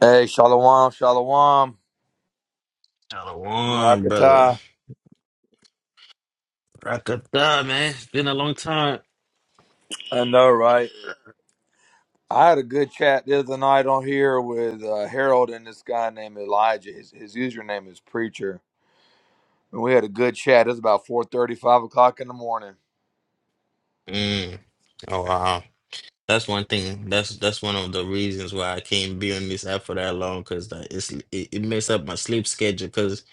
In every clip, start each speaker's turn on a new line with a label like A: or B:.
A: Hey, shalom, shalom,
B: Another One, brother.
A: rakata.
B: Rock up, da, man. It's been a long time.
A: I know, right? I had a good chat the other night on here with uh, Harold and this guy named Elijah. His, his username is Preacher, and we had a good chat. It was about four thirty, five o'clock in the morning.
B: Mm. Oh wow, that's one thing. That's that's one of the reasons why I can't be on this app for that long because that it's it, it messes up my sleep schedule. Because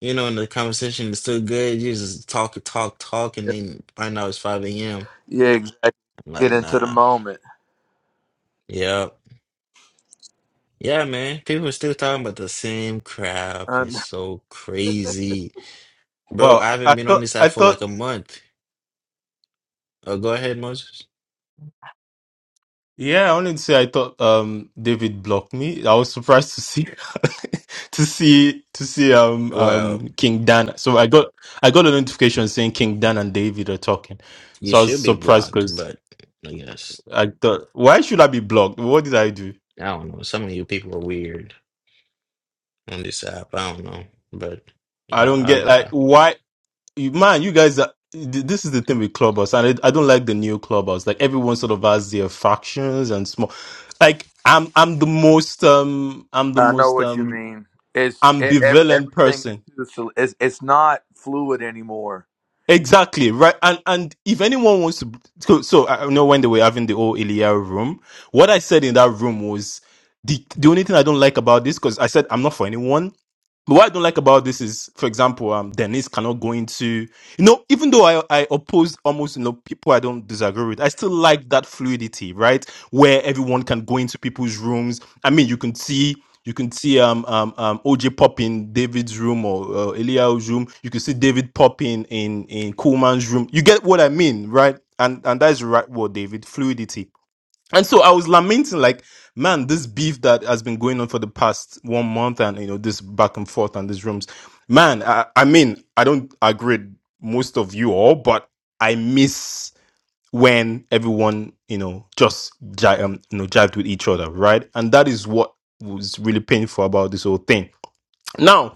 B: you know, and the conversation is still good. You just talk, talk, talk, and
A: Yeah,
B: then find out it's five a.m.
A: yeah exactly.
B: am
A: Get
B: like,
A: into the
B: nah.
A: moment.
B: Yep. Yeah, man. People are still talking about the same crap.
A: I,
B: It's so crazy, bro.
C: Well,
B: I
C: I
B: haven't
C: I
B: been on
C: thought
B: this app
C: I
B: for like
C: thought
B: a month. Oh, go ahead, Moses.
C: yeah, I wanted to say I thought um David blocked me. I was surprised to see to see to see um
B: Well.
C: um King Dan. So I got I got a notification saying King Dan and David are talking.
B: You
C: So I was
B: should be
C: surprised
B: blocked,
C: because
B: but I guess
C: I thought why should I be blocked? What did I do?
B: I don't know. Some of you people are weird on this app. I don't know, but
C: I
B: I,
C: don't get
B: I
C: like
B: uh,
C: why you man, you guys are th- this is the thing with clubhouse and I, I don't like the new clubhouse like everyone sort of has their factions and small like i'm i'm the most um i'm the
A: I know
C: most
A: what you
C: um
A: mean. It's e- ev
C: ambivalent
A: everything.
C: person.
A: is- It's it's not fluid anymore.
C: Exactly right, and and if anyone wants to, so, so I know when they were having the old Ilya room, what I said in that room was the the only thing I don't like about this because I said I'm not for anyone. But what I don't like about this is, for example, um, Denise cannot go into, you know, even though I, I oppose almost, you know, people I don't disagree with, I still like that fluidity, right? Where everyone can go into people's rooms. I mean, you can see, you can see, um, um, um, OJ pop in David's room or uh, Elia's room. You can see David pop in, in, in Coleman's room. You get what I mean, right? And, and that is right word, David, fluidity. And so I was lamenting, like, man, this beef that has been going on for the past one month and, you know, this back and forth and these rooms. Man, I, I mean, I don't agree with most of you all, but I miss when everyone, you know, just ji- um, you know, jived with each other, right? And that is what was really painful about this whole thing. Now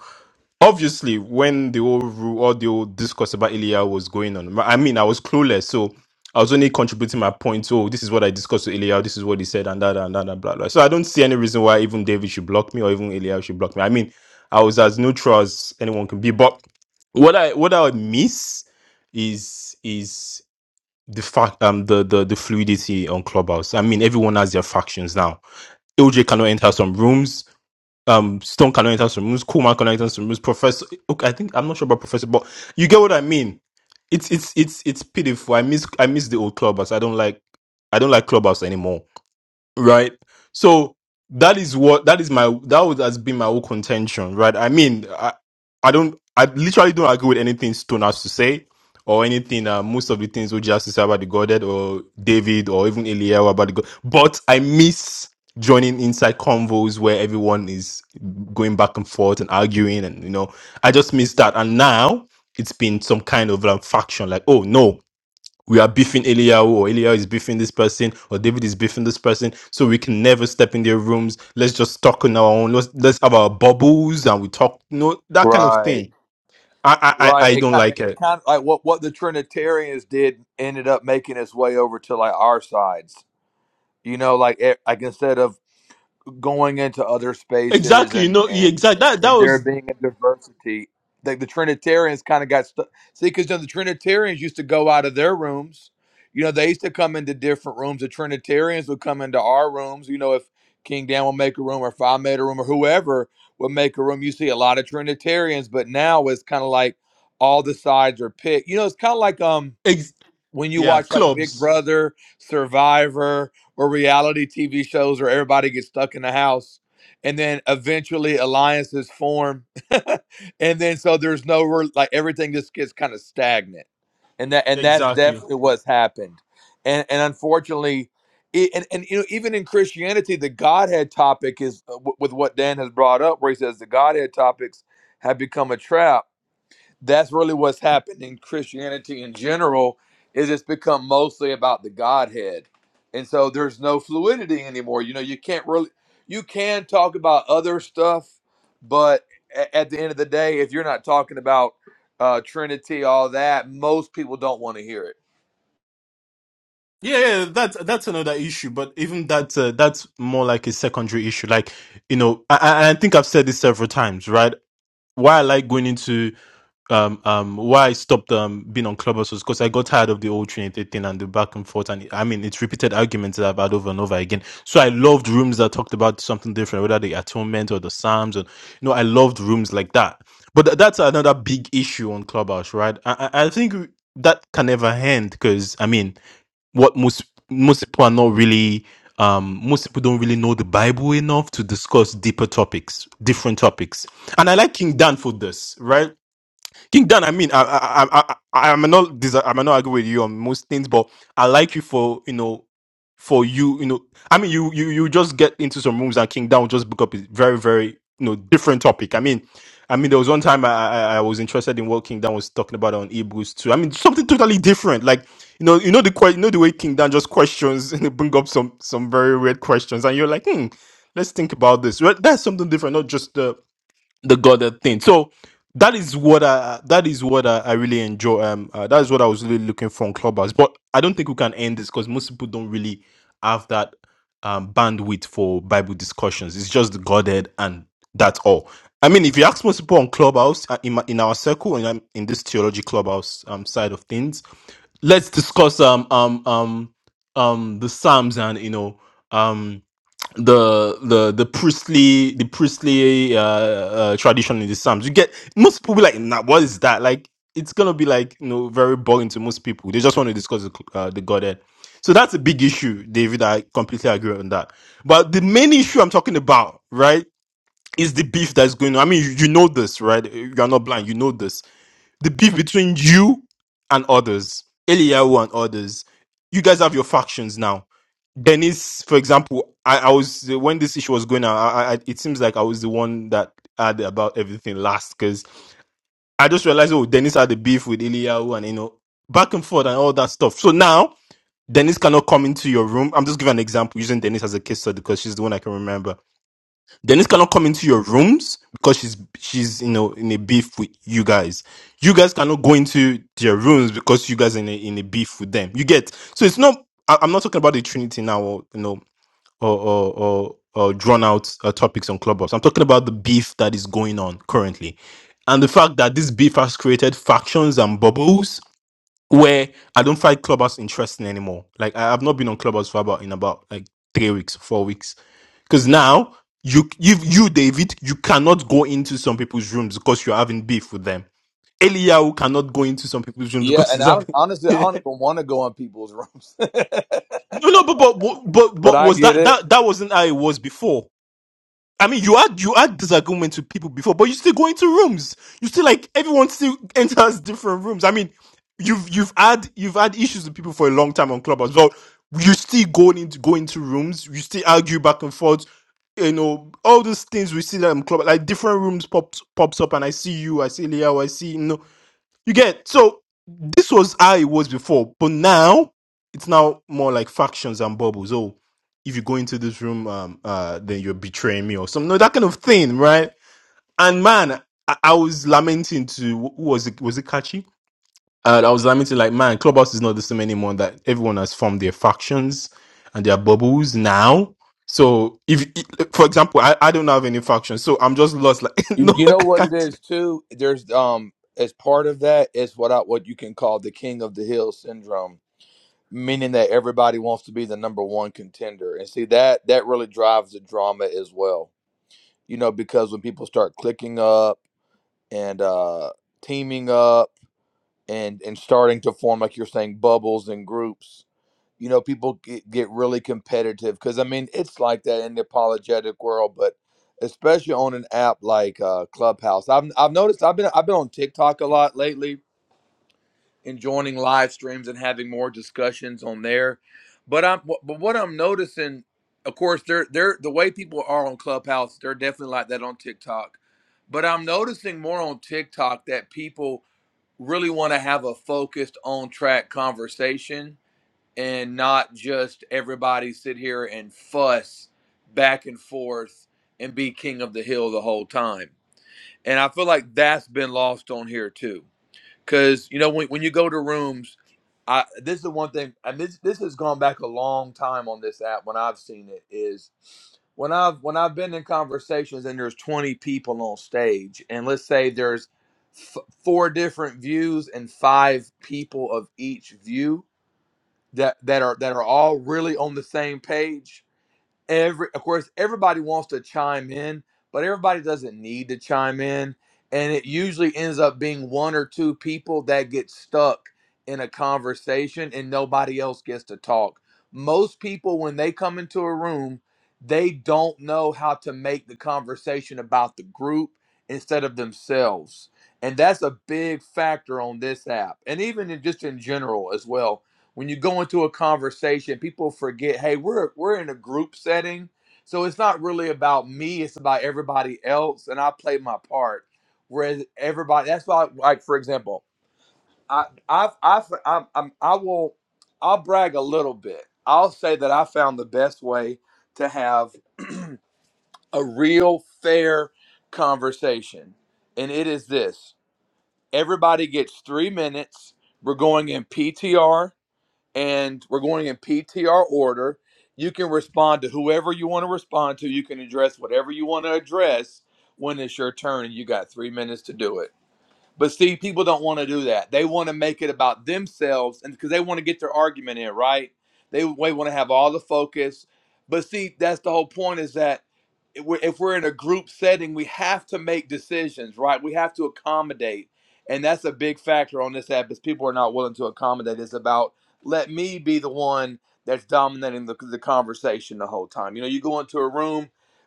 C: obviously when the whole ru- all the whole discourse about Ilya was going on, I mean, I was clueless, so I was only contributing my points. Oh, this is what I discussed with Ilya. This is what he said, and that and that and blah blah. So I don't see any reason why even David should block me or even Ilya should block me. I mean, I was as neutral as anyone can be. But what I what I miss is is the fact um the the the fluidity on Clubhouse. I mean, everyone has their factions now. OJ cannot enter some rooms um Stone Carolina Swims, enter some rooms. Professor. Okay, I think I'm not sure about Professor, but you get what I mean. It's it's it's it's pitiful. I miss I miss the old clubhouse. I don't like I don't like clubhouse anymore right so that is what that is my that would has been my whole contention right i mean i i don't i literally don't agree with anything stone has to say or anything uh, most of the things OJ has to say about the godhead or david or even eliel about the god but i miss joining inside convos where everyone is going back and forth and arguing and you know i just miss that and now it's been some kind of like faction like oh no we are beefing Eliyahu or Eliyahu is beefing this person or David is beefing this person. So we can never step in their rooms. Let's just talk on our own. Let's let's have our bubbles and we talk. No, that kind of
A: Right.
C: thing. I I I
A: Right.
C: I
A: It,
C: don't
A: ki-
C: like
A: it
C: it.
A: kind of like what, what the Trinitarians did ended up making its way over to like our sides. You know, like it, like instead of going into other spaces
C: Exactly.
A: and
C: No. Yeah,
A: and
C: exactly. That that
A: and there
C: was.
A: being a diversity like the trinitarians kind of got stuck see because the trinitarians used to go out of their rooms you know they used to come into different rooms the trinitarians would come into our rooms you know if king dan will make a room or if i made a room or whoever would make a room you see a lot of trinitarians but now it's kind of like all the sides are picked you know it's kind of like um
C: Ex-
A: when you
C: yeah.
A: watch like Big
C: Clubs.
A: Brother, Survivor, or reality TV shows where everybody gets stuck in the house and then eventually alliances form. and then so there's no re- like everything just gets kind of stagnant. And that and that's
C: Exactly.
A: definitely what's happened. And and unfortunately i- and, and you know even in Christianity the Godhead topic is uh, w- with what Dan has brought up where he says the Godhead topics have become a trap that's really what's happened in Christianity in general is it's become mostly about the Godhead. And so there's no fluidity anymore. You know, you can't really you can talk about other stuff, but a- at the end of the day, if you're not talking about uh, Trinity, all that, most people don't want to hear it.
C: Yeah, yeah, that's that's another issue, but even that uh, that's more like a secondary issue. Like you know, I, I I think I've said this several times, right? why I like going into um um why I stopped um being on Clubhouse was because I got tired of the old Trinity thing and the back and forth and I mean it's repeated arguments that I've had over and over again. So I loved rooms that talked about something different, whether the atonement or the Psalms and you know, I loved rooms like that. But th- that's another big issue on Clubhouse, right? I I I think that can never end because I mean what most most people are not really um most people don't really know the bible enough to discuss deeper topics different topics and i like king dan for this right king dan i mean i i i, I i'm not dis- i'm not argue with you on most things but i like you for you know for you, you know, I mean, you you you just get into some rooms and King Down will just book up a very very you know different topic. I mean, I mean, there was one time I I, I was interested in what King Down was talking about on Eboost too. I mean, something totally different. Like you know you know the que- you know the way King Down just questions and bring up some some very weird questions and you're like hmm. Let's think about this. Well, That's something different, not just the the Goddard thing. So that is what I that is what I, I really enjoy. Um, uh, that is what I was really looking for on Clubhouse. But I don't think we can end this because most people don't really have that um bandwidth for Bible discussions. It's just the Godhead and that's all. I mean, if you ask most people on Clubhouse uh, in my, in our circle and in, um, in this theology Clubhouse um side of things, let's discuss um um um um the Psalms and you know um the the the priestly the priestly uh, uh tradition in the psalms you get most people be like nah what is that like it's gonna be like you know very boring to most people they just want to discuss the, uh, the godhead so that's a big issue david i completely agree on that but the main issue i'm talking about right is the beef that's going on i mean you, you know this right you're not blind you know this the beef between you and others, Eliyahu and others. You guys have your factions now. Dennis, for example, I, I was when this issue was going on. I, I, it seems like I was the one that had about everything last because I just realized oh Dennis had the beef with Eliyahu and you know back and forth and all that stuff. So now Dennis cannot come into your room. I'm just giving an example using Dennis as a case study because she's the one I can remember Denise cannot come into your rooms because she's she's you know in a beef with you guys. You guys cannot go into their rooms because you guys are in a in a beef with them. You get so it's not. I, I'm not talking about the Trinity now, or you know, or or or, or drawn out uh, topics on Clubhouse. I'm talking about the beef that is going on currently, and the fact that this beef has created factions and bubbles where I don't find Clubhouse interesting anymore. Like I have not been on Clubhouse for about in about like three weeks, four weeks because now you you you David, you cannot go into some people's rooms because you're having beef with them. Eliyahu cannot go into some people's rooms
A: Yeah,
C: because
A: and
C: he's
A: I don't,
C: having.
A: honestly, I don't even want to go on people's rooms, but
C: no, no, but but but but but
A: I
C: was
A: get
C: that
A: it.
C: that that wasn't how it was before? I mean, you had you had disagreements with people before, but you still go into rooms. You still like everyone still enters different rooms. I mean, you've you've had you've had issues with people for a long time on Clubhouse, well. you still going into go into rooms. You still argue back and forth. You know all those things we see that in club, like different rooms pops pops up, and I see you, I see Leo, I see you know you get so this was how it was before, but now it's now more like factions and bubbles. Oh, if you go into this room, um, uh, then you're betraying me or some no that kind of thing, right? And man, I, I was lamenting to who was it? Was it Kachi? Uh, I was lamenting like, man, Clubhouse is not the same anymore. That everyone has formed their factions and their bubbles now. So if, for example, I, I don't have any factions, so I'm just lost. Like,
A: You,
C: no,
A: you know
C: I
A: what it
C: can't.
A: is too. There's um, as part of that is what I what you can call the King of the Hill syndrome meaning that everybody wants to be the number one contender and see that that really drives the drama as well you know because when people start clicking up and uh teaming up and and starting to form like you're saying bubbles and groups you know people get, get really competitive because i mean it's like that in the apologetic world but especially on an app like uh clubhouse i've, I've noticed i've been i've been on tiktok a lot lately and joining live streams and having more discussions on there. But I'm but what I'm noticing, of course, they're they're the way people are on Clubhouse, they're definitely like that on TikTok. But I'm noticing more on TikTok that people really want to have a focused on track conversation and not just everybody sit here and fuss back and forth and be king of the hill the whole time. And I feel like that's been lost on here too because you know when, when you go to rooms i this is the one thing and this this has gone back a long time on this app when i've seen it is when i've when i've been in conversations and there's 20 people on stage and let's say there's f- four different views and five people of each view that that are that are all really on the same page every of course everybody wants to chime in but everybody doesn't need to chime in and it usually ends up being one or two people that get stuck in a conversation and nobody else gets to talk most people when they come into a room they don't know how to make the conversation about the group instead of themselves and that's a big factor on this app and even in, just in general as well when you go into a conversation, people forget, hey, we're we're in a group setting. So it's not really about me, it's about everybody else and I play my part. Whereas everybody that's why like for example, I I've, I've I'm, I'm I will I'll brag a little bit. I'll say that I found the best way to have a real fair conversation. And it is this. Everybody gets 3 minutes. We're going in PTR and we're going in PTR order. You can respond to whoever you want to respond to. You can address whatever you want to address when it's your turn, and you got three minutes to do it. But see, people don't want to do that. They want to make it about themselves, and because they want to get their argument in, right? They, they want to have all the focus. But see, that's the whole point is that if we're, if we're in a group setting, we have to make decisions, right? We have to accommodate. And that's a big factor on this app is people are not willing to accommodate. It's about let me be the one that's dominating the, the conversation the whole time. You know, you go into a room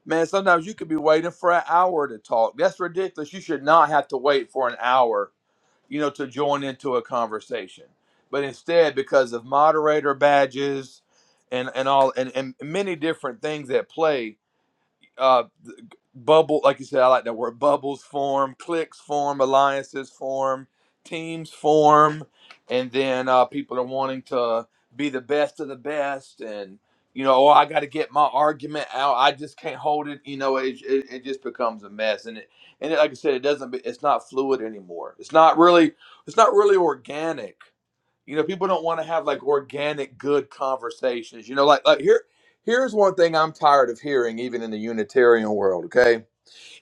A: Man, sometimes you could be waiting for an hour to talk. That's ridiculous. You should not have to wait for an hour, you know, to join into a conversation. But instead, because of moderator badges and, and all and, and many different things at play, uh, bubble, like you said, I like that word. Bubbles form, cliques form, alliances form, teams form, and then uh, people are wanting to be the best of the best, and you know, oh, I got to get my argument out. I just can't hold it. You know, it, it, it just becomes a mess, and it and it, like I said, it doesn't. be- It's not fluid anymore. It's not really. It's not really organic you know, people don't want to have like organic, good conversations. You know, like like here, here's one thing I'm tired of hearing, even in the Unitarian world. Okay,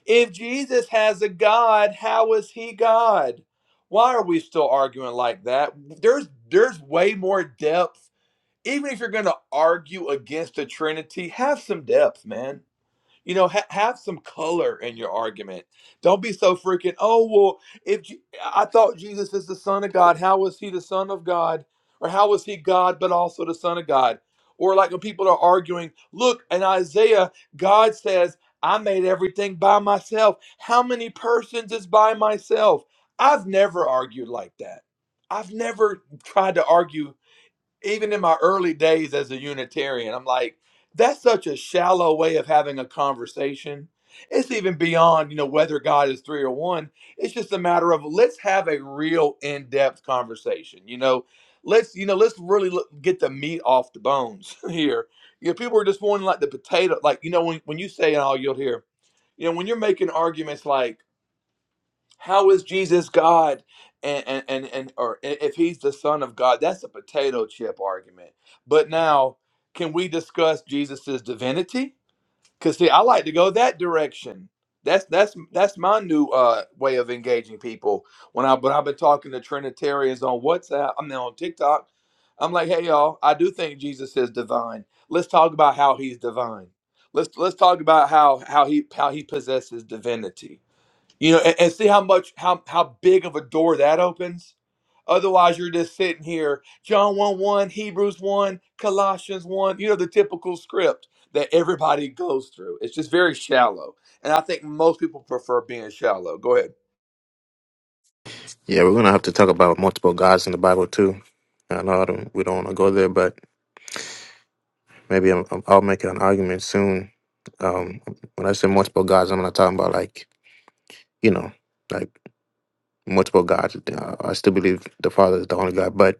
A: if Jesus has a God, how is he God? Why are we still arguing like that? There's there's way more depth. Even if you're going to argue against the Trinity, have some depth, man you know, ha- have some color in your argument. Don't be so freaking, oh, well, if Je- I thought Jesus is the Son of God, how was he the Son of God? Or how was he God, but also the Son of God? Or like when people are arguing, look, in Isaiah, God says, I made everything by myself. How many persons is by myself? I've never argued like that. I've never tried to argue even in my early days as a Unitarian, I'm like, that's such a shallow way of having a conversation. It's even beyond, you know, whether God is three or one. It's just a matter of let's have a real in-depth conversation. You know, let's, you know, let's really look, get the meat off the bones here. You know, people are just wanting like the potato, like you know, when when you say, and all, you'll hear, you know, when you're making arguments like. How is Jesus God? And, and and and or if he's the son of God, that's a potato chip argument. But now, can we discuss Jesus's divinity? Because see, I like to go that direction. That's that's that's my new uh, way of engaging people. When I but I've been talking to Trinitarians on WhatsApp, I'm there on TikTok. I'm like, hey y'all, I do think Jesus is divine. Let's talk about how he's divine. Let's let's talk about how how he how he possesses divinity you know, and, and see how much how how big of a door that opens. Otherwise, you're just sitting here, John 1 1, Hebrews 1, Colossians 1, you know, the typical script that everybody goes through. It's just very shallow. And I think most people prefer being shallow. Go ahead.
B: Yeah, we're gonna have to talk about multiple gods in the Bible too. I know I don't, we don't want to go there, but maybe I'm, i will make an argument soon. Um, when I say multiple gods, I'm not talking about like you know, like multiple gods. Uh, I still believe the Father is the only God, but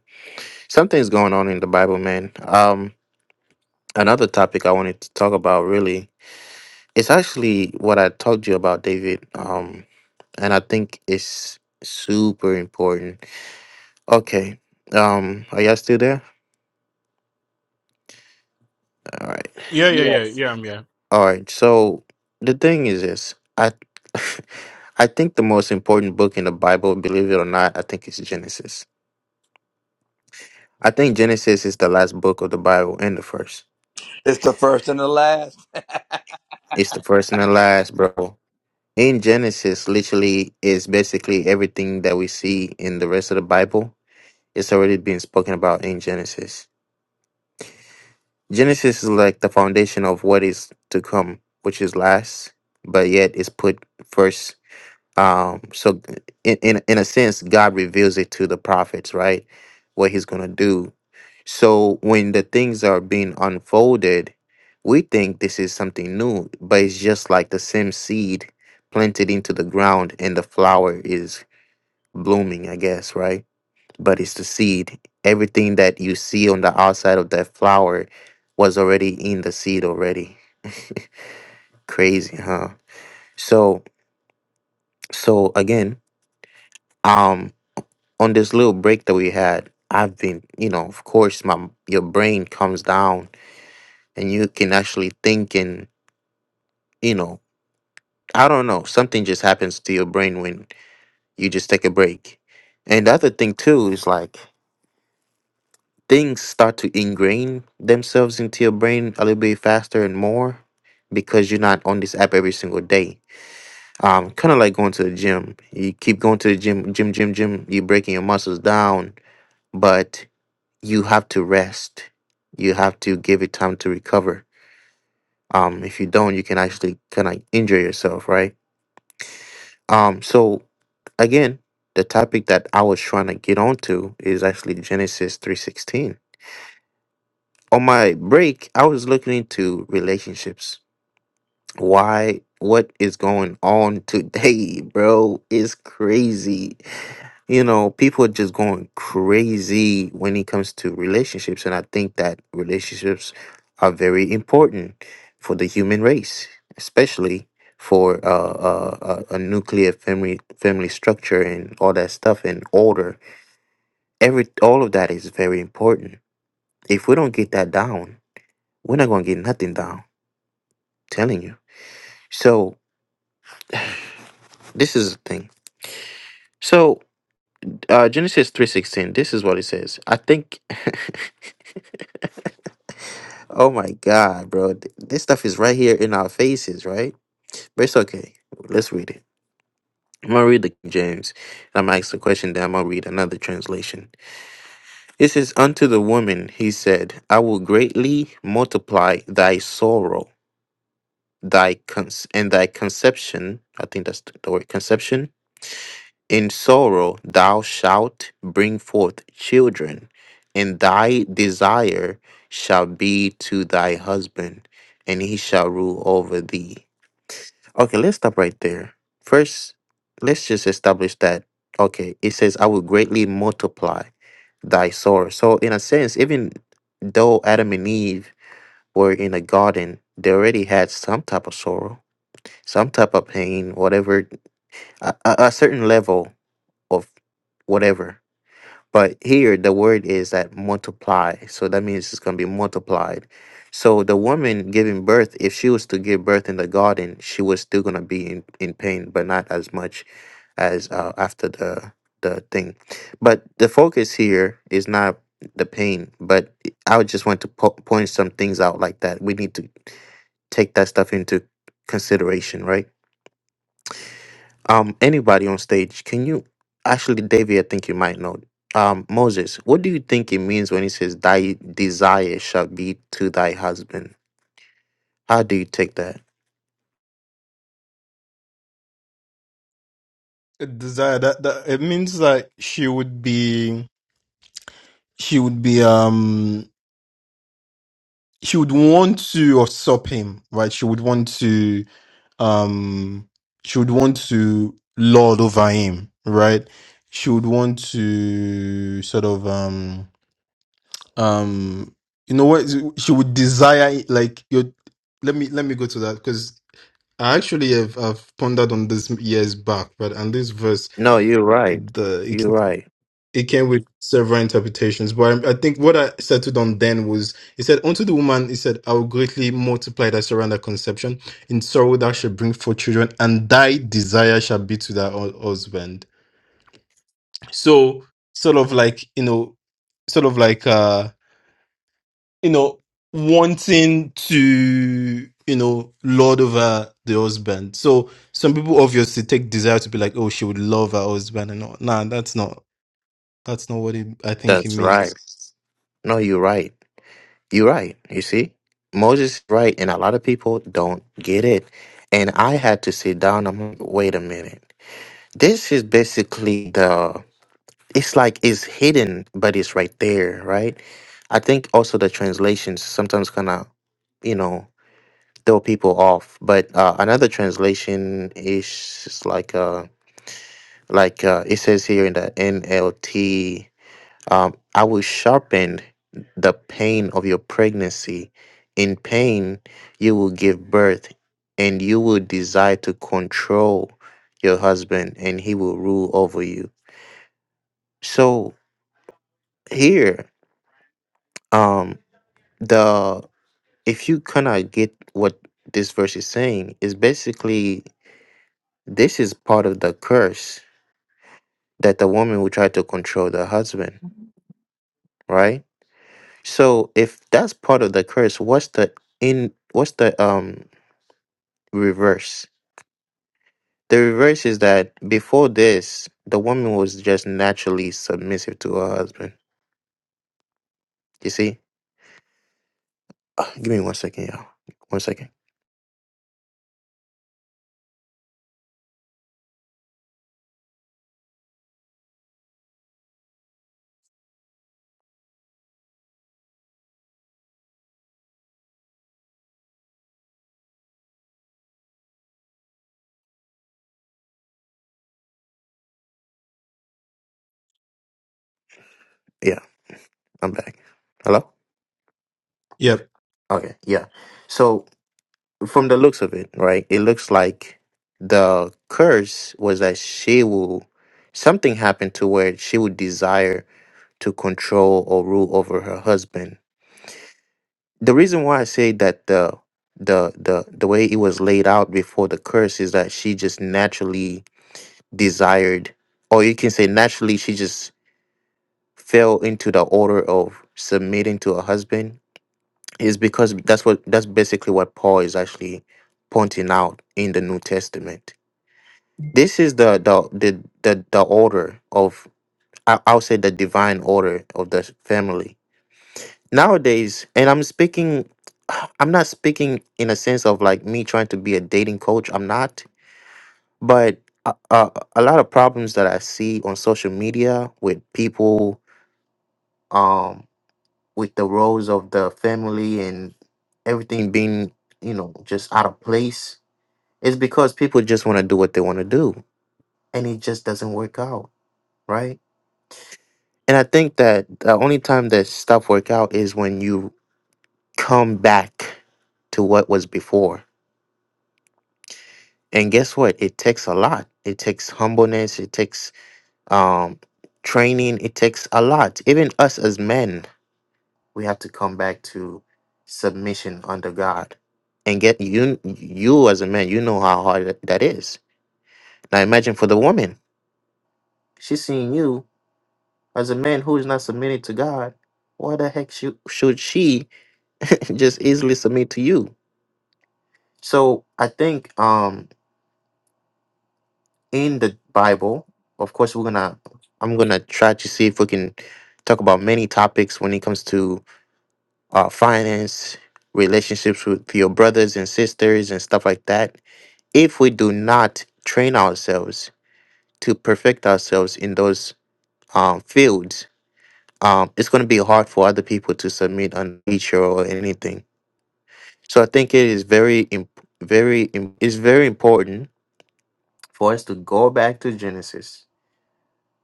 B: something's going on in the Bible, man. Um, another topic I wanted to talk about really It's actually what I talked to you about, David. Um, and I think it's super important. Okay. Um, are y'all still there? All right.
C: Yeah, yeah, yeah,
A: Yes.
C: yeah. I'm here.
B: All right. So the thing is this. I I think the most important book in the Bible, believe it or not, I think it's Genesis. I think Genesis is the last book of the Bible and the first.
A: It's the first and the last.
B: It's the first and the last, bro. In Genesis, literally, is basically everything that we see in the rest of the Bible. It's already been spoken about in Genesis Genesis is like the foundation of what is to come, which is last, but yet is put first. Um, so in, in in a sense, God reveals it to the prophets, right? What He's gonna do. So when the things are being unfolded, we think this is something new, but it's just like the same seed planted into the ground and the flower is blooming, I guess, right? but it's the seed. Everything that you see on the outside of that flower was already in the seed already. Crazy, huh? So, so again, um, on this little break that we had, I've been, you know, of course, my your brain comes down and you can actually think and, you know, I don't know, something just happens to your brain when you just take a break. And the other thing too is like things start to ingrain themselves into your brain a little bit faster and more because you're not on this app every single day. Um, kind of like going to the gym. You keep going to the gym, gym, gym, gym. You're breaking your muscles down, but you have to rest. You have to give it time to recover. Um, if you don't, you can actually kind of injure yourself, right? Um, so again, the topic that I was trying to get onto is actually Genesis three sixteen on my break, I was looking into relationships. Why? What is going on today, bro? Is crazy. You know, people are just going crazy when it comes to relationships, and I think that relationships are very important for the human race, especially for uh, uh, a, a nuclear family family structure and all that stuff and order. Every all of that is very important. If we don't get that down, we're not gonna get nothing down telling you. So this is the thing. So uh, Genesis three sixteen. This is what it says. I think. oh my God, bro! Th- This stuff is right here in our faces, right? But it's okay. Let's read it. I'm gonna read the King James. I'm gonna ask the question. Then I'm gonna read another translation. It says, "Unto the woman he said, I will greatly multiply thy sorrow, thy cons- and thy conception. I think that's the word conception In sorrow thou shalt bring forth children, and thy desire shall be to thy husband, and he shall rule over thee. Okay, let's stop right there. First, let's just establish that. Okay, it says, I will greatly multiply thy sorrow. So, in a sense, even though Adam and Eve were in a garden, they already had some type of sorrow, some type of pain, whatever, a, a a certain level of whatever but here, the word is that multiply. So that means it's going to be multiplied. So the woman giving birth, if she was to give birth in the garden, she was still going to be in, in pain, but not as much as uh, after the, the thing. But the focus here is not the pain, but I would just want to po- point some things out like that. We need to take that stuff into consideration, right? Um, anybody on stage, can you actually, David? I think you might know. Um, Moses, what do you think it means when it says, "Thy desire shall be to thy husband"? How do you take that?
C: A desire that that it means like she would be she would be um she would want to usurp him right she would want to um she would want to lord over him right she would want to sort of um um you know what she would desire it, like you let me let me go to that because I actually have I've pondered on this years back, but and this verse
B: No, you're right.
C: the it
B: You're right.
C: it came with several interpretations, but I, I think what I settled on then was it said, Unto the woman, it said, I will greatly multiply thy sorrow and thy conception. In sorrow thou shalt bring forth children, and thy desire shall be to thy hu- husband. So, sort of like, you know, sort of like, uh, you know, wanting to, you know, lord over the husband. So, some people obviously take desire to be like, oh, she would love her husband, and all. Nah, that's not, that's not what it, I think it
B: That's right.
C: means.
B: No, you're right. You're right. You see, Moses is right, and a lot of people don't get it. And I had to sit down. I'm like, wait a minute. This is basically the. It's like it's hidden, but it's right there, right? I think also the translations sometimes kind of, you know, throw people off. But uh, another translation is like uh like uh, it says here in the NLT, um, I will sharpen the pain of your pregnancy. In pain, you will give birth, and you will desire to control your husband, and he will rule over you. So here, um, the if you kind of get what this verse is saying, is basically this is part of the curse that the woman will try to control the husband, right? So if that's part of the curse, what's the in what's the um reverse? The reverse is that before this, the woman was just naturally submissive to her husband. You see? Uh, give me one second, y'all. One second. Yeah, I'm back. Hello?
C: Yep.
B: Okay, yeah. So. from the looks of it, right? It looks like the curse was that she will something happened to where she would desire to control or rule over her husband. The reason why I say that the the the the way it was laid out before the curse is that she just naturally desired or you can say naturally she just fell into the order of submitting to her husband is because that's what that's basically what Paul is actually pointing out in the New Testament This is the the the the, the order of I, I'll say the divine order of the family nowadays. And I'm speaking, I'm not speaking in a sense of like me trying to be a dating coach. I'm not, but. Uh, uh, a lot of problems that I see on social media with people, um, with the roles of the family and everything being, you know, just out of place, is because people just want to do what they want to do, and it just doesn't work out, right? And I think that the only time that stuff work out is when you come back to what was before. And guess what? It takes a lot. It takes humbleness. It takes um, training. It takes a lot. Even us as men, we have to come back to submission under God. And get you, you as a man, you know how hard that that is. Now imagine for the woman, she's seeing you as a man who is not submitted to God. Why the heck should should she? and just easily submit to you. So I think um in the Bible, of course we're gonna I'm gonna try to see if we can talk about many topics when it comes to uh finance, relationships with your brothers and sisters and stuff like that. If we do not train ourselves to perfect ourselves in those um fields, um it's gonna be hard for other people to submit on nature or anything. So I think it is very imp- very im- it's very important for us to go back to Genesis,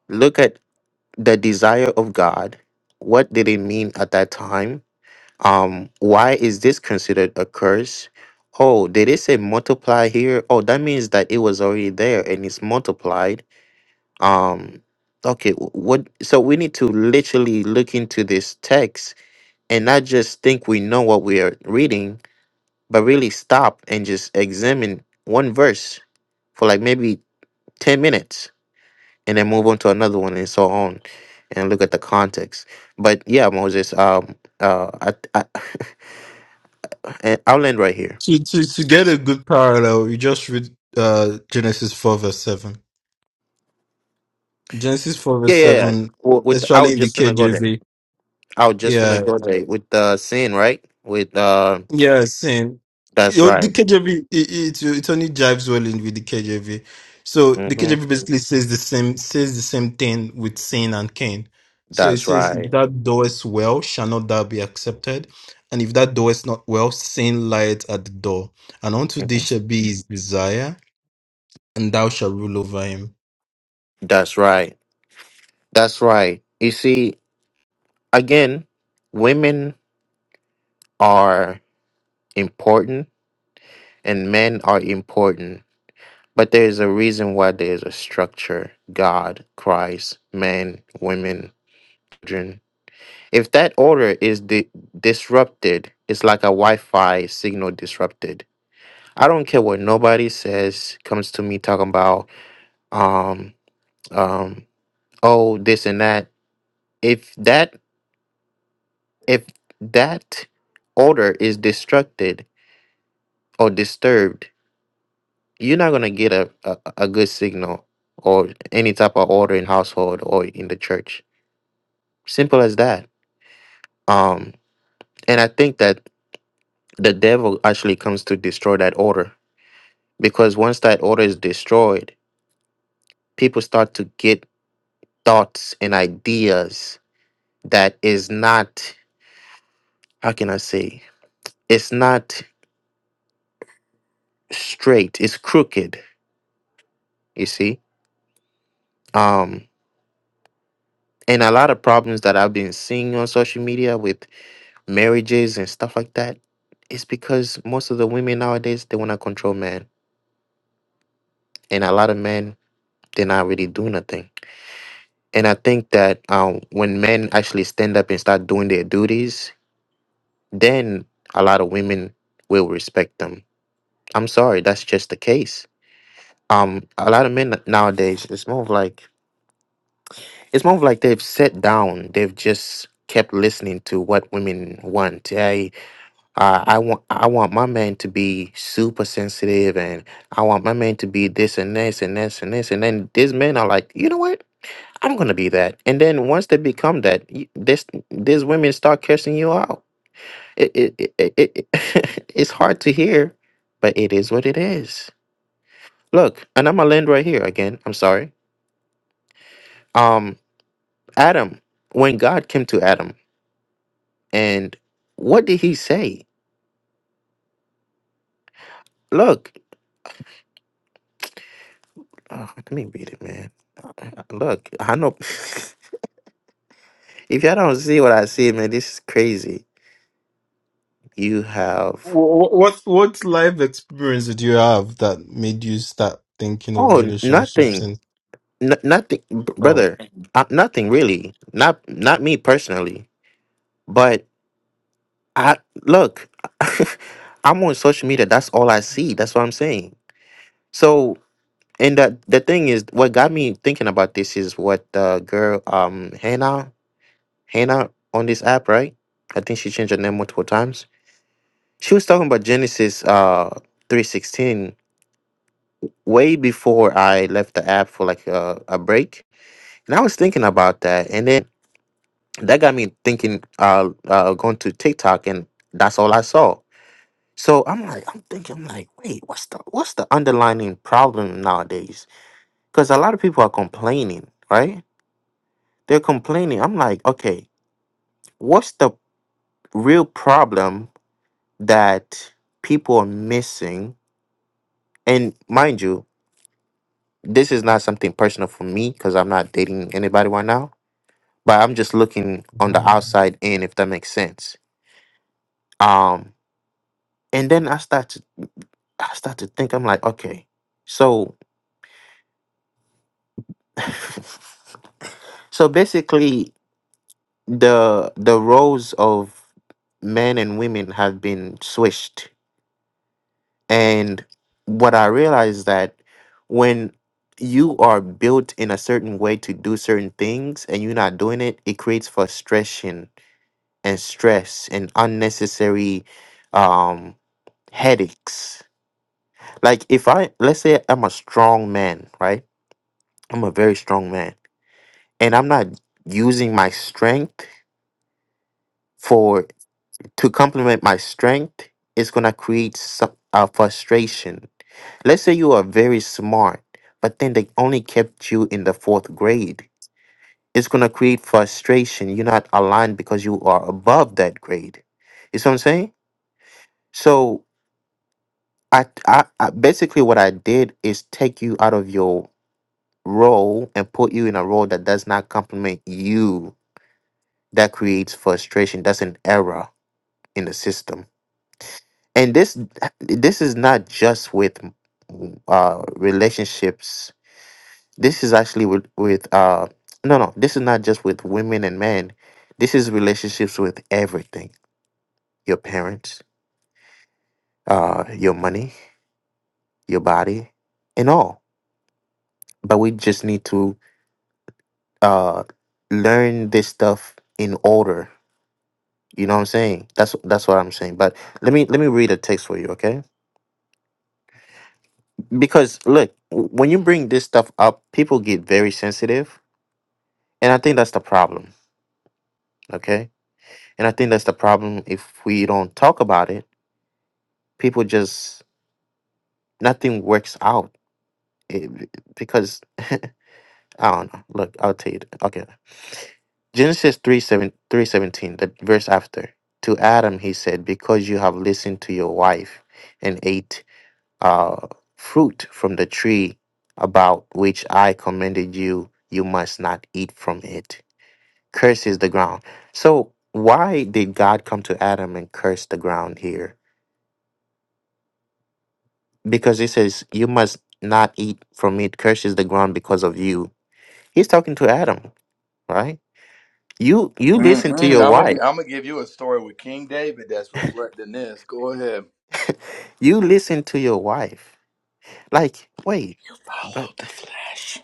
B: look at the desire of God. What did it mean at that time? Um, why is this considered a curse? Oh, did it say multiply here? Oh, that means that it was already there and it's multiplied. Um, okay, wh- what? So we need to literally look into this text and not just think we know what we are reading, but really stop and just examine one verse for like maybe 10 minutes and then move on to another one and so on and look at the context but yeah moses um uh i, I and i'll end right here
C: To, to, to get a good parallel, you just read uh, Genesis 4, verse 7. Genesis 4,
B: yeah
C: verse
B: yeah, yeah.
C: 7,
B: W- with i
C: especially
B: was
C: in the
B: just gonna go there
C: KJV.
B: i was just gonna
C: Yeah,
B: go there with the uh, sin right with uh
C: yeah, same. K-
B: that's
C: on The
B: right
C: KJV, it, it, it only jives well in with the KJV. So the
B: hmm
C: KJV basically says the same says the same thing with sin and Cain. So it
B: that's
C: says, if
B: right
C: that doest well, shall not thou be accepted? And if that doest not well, sin lieth at the door. And unto thee
B: hmm
C: shall be his desire, and thou shalt rule over him.
B: that's right that's right you see again women are important and men are important But there is a reason why there is a structure God, Christ, men, women, children. If that order is di- disrupted, it's like a Wi Fi signal disrupted. I don't care what nobody says, comes to me talking about, um, um, oh, this and that. If that, if that order is destructed or disturbed, you're not gonna get a, a, a good signal or any type of order in household or in the church Simple as that. Um, and I think that the devil actually comes to destroy that order because once that order is destroyed, people start to get thoughts and ideas that is not, how can I say, it's not straight, it's crooked, you see? Um, and a lot of problems that I've been seeing on social media with marriages and stuff like that is because most of the women nowadays they want to control men, and a lot of men they're not really doing nothing And I think that um, when men actually stand up and start doing their duties, then a lot of women will respect them. I'm sorry, that's just the case. Um, a lot of men nowadays, it's more of like it's more of like they've sat down, they've just kept listening to what women want. I uh, I want I want my man to be super sensitive, and I want my man to be this and this and this and this, and then these men are like, you know what? I'm gonna be that. And then once they become that, y- this these women start cursing you out. It, it, it, it, it- it's hard to hear, but it is what it is. Look, and I'm gonna land right here again. I'm sorry. Um, Adam, when God came to Adam, and what did he say? Look, oh, let me read it, man. Uh, Look, I know if y'all don't see what I see, man, this is crazy. You have
C: Wh- What what life experience did you have that made you start thinking of
B: oh
C: relationships
B: nothing.
C: and
B: N- nothing, br-
C: oh
B: brother. Uh, nothing really. Not not me personally, but I look. I'm on social media. That's all I see. That's what I'm saying. So, and the the thing is, what got me thinking about this is what the girl, um, Hannah, Hannah on this app, right? I think she changed her name multiple times. She was talking about Genesis, uh, three sixteen way before I left the app for like a, a break, and I was thinking about that, and then. that got me thinking uh, uh going to TikTok and that's all I saw. So I'm like I'm thinking I'm like wait what's the what's the underlining problem nowadays? Cuz a lot of people are complaining, right? They're complaining. I'm like okay, what's the real problem that people are missing? And mind you, this is not something personal for me cuz I'm not dating anybody right now, but I'm just looking on the
C: um
B: outside in if that makes sense. Um and then I start to I start to think, I'm like, okay, so so basically the the roles of men and women have been switched. And what I realized that when you are built in a certain way to do certain things and you're not doing it, it creates frustration and stress and unnecessary um headaches. Like if I let's say I'm a strong man, right? I'm a very strong man and I'm not using my strength for to complement my strength, it's gonna create some uh, frustration. Let's say you are very smart, but then they only kept you in the fourth grade. It's gonna create frustration. You're not aligned because you are above that grade. You see what I'm saying? So I, I, I basically what I did is take you out of your role and put you in a role that does not complement you. That creates frustration. That's an error in the system. And this this is not just with uh, relationships. This is actually with with uh, no no. This is not just with women and men. This is relationships with everything. Your parents, uh, your money, your body, and all. But we just need to uh, learn this stuff in order. You know what I'm saying? That's that's what I'm saying. But let me let me read a text for you, okay? because look w- when you bring this stuff up people get very sensitive and i think that's the problem okay and i think that's the problem if we don't talk about it people just nothing works out It- because i don't know look i'll tell you th- okay genesis three seven three seventeen, the verse after to adam he said because you have listened to your wife and ate uh fruit from the tree about which i commanded you you must not eat from it curses the ground. So why did God come to Adam and curse the ground here? Because he says, You must not eat from it, curses the ground because of you. He's talking to Adam, right? You you listen to
A: Mm-mm.
B: your
A: I'm
B: wife.
A: gonna I'm gonna give you a story with King David that's reflecting this. Go ahead.
B: you listen to your wife. Like, wait, but
A: Follow the flesh.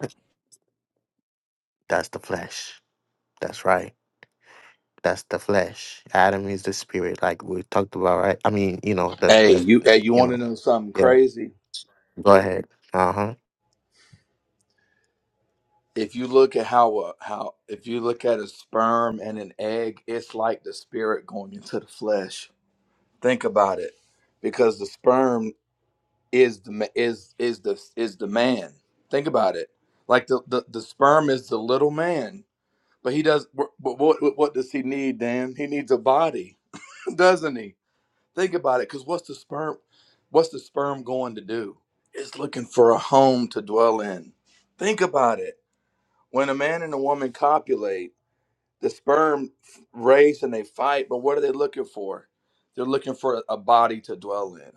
B: that's the flesh. That's right. That's the flesh. Adam is the spirit, like we talked about, right? I mean, you know, the
A: Hey,
B: the
A: you hey, you
B: you
A: want to
B: know,
A: know something
B: yeah.
A: crazy?
B: Go ahead. Uh-huh.
A: if you look at how a, how if you look at a sperm and an egg, it's like the spirit going into the flesh. Think about it, because the sperm is the ma- is is the is the man. Think about it, like the the, the sperm is the little man, but he does. But what what what does he need, Dan? He needs a body, doesn't he? Think about it, because what's the sperm? What's the sperm going to do? It's looking for a home to dwell in. Think about it when a man and a woman copulate, the sperm f- race and they fight, but what are they looking for? They're looking for a body to dwell in.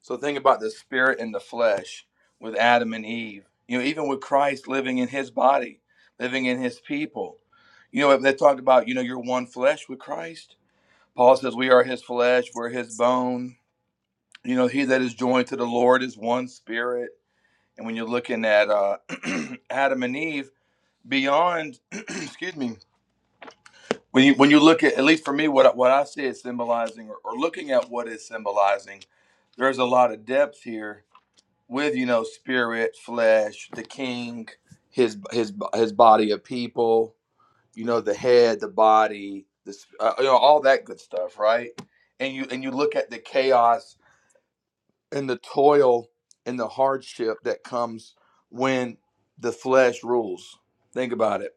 A: So think about the spirit and the flesh with Adam and Eve. You know, even with Christ living in his body, living in his people. You know, they talk about, you know, you're one flesh with Christ. Paul says, We are his flesh, we're his bone. You know, he that is joined to the Lord is one spirit. And when you're looking at uh, Adam and Eve, beyond, excuse me, when you when you look at at least for me what I- what I see is symbolizing or, or looking at what is symbolizing, there's a lot of depth here with you know spirit, flesh, the king, his his his body of people, you know the head, the body, this uh, you know all that good stuff, right? And you and you look at the chaos and the toil and the hardship that comes when the flesh rules. Think about it,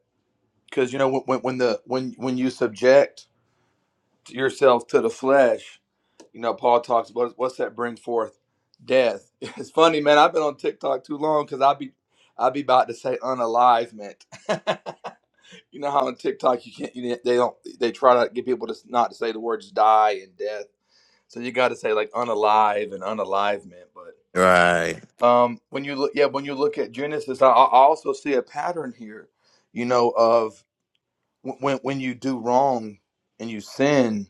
A: because you know when when when the when when you subject yourselves to the flesh. You know, Paul talks about what's that bring forth death. It's funny, man. I've been on TikTok too long because I be I be about to say unalivement. you know how on TikTok you can't you, they don't they try to get people to s- not to say the words die and death. So you got to say like unalive and unalivement. But
B: Right.
A: um, when you look yeah when you look at Genesis, I, I also see a pattern here. You know of when when you do wrong and you sin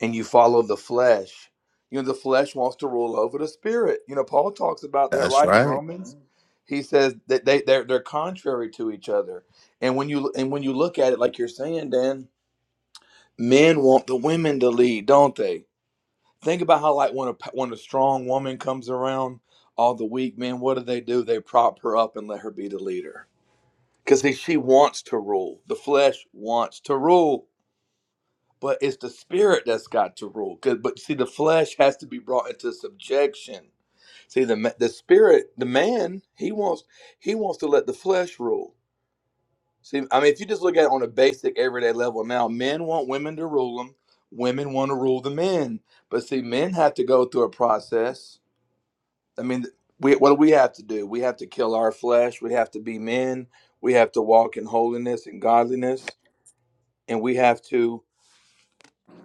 A: and you follow the flesh you know the flesh wants to rule over the spirit you know paul talks about that
B: That's
A: right in
B: right.
A: romans he says that they they're, they're contrary to each other and when you and when you look at it like you're saying dan men want the women to lead don't they think about how like when a when a strong woman comes around all the weak men what do they do they prop her up and let her be the leader because she wants to rule the flesh wants to rule but it's the spirit that's got to rule. 'Cause- But see, the flesh has to be brought into subjection. See, the ma- the spirit, the man, he wants he wants to let the flesh rule. See, I mean, if you just look at it on a basic everyday level, now men want women to rule them, women want to rule the men. But see, men have to go through a process. I mean, we, what do we have to do? We have to kill our flesh. We have to be men. We have to walk in holiness and godliness, and we have to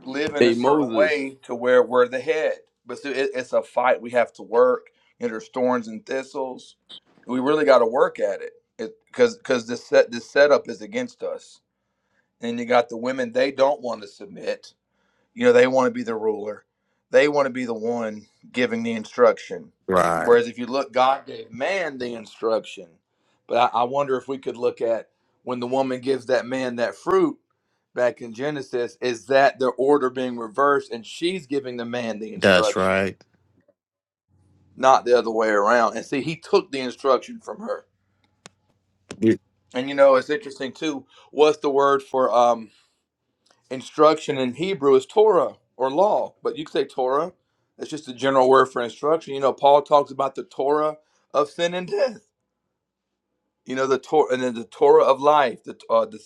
A: live in
D: Hey
A: a certain
D: Moses,
A: way to where we're the head. But still, it, it's a fight. We have to work. And there's thorns and thistles. We really got to work at it. Because because this set this setup is against us. And you got the women; they don't want to submit you know, they want to be the ruler. They want to be the one giving the instruction.
B: Right.
A: Whereas if you look, God gave man the instruction. But I, I wonder if we could look at when the woman gives that man that fruit back in Genesis, is that the order being reversed and she's giving the man the
B: That's
A: instruction,
B: right.
A: not the other way around. And see, he took the instruction from her.
B: You,
A: And you know, it's interesting too. What's the word for um instruction in Hebrew is Torah or law, but you could say Torah. It's just a general word for instruction. You know, Paul talks about the Torah of sin and death. You know, the Torah and then the Torah of life, the uh, the,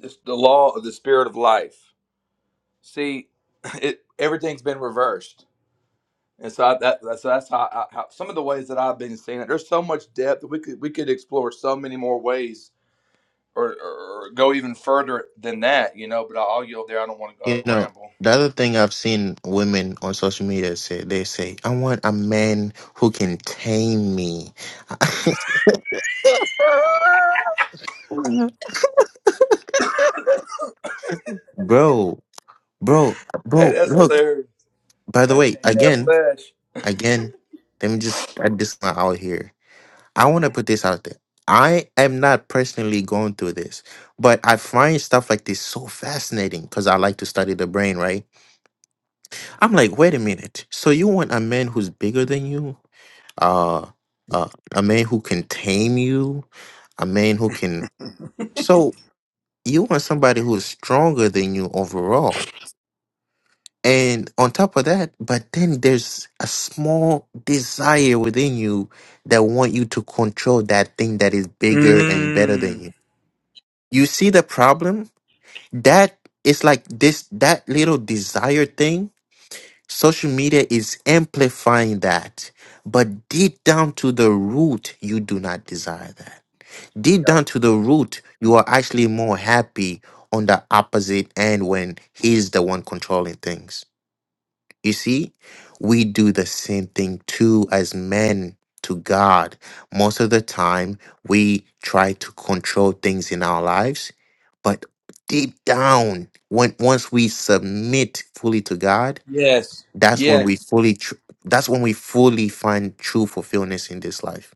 A: the law of the spirit of life. See, it everything's been reversed, and so I, that, that's that's how, I, how some of the ways that I've been seeing it. There's so much depth we could we could explore so many more ways, or, or, or go even further than that. You know, but I'll yield there. I don't want to uh,
B: you know,
A: ramble.
B: the other thing I've seen women on social media say, they say, I want a man who can tame me. bro, bro,
A: Hey,
B: bro,
A: that's
B: look,
A: hilarious.
B: by the
A: Gotta
B: way,
A: tame that
B: again,
A: flesh.
B: again, let me just add this one out here. I want to put this out there. I am not personally going through this, but I find stuff like this so fascinating because I like to study the brain, right? I'm like, wait a minute. So you want a man who's bigger than you? Uh, uh a man who can tame you? A man who can So you want somebody who is stronger than you overall. And on top of that, but then there's a small desire within you that want you to control that thing that is bigger and better than
A: Mm.
B: you. You see the problem? That is like this that little desire thing Social media is amplifying that. But deep down to the root, you do not desire that. Deep
A: Yeah.
B: down to the root, you are actually more happy on the opposite end when he's the one controlling things. You see, we do the same thing too as men to God. Most of the time, we try to control things in our lives, but deep down, when once we submit fully to God,
A: Yes.
B: that's when we
A: Yes.
B: fully. Tr- that's when we fully find true fulfillment in this life.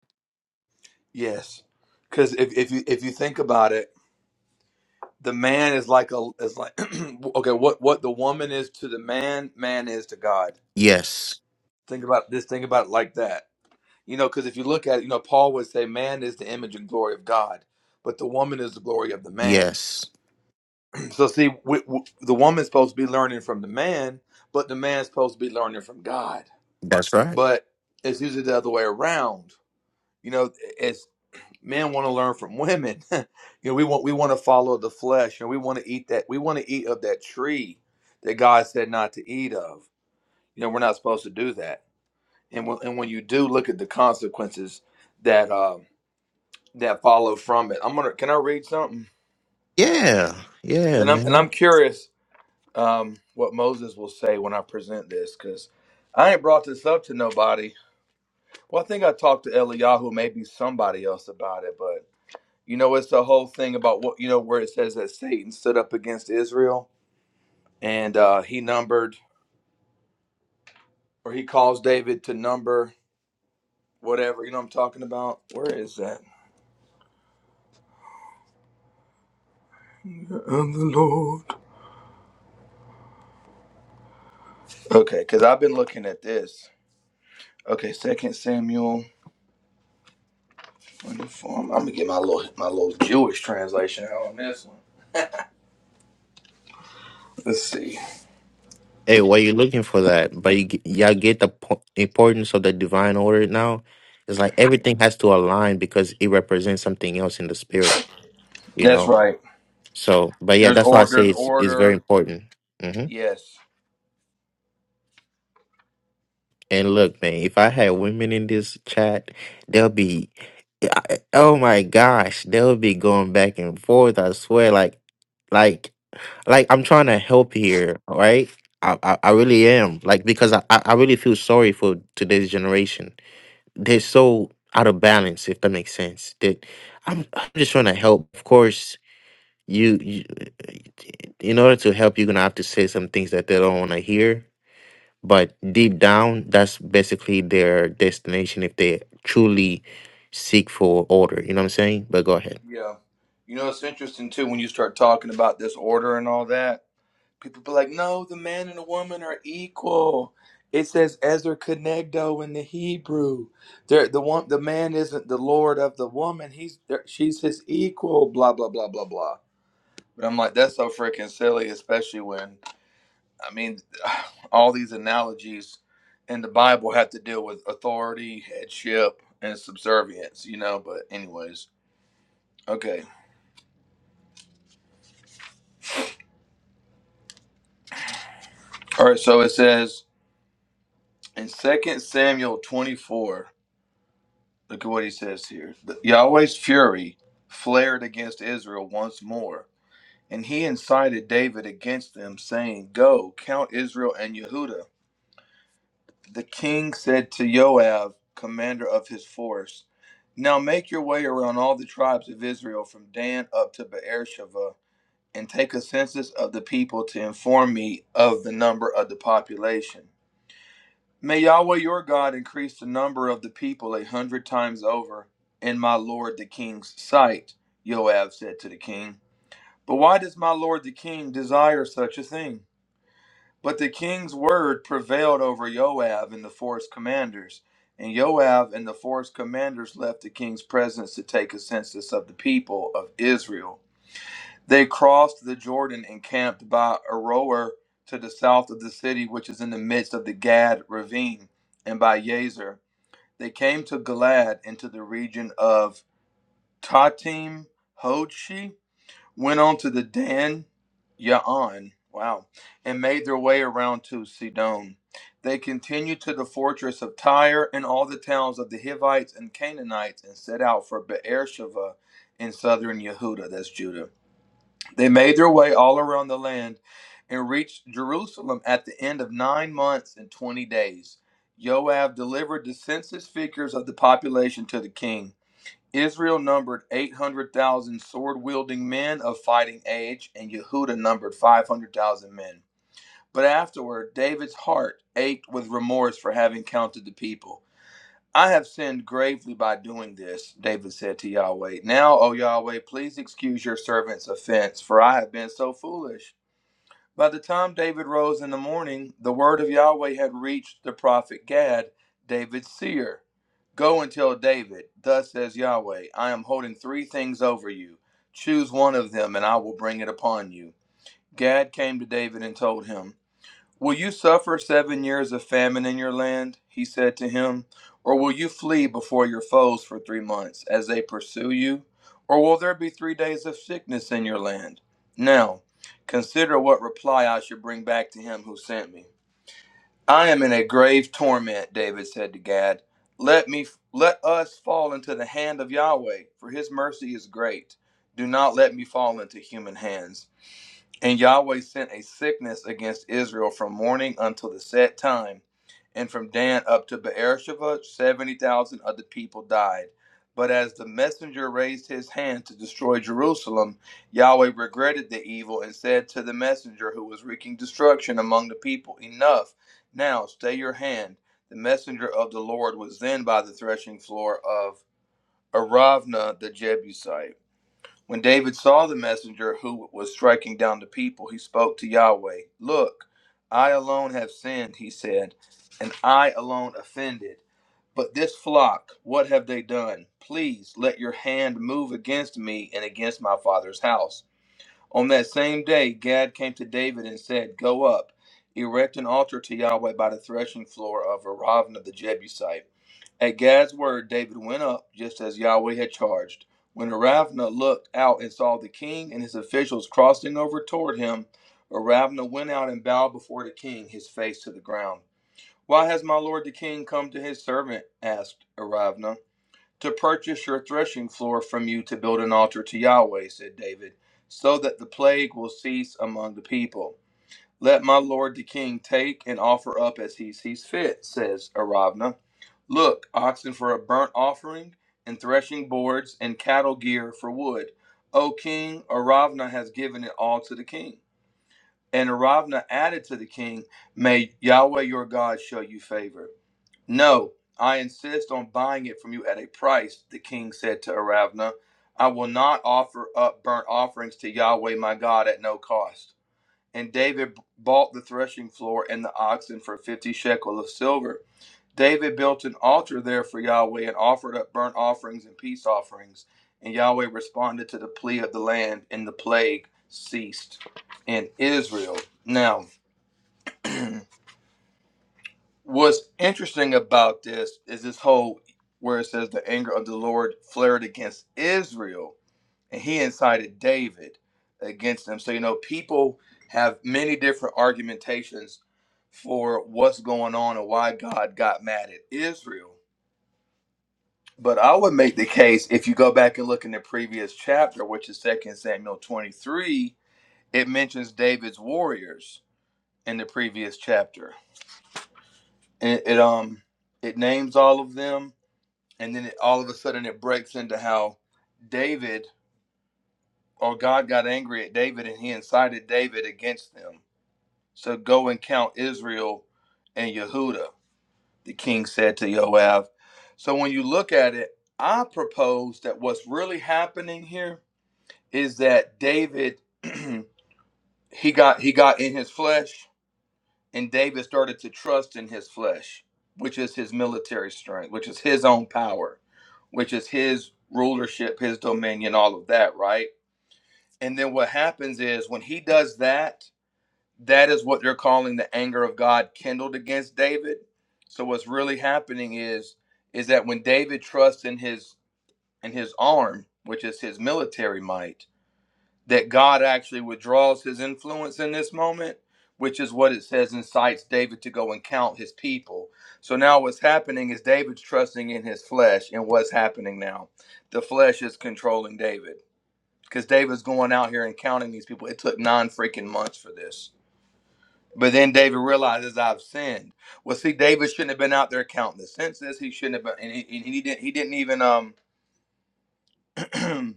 A: Yes. Because if, if you if you think about it, the man is like a is like okay, what what the woman is to the man, man is to God.
B: Yes.
A: Think about this. Think about it like that. You know, because if you look at it, you know, Paul would say, man is the image and glory of God, but the woman is the glory of the man.
B: Yes.
A: so see, we, we, the woman's supposed to be learning from the man, but the man's supposed to be learning from God.
B: That's right.
A: But it's usually the other way around. you know as men want to learn from women you know we want we want to follow the flesh and we want to eat that we want to eat of that tree that god said not to eat of you know we're not supposed to do that and when, and when you do look at the consequences that um that follow from it i'm gonna can i read something
B: Yeah. Yeah,
A: and i'm and
B: man.
A: i'm curious um what moses will say when i present this because i ain't brought this up to nobody well i think i talked to eliyahu maybe somebody else about it but. You know, it's the whole thing about what you know where it says that Satan stood up against Israel and uh he numbered or he calls David to number whatever. You know what I'm talking about? Where is that? I'm the Lord. Okay, because I've been looking at this. Okay, Second Samuel. Wonderful. I'm gonna get my little my little Jewish translation out on this one. Let's see.
B: Hey, why you looking for that? But you, g- y'all get the po- importance of the divine order now. It's like everything has to align because it represents something else in the spirit. You
A: That's
B: know.
A: right.
B: So, but yeah,
A: There's
B: that's why I
A: or
B: say
A: there's
B: it's it's very
A: order.
B: important. Mm-hmm.
A: Yes.
B: And look, man, if I had women in this chat, they'll be, I- oh my gosh, they'll be going back and forth. I swear, like, like, like I'm trying to help here, all right? I, I, I really am, like, because I, I I really feel sorry for today's generation. They're so out of balance, if that makes sense. That I'm, I'm just trying to help. Of course, you, you, in order to help, you're gonna have to say some things that they don't want to hear but deep down that's basically their destination if they truly seek for order you know what i'm saying but go ahead
A: Yeah. You know, it's interesting too when you start talking about this order and all that. people be like, no, the man and the woman are equal. It says "Ezer Kenegdo in the Hebrew. There, the one, the man isn't the lord of the woman. He's there, she's his equal. Blah blah blah blah blah. But I'm like, that's so freaking silly, especially when I mean, all these analogies in the Bible have to deal with authority, headship, and subservience. You know. But anyways, okay, all right. So it says in Second Samuel 24. Look at what he says here. Yahweh's fury flared against Israel once more, and he incited David against them, saying, Go, count Israel and Yehudah. The king said to Joab, commander of his force, Now make your way around all the tribes of Israel from Dan up to Beersheba, and take a census of the people to inform me of the number of the population. May Yahweh your God increase the number of the people a hundred times over in my lord the king's sight, Joab said to the king. But why does my lord the king desire such a thing? But the king's word prevailed over Joab and the forest commanders. And Joab and the forest commanders left the king's presence to take a census of the people of Israel. They crossed the Jordan and camped by Aroer to the south of the city, which is in the midst of the Gad ravine, and by Yazer. They came to Galad into the region of Tatim Hodshi, went on to the Dan Ya'an, wow, and made their way around to Sidon. They continued to the fortress of Tyre and all the towns of the Hivites and Canaanites and set out for Beersheba in southern Yehuda, that's Judah. They made their way all around the land and reached Jerusalem at the end of nine months and twenty days. Joab delivered the census figures of the population to the king. Israel numbered 800,000 sword wielding men of fighting age, and Yehuda numbered 500,000 men. But afterward, David's heart ached with remorse for having counted the people. I have sinned gravely by doing this, David said to Yahweh. Now, O Yahweh, please excuse your servant's offense, for I have been so foolish. By the time David rose in the morning, the word of Yahweh had reached the prophet Gad, David's seer. Go and tell David, Thus says Yahweh, I am holding three things over you. Choose one of them, and I will bring it upon you. Gad came to David and told him. Will you suffer seven years of famine in your land? He said to him. Or will you flee before your foes for three months as they pursue you? Or will there be three days of sickness in your land? Now, consider what reply I should bring back to him who sent me. I am in a grave torment, David said to Gad. Let me let us fall into the hand of Yahweh, for his mercy is great. Do not let me fall into human hands. And Yahweh sent a sickness against Israel from morning until the set time. And from Dan up to Beersheba, 70,000 of the people died. But as the messenger raised his hand to destroy Jerusalem, Yahweh regretted the evil and said to the messenger who was wreaking destruction among the people, Enough, now stay your hand. The messenger of the Lord was then by the threshing floor of Aravna the Jebusite. When David saw the messenger who was striking down the people, he spoke to Yahweh. Look, I alone have sinned, he said, and I alone offended. But this flock, what have they done? Please let your hand move against me and against my father's house. On that same day, Gad came to David and said, Go up, erect an altar to Yahweh by the threshing floor of Aravna the Jebusite. At Gad's word, David went up just as Yahweh had charged. When Aravna looked out and saw the king and his officials crossing over toward him, Aravna went out and bowed before the king, his face to the ground. Why has my lord the king come to his servant? asked Aravna. To purchase your threshing floor from you to build an altar to Yahweh, said David, so that the plague will cease among the people. Let my lord the king take and offer up as he sees fit, says Aravna. Look, oxen for a burnt offering, and threshing boards, and cattle gear for wood. O king, Aravna has given it all to the king. And Aravna added to the king, May Yahweh your God show you favor. No, I insist on buying it from you at a price, the king said to Aravna. I will not offer up burnt offerings to Yahweh my God at no cost. And David bought the threshing floor and the oxen for fifty shekel of silver. David built an altar there for Yahweh and offered up burnt offerings and peace offerings. And Yahweh responded to the plea of the land, and the plague ceased in Israel. Now, what's interesting about this is this whole where it says the anger of the Lord flared against Israel and he incited David against them. So you know, people have many different argumentations for what's going on and why God got mad at Israel. But I would make the case if you go back and look in the previous chapter, which is 2 Samuel 23, it mentions David's warriors in the previous chapter. And it, it um it names all of them and then it, all of a sudden it breaks into how David or God got angry at David and he incited David against them So go and count Israel and Yehuda, the king said to Joab. So when you look at it, I propose that what's really happening here is that David he got he got in his flesh and David started to trust in his flesh, which is his military strength, which is his own power, which is his rulership, his dominion, all of that, right? And then what happens is when he does that, that is what they're calling the anger of God kindled against David. So what's really happening is is that when David trusts in his in his arm, which is his military might, that God actually withdraws his influence in this moment, which is what it says incites David to go and count his people. So now what's happening is David's trusting in his flesh, and what's happening now? The flesh is controlling David. Because David's going out here and counting these people. It took nine freaking months for this but then David realizes I've sinned. Well, see, David shouldn't have been out there counting the census. He shouldn't have been, and he, and he didn't. He didn't even um,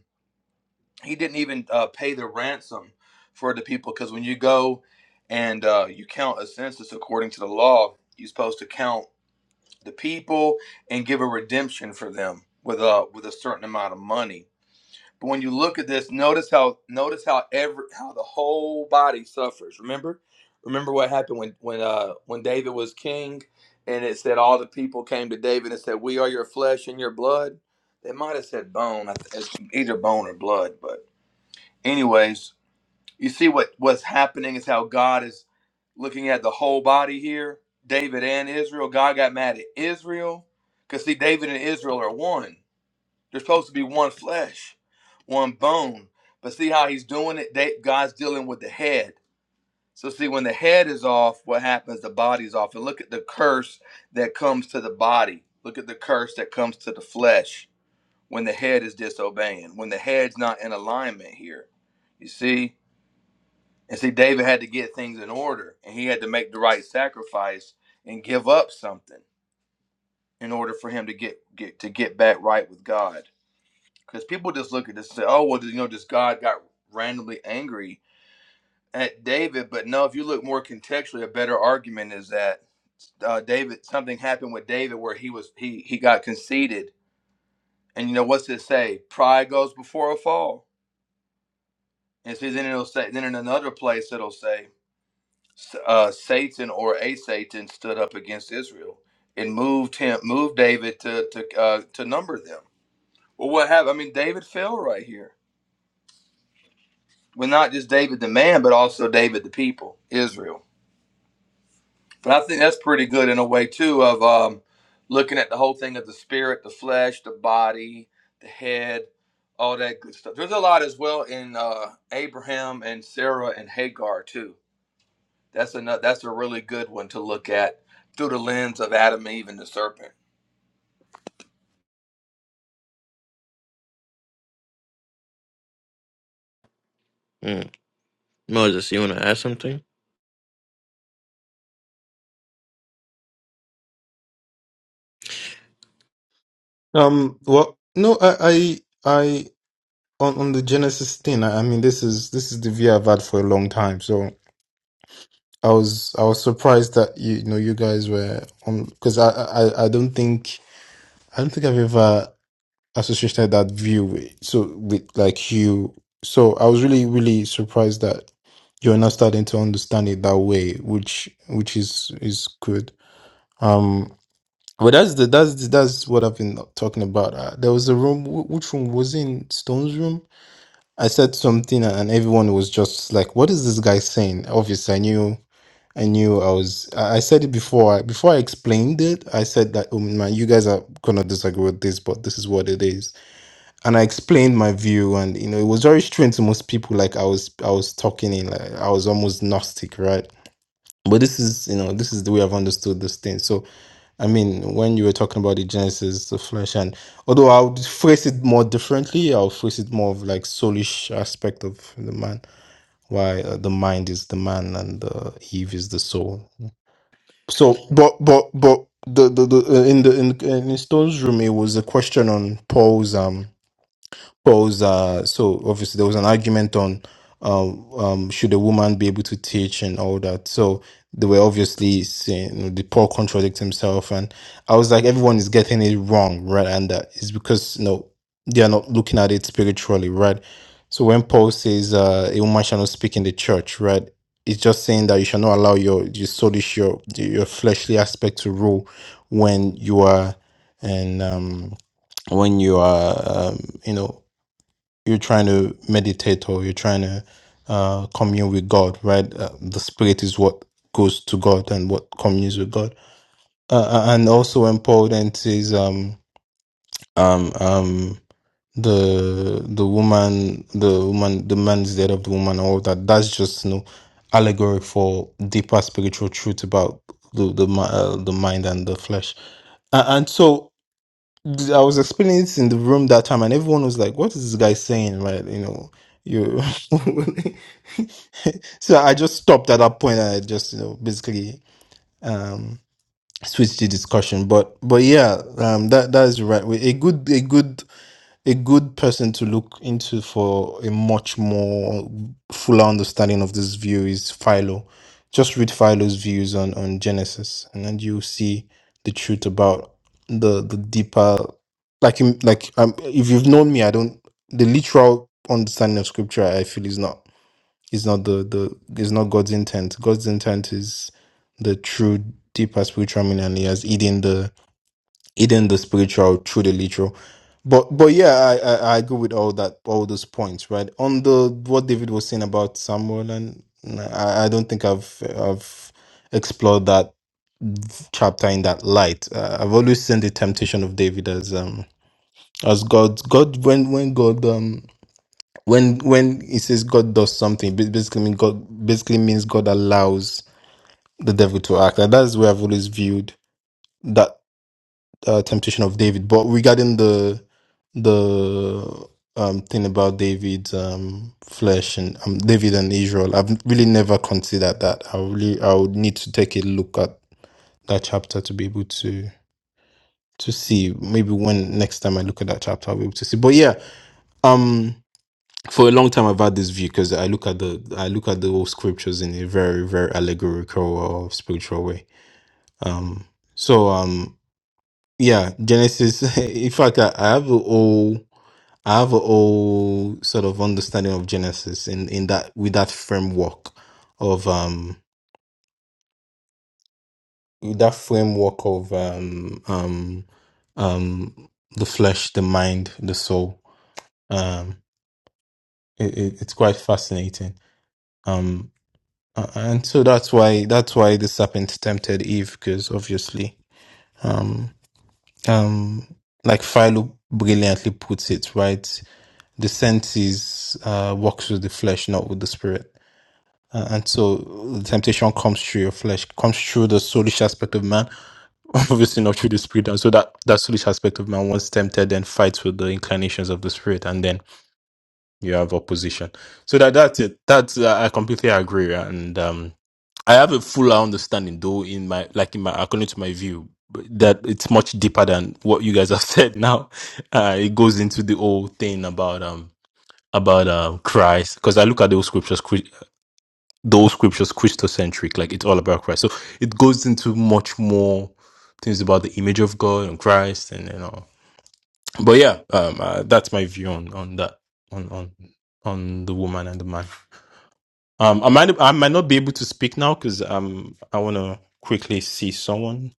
A: he didn't even uh, pay the ransom for the people because when you go and uh, you count a census according to the law, you're supposed to count the people and give a redemption for them with a with a certain amount of money. But when you look at this, notice how notice how every how the whole body suffers. Remember, remember what happened when when uh when David was king, and it said all the people came to David and said, "We are your flesh and your blood." They might have said bone, I th- it's either bone or blood. But anyways, you see what what's happening is how God is looking at the whole body here. David and Israel. God got mad at Israel because see, David and Israel are one. There's supposed to be one flesh, one bone. But see how he's doing it? They, God's dealing with the head. So see, when the head is off, what happens? The body's off. And look at the curse that comes to the body. Look at the curse that comes to the flesh when the head is disobeying, when the head's not in alignment here. You see? And see, David had to get things in order and he had to make the right sacrifice and give up something in order for him to get, get to get back right with God. because people just look at this and say, "Oh, well, you know, just God got randomly angry at David." But no, if you look more contextually, a better argument is that uh, David something happened with David where he was he he got conceited, and you know what's it say? Pride goes before a fall, and see, then it'll say then in another place it'll say uh, Satan or a Satan stood up against Israel and moved him moved David to to uh, to number them. Well, what happened? I mean, David fell right here with not just David the man, but also David the people, Israel. But I think that's pretty good in a way too of um, looking at the whole thing of the spirit, the flesh, the body, the head, all that good stuff. There's a lot as well in uh, Abraham and Sarah and Hagar too. That's another. That's a really good one to look at through the lens of Adam, and Eve, and the serpent.
B: mm. moses you want to add something
C: um, well no I I I on on the Genesis thing I, I mean this is this is the view I've had for a long time so I was I was surprised that you, you know you guys were on because I, I I don't think I don't think I've ever associated that view with so with like you. So I was really really surprised that you're now starting to understand it that way, which which is is good. Um, but that's the that's the, that's what I've been talking about. Uh, there was a room. wh- Which room was it in Stone's room? I said something and everyone was just like, "What is this guy saying?" Obviously, I knew. I knew I was. I I said it before. I- Before I explained it, I said that, oh man, you guys are gonna disagree with this, but this is what it is. And I explained my view, and you know, it was very strange to most people. Like I was, I was talking in, like I was almost gnostic, right? But this is, you know, this is the way I've understood this thing. So, I mean, when you were talking about the Genesis, the flesh, and although I would phrase it more differently, i would phrase it more of like soulish aspect of the man, why uh, the mind is the man and uh, Eve is the soul. So, but but but the the, the uh, in the in, in Stone's room, it was a question on Paul's um calls uh so obviously there was an argument on um um should a woman be able to teach and all that so they were obviously saying you know, the paul contradicts himself and i was like everyone is getting it wrong right and uh, it's because you know they are not looking at it spiritually right so when paul says uh a woman shall not speak in the church right it's just saying that you shall not allow your your soulish your your fleshly aspect to rule when you are and um when you are um, you know you're trying to meditate or you're trying to uh, commune with God, right? Uh, the spirit is what goes to God and what communes with God. Uh, uh, and also important is um um um the the woman the woman the man is dead of the woman all that that's just you know allegory for deeper spiritual truth about the the mi- uh, the mind and the flesh. A- And, so I was explaining it in the room that time, and everyone was like, "What is this guy saying?" Right? You know, you. so I just stopped at that point. And I just, you know, basically um switched the discussion. But but yeah, um, that that is right. A good a good a good person to look into for a much more fuller understanding of this view is Philo. Just read Philo's views on, on Genesis, and then you'll see the truth about the the deeper, like in- like um, if you've known me, I don't the literal understanding of Scripture. I feel is not is not the the is not God's intent. God's intent is the true deeper spiritual meaning, and He has hidden the eating the spiritual through the literal. But but yeah, I, I I agree with all that all those points, right? On the what David was saying about Samuel, and nah, I, I don't think I've I've explored that chapter in that light. Uh, I've always seen the temptation of David as um as God God when when God um when when it says God does something, ba- basically mean God basically means God allows the devil to act. And that's where I've always viewed that uh, temptation of David. But regarding the the um thing about David's um flesh and um David and Israel. I've really never considered that. I really I would need to take a look at that chapter to be able to to see. Maybe when next time I look at that chapter I'll be able to see. But yeah, um for a long time I've had this view because I look at the I look at the whole scriptures in a very, very allegorical or spiritual way. Um so um yeah, Genesis in fact I, I have a whole I have a whole sort of understanding of Genesis in, in that with that framework of um with that framework of um um um the flesh, the mind, the soul. Um, it, it, it's quite fascinating. Um, a- and so that's why that's why the serpent tempted Eve because obviously um um like Philo brilliantly puts it right. The senses uh works with the flesh, not with the spirit Uh, and so the temptation comes through your flesh, comes through the soulish aspect of man, obviously not through the spirit. And so that, that soulish aspect of man, once tempted, then fights with the inclinations of the spirit, and then you have opposition. So that that's it. That's uh, I completely agree, and um, I have a fuller understanding, though in my like in my according to my view, but that it's much deeper than what you guys have said. Now, uh, it goes into the whole thing about um about um Christ, because I look at those scriptures those scriptures Christocentric, like it's all about Christ. So it goes into much more things about the image of God and Christ, and you know. But yeah, um, uh, that's my view on on that on on on the woman and the man. Um, I might I might not be able to speak now because um I want to quickly see someone.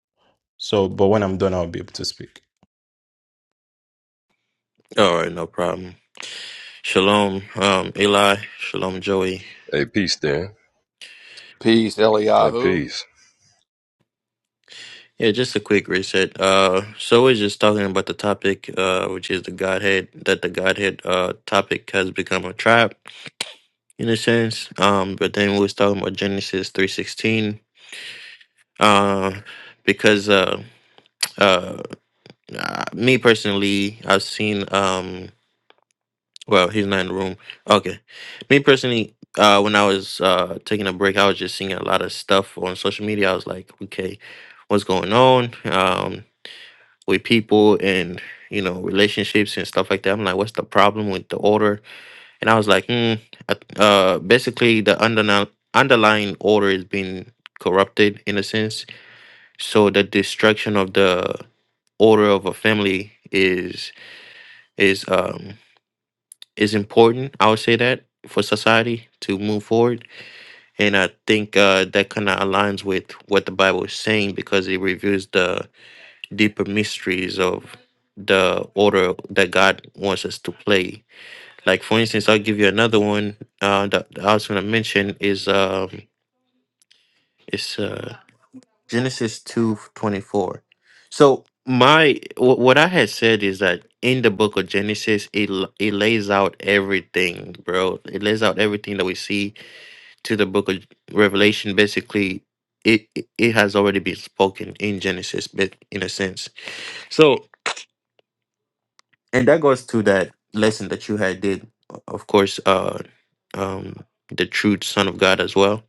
C: So, but when I'm done, I'll be able to speak.
B: all right no problem shalom um eli shalom joey
E: Hey, peace, Dan.
A: Peace,
E: Hey,
A: Eliyahu.
E: peace.
B: yeah just a quick reset uh so we're just talking about the topic uh which is the godhead that the godhead uh topic has become a trap in a sense um but then we was talking about genesis 316 uh because uh uh uh, me personally, I've seen. Um, well, he's not in the room. Okay, me personally, uh, when I was uh, taking a break, I was just seeing a lot of stuff on social media. I was like, okay, what's going on um, with people and you know relationships and stuff like that? I'm like, what's the problem with the order? And I was like, hmm. I- Uh, basically, the underna- underlying order is being corrupted in a sense. So the destruction of the order of a family is um is important. I would say that for society to move forward, and I think uh, that kind of aligns with what the Bible is saying because it reveals the deeper mysteries of the order that God wants us to play. Like for instance, I'll give you another one uh, that I was going to mention is um, it's uh, Genesis two twenty four. So my wh- what I had said is that in the book of Genesis, it l- it lays out everything, bro. It lays out everything that we see to the book of Revelation. Basically, it it it has already been spoken in Genesis, but in a sense. So and that goes to that lesson that you had did, o- of course. Uh, um, the true Son of God as well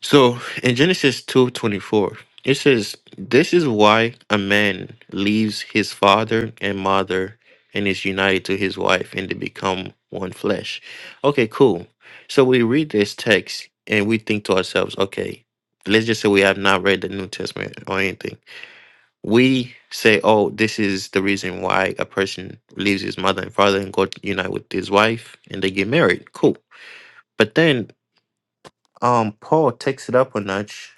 B: So in Genesis two twenty four, it says, "This is why a man leaves his father and mother and is united to his wife, and they become one flesh." Okay, cool. So we read this text and we think to ourselves, okay, let's just say we have not read the New Testament or anything. We say, oh, this is the reason why a person leaves his mother and father and go unite with his wife, and they get married. Cool. But then um, Paul takes it up a notch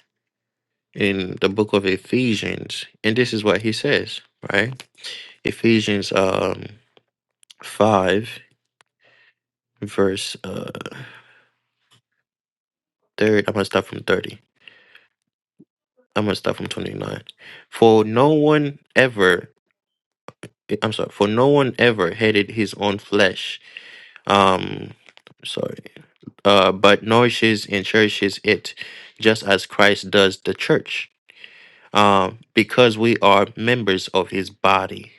B: in the book of Ephesians, and this is what he says, right? Ephesians um five verse uh third. I'm gonna start from thirty. I'm gonna start from twenty nine. For no one ever, I'm sorry, for no one ever hated his own flesh. Um, sorry, uh, but nourishes and cherishes it, just as Christ does the church. Um, because we are members of his body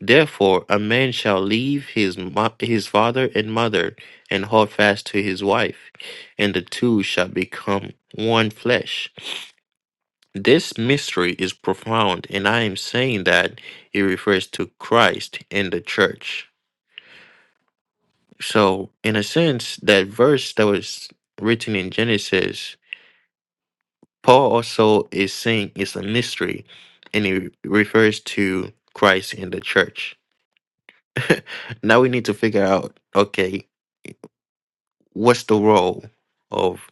B: Therefore, a man shall leave his mo- his father and mother, and hold fast to his wife, and the two shall become one flesh. This mystery is profound, and I am saying that it refers to Christ and the church. So, in a sense, that verse that was written in Genesis, Paul also is saying it's a mystery, and it refers to Christ and the church. now we need to figure out, okay what's the role of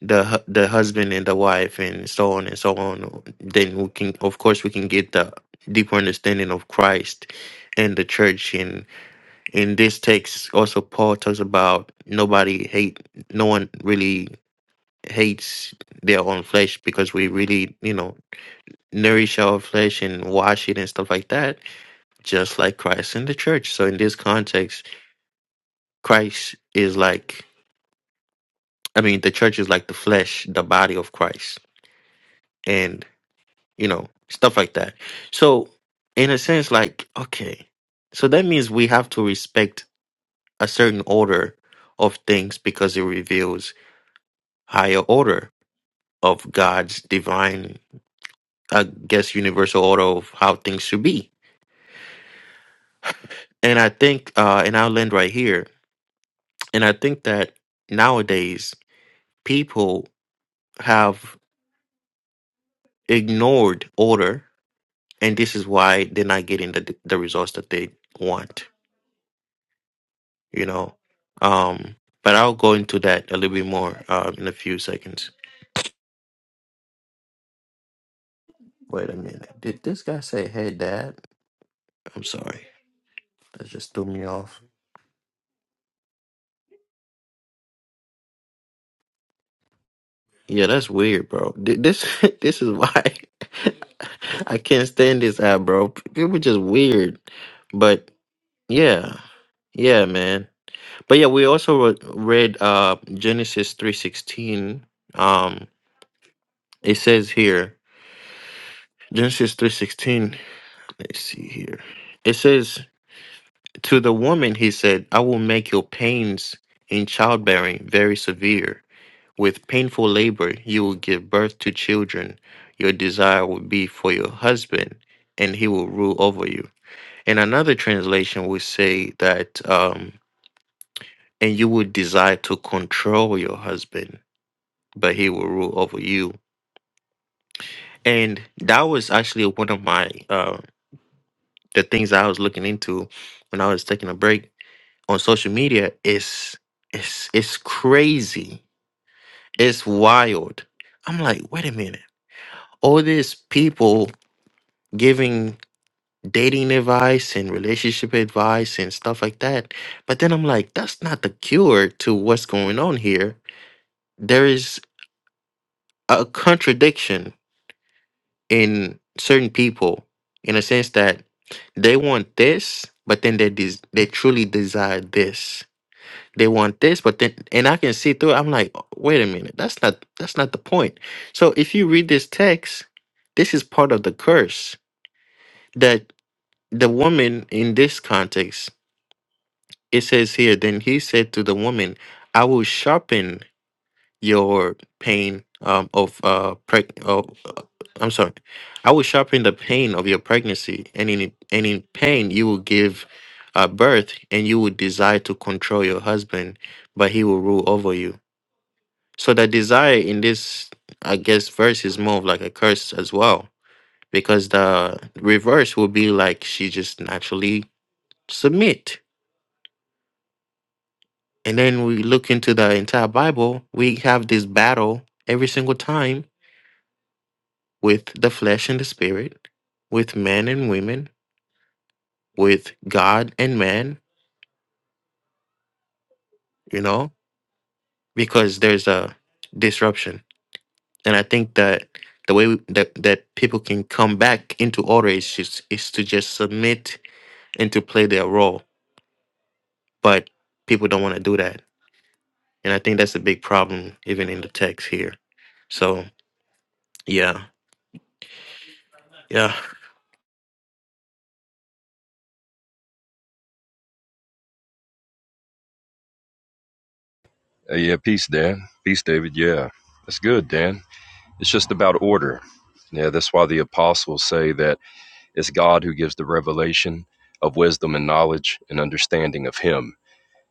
B: the hu- the husband and the wife and so on and so on then we can of course we can get the deeper understanding of christ and the church and in this text also paul talks about nobody hate no one really hates their own flesh because we really you know nourish our flesh and wash it and stuff like that just like christ and the church so in this context christ is like i mean the church is like the flesh the body of christ and you know stuff like that so in a sense like okay so that means we have to respect a certain order of things because it reveals higher order of god's divine i guess universal order of how things should be and i think uh and i'll end right here and i think that nowadays people have ignored order and this is why they're not getting the the results that they want you know. Um, but I'll go into that a little bit more um, in a few seconds. Wait a minute. Did this guy say, "Hey, Dad"? I'm sorry. That just threw me off. Yeah, that's weird, bro. Th- This this is why I can't stand this app, bro. People just weird. But yeah, yeah, man. But yeah, we also re- read uh, Genesis three sixteen. Um, it says here Genesis three sixteen. Let's see here. It says. To the woman, he said, I will make your pains in childbearing very severe. With painful labor, you will give birth to children. Your desire will be for your husband, and he will rule over you. And another translation will say that, um, and you will desire to control your husband, but he will rule over you. And that was actually one of my, uh, the things I was looking into when I was taking a break on social media is it's it's crazy. It's wild. I'm like, wait a minute. All these people giving dating advice and relationship advice and stuff like that. But then I'm like, that's not the cure to what's going on here. There is a contradiction in certain people in a sense that they want this, but then they des- they truly desire this they want this but then and i can see through it, i'm like "Oh, wait a minute that's not that's not the point so if you read this text this is part of the curse that the woman in this context it says here then he said to the woman i will sharpen your pain um, of uh preg- oh, uh, i'm sorry i will sharpen the pain of your pregnancy and in and in pain you will give uh, birth and you will desire to control your husband but he will rule over you So the desire in this, I guess, verse is more of like a curse as well, because the reverse would be like she just naturally submit. And then we look into the entire Bible, we have this battle every single time with the flesh and the spirit, with men and women, with God and man, you know, because there's a disruption. And I think that the way that, that people can come back into order is just is to just submit and to play their role. But people don't want to do that. And I think that's a big problem, even in the text here. So, yeah, yeah,
E: Hey, yeah, peace, Dan. Peace, David. Yeah, that's good, Dan. It's just about order. Yeah, that's why the apostles say that it's God who gives the revelation of wisdom and knowledge and understanding of Him.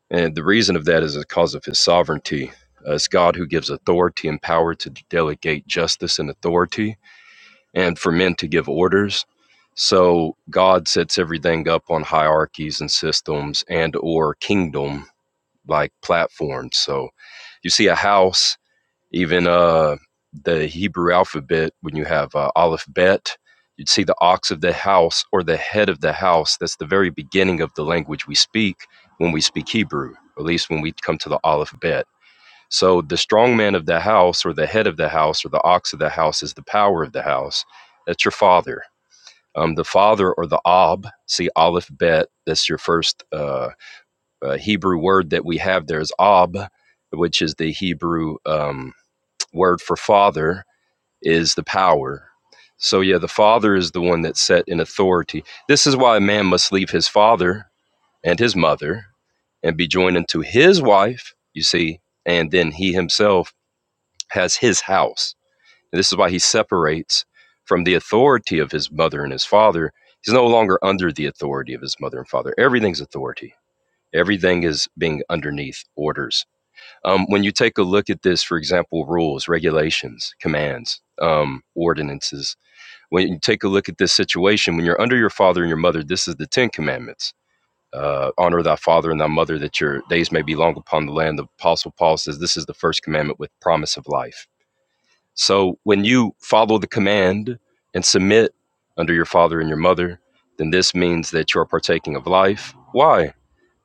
E: And the reason of that is because of His sovereignty. Uh, it's God who gives authority and power to delegate justice and authority and for men to give orders. So God sets everything up on hierarchies and systems and or kingdom like platforms. So you see a house, even uh, the Hebrew alphabet, when you have uh, Aleph Bet, you'd see the ox of the house or the head of the house. That's the very beginning of the language we speak when we speak Hebrew, at least when we come to the Aleph Bet. So the strong man of the house or the head of the house or the ox of the house is the power of the house. That's your father. Um, the father or the Ab, see Aleph Bet, that's your first. Uh, uh, Hebrew word that we have there is ab, which is the Hebrew um, word for father, is the power. So, yeah, the father is the one that's set in authority. This is why a man must leave his father and his mother and be joined unto his wife, you see, and then he himself has his house. And this is why he separates from the authority of his mother and his father. He's no longer under the authority of his mother and father. Everything's authority Everything is being underneath orders. Um, when you take a look at this, for example, rules, regulations, commands, um, ordinances, when you take a look at this situation, when you're under your father and your mother, this is the Ten Commandments. Uh, honor thy father and thy mother that your days may be long upon the land. The Apostle Paul says this is the first commandment with promise of life. So when you follow the command and submit under your father and your mother, then this means that you're partaking of life. Why?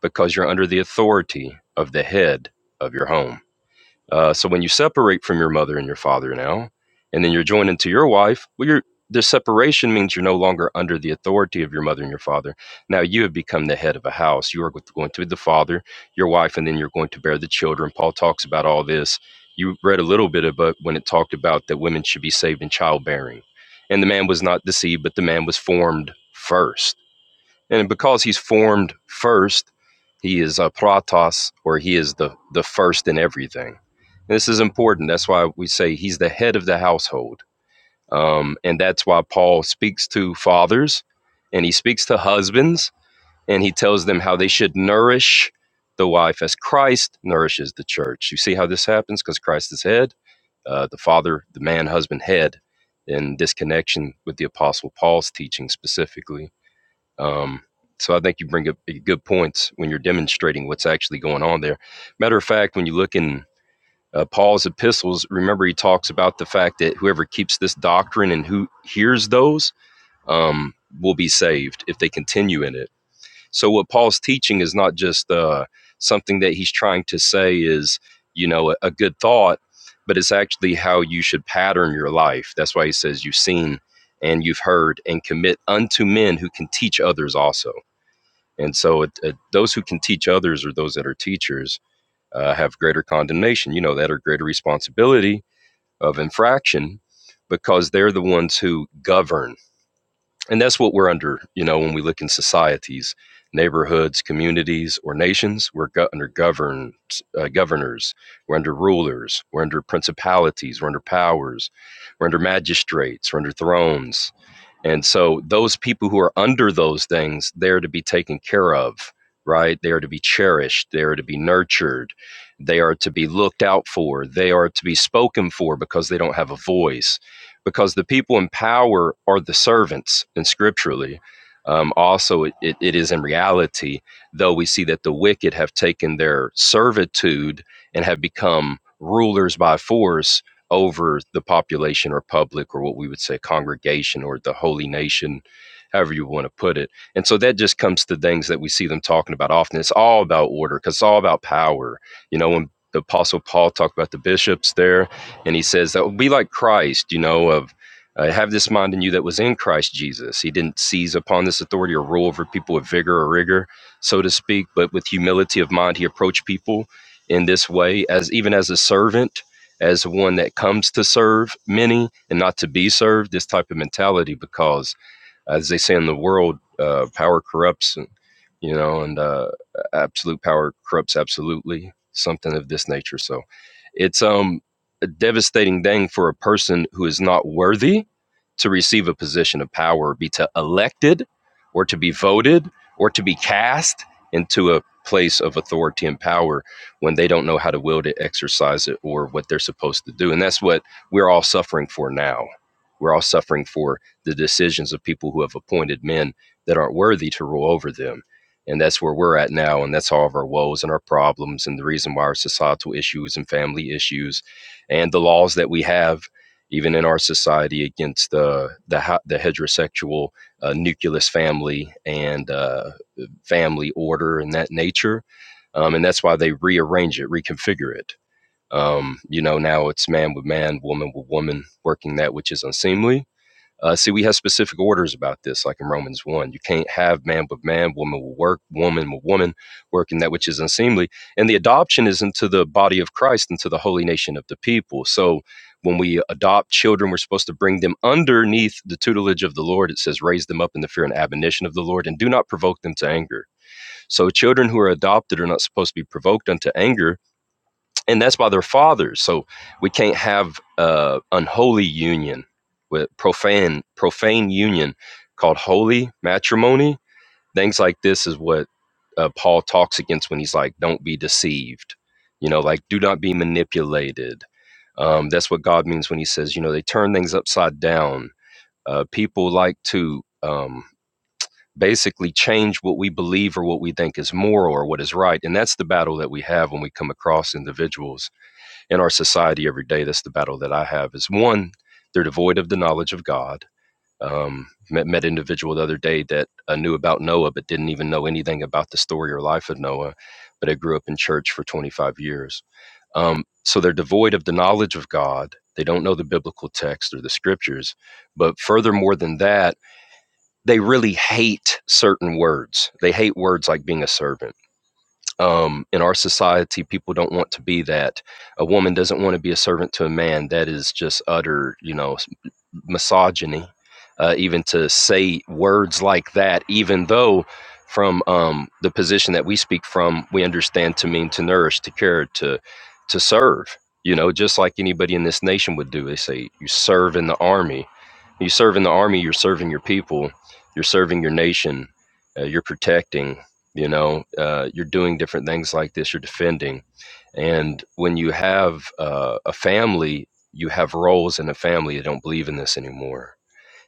E: because you're under the authority of the head of your home. Uh, so when you separate from your mother and your father now, and then you're joined into your wife, well, you're, the separation means you're no longer under the authority of your mother and your father. Now you have become the head of a house. You are going to be the father, your wife, and then you're going to bear the children. Paul talks about all this. You read a little bit about when it talked about that women should be saved in childbearing. And the man was not deceived, but the man was formed first and because he's formed first, he is a pratos, or he is the, the first in everything. And this is important. That's why we say he's the head of the household. Um, and that's why Paul speaks to fathers and he speaks to husbands and he tells them how they should nourish the wife as Christ nourishes the church. You see how this happens? Because Christ is head, uh, the father, the man, husband, head, in this connection with the Apostle Paul's teaching specifically um, so I think you bring up eh, good points when you're demonstrating what's actually going on there. Matter of fact, when you look in uh, Paul's epistles, remember he talks about the fact that whoever keeps this doctrine and who hears those um, will be saved if they continue in it. So what Paul's teaching is not just uh, something that he's trying to say is you know a, a good thought, but it's actually how you should pattern your life. That's why he says you've seen and you've heard and commit unto men who can teach others also and so, it, it, those who can teach others or those that are teachers uh, have greater condemnation, you know, that or greater responsibility of infraction because they're the ones who govern. And that's what we're under, you know, when we look in societies, neighborhoods, communities, or nations, we're go- under governed, uh, governors, we're under rulers, we're under principalities, we're under powers, we're under magistrates, we're under thrones and so those people who are under those things, they're to be taken care of, right? They are to be cherished, they are to be nurtured, they are to be looked out for, they are to be spoken for because they don't have a voice. Because the people in power are the servants, and scripturally, um, also it, it, it is in reality, though we see that the wicked have taken their servitude and have become rulers by force over the population or public or what we would say congregation or the holy nation, however you want to put it. And so that just comes to things that we see them talking about often. It's all about order because it's all about power. You know, when the Apostle Paul talked about the bishops there, and he says that would be like Christ, you know, of uh, have this mind in you that was in Christ Jesus. He didn't seize upon this authority or rule over people with vigor or rigor, so to speak, but with humility of mind, he approached people in this way as even as a servant as one that comes to serve many and not to be served, this type of mentality, because as they say in the world, uh, power corrupts, and you know, and uh, absolute power corrupts absolutely, something of this nature. So it's um a devastating thing for a person who is not worthy to receive a position of power, be to elected, or to be voted, or to be cast into a place of authority and power when they don't know how to wield it, exercise it, or what they're supposed to do. And that's what we're all suffering for now. We're all suffering for the decisions of people who have appointed men that aren't worthy to rule over them. And that's where we're at now. And that's all of our woes and our problems and the reason why our societal issues and family issues and the laws that we have, even in our society, against the, the, the heterosexual uh, nucleus family and uh, family order and that nature. Um, and that's why they rearrange it, reconfigure it. Um, you know, now it's man with man, woman with woman, working that which is unseemly uh, see, we have specific orders about this, like in Romans 1. You can't have man with man, woman with work, woman with woman, working that which is unseemly. And the adoption is into the body of Christ, into the holy nation of the people. So when we adopt children, we're supposed to bring them underneath the tutelage of the Lord. It says, raise them up in the fear and admonition of the Lord, and do not provoke them to anger. So children who are adopted are not supposed to be provoked unto anger and that's by their fathers. So we can't have uh, unholy union with profane profane union called holy matrimony. Things like this is what uh, Paul talks against when he's like, "Don't be deceived," you know, like do not be manipulated. Um, that's what God means when He says, you know, they turn things upside down. Uh, people like to um, basically change what we believe or what we think is moral or what is right, and that's the battle that we have when we come across individuals in our society every day. That's the battle that I have. Is one, they're devoid of the knowledge of God. Um, met met an individual the other day that uh, knew about Noah, but didn't even know anything about the story or life of Noah. But I grew up in church for 25 years. Um, so they're devoid of the knowledge of God. They don't know the biblical text or the scriptures. But furthermore than that, they really hate certain words. They hate words like being a servant um, in our society, people don't want to be that. A woman doesn't want to be a servant to a man. That is just utter, you know, misogyny, uh, even to say words like that, even though from um, the position that we speak from, we understand to mean to nourish, to care, to to serve. You know, just like anybody in this nation would do. They say you serve in the army. You serve in the army. You're serving your people. You're serving your nation. Uh, you're protecting. You know, uh, you're doing different things like this. You're defending. And when you have uh, a family you have roles in a family that don't believe in this anymore.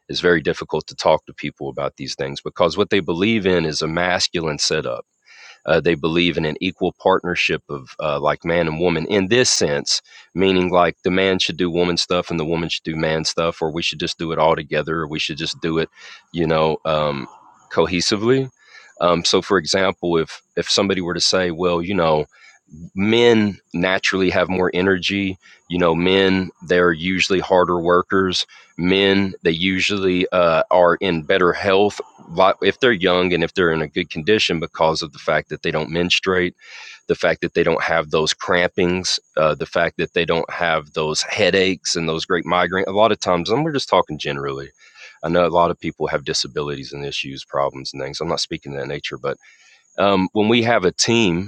E: It's very difficult to talk to people about these things because what they believe in is a masculine setup. Uh, they believe in an equal partnership of uh, like man and woman in this sense, meaning like the man should do woman stuff and the woman should do man stuff, or we should just do it all together, or we should just do it, you know, um, cohesively. Um, so, for example, if if somebody were to say, well, you know, men naturally have more energy you know men they're usually harder workers men they usually uh, are in better health if they're young and if they're in a good condition because of the fact that they don't menstruate the fact that they don't have those crampings uh, the fact that they don't have those headaches and those great migraines. a lot of times and we're just talking generally i know a lot of people have disabilities and issues problems and things i'm not speaking to that nature but um, when we have a team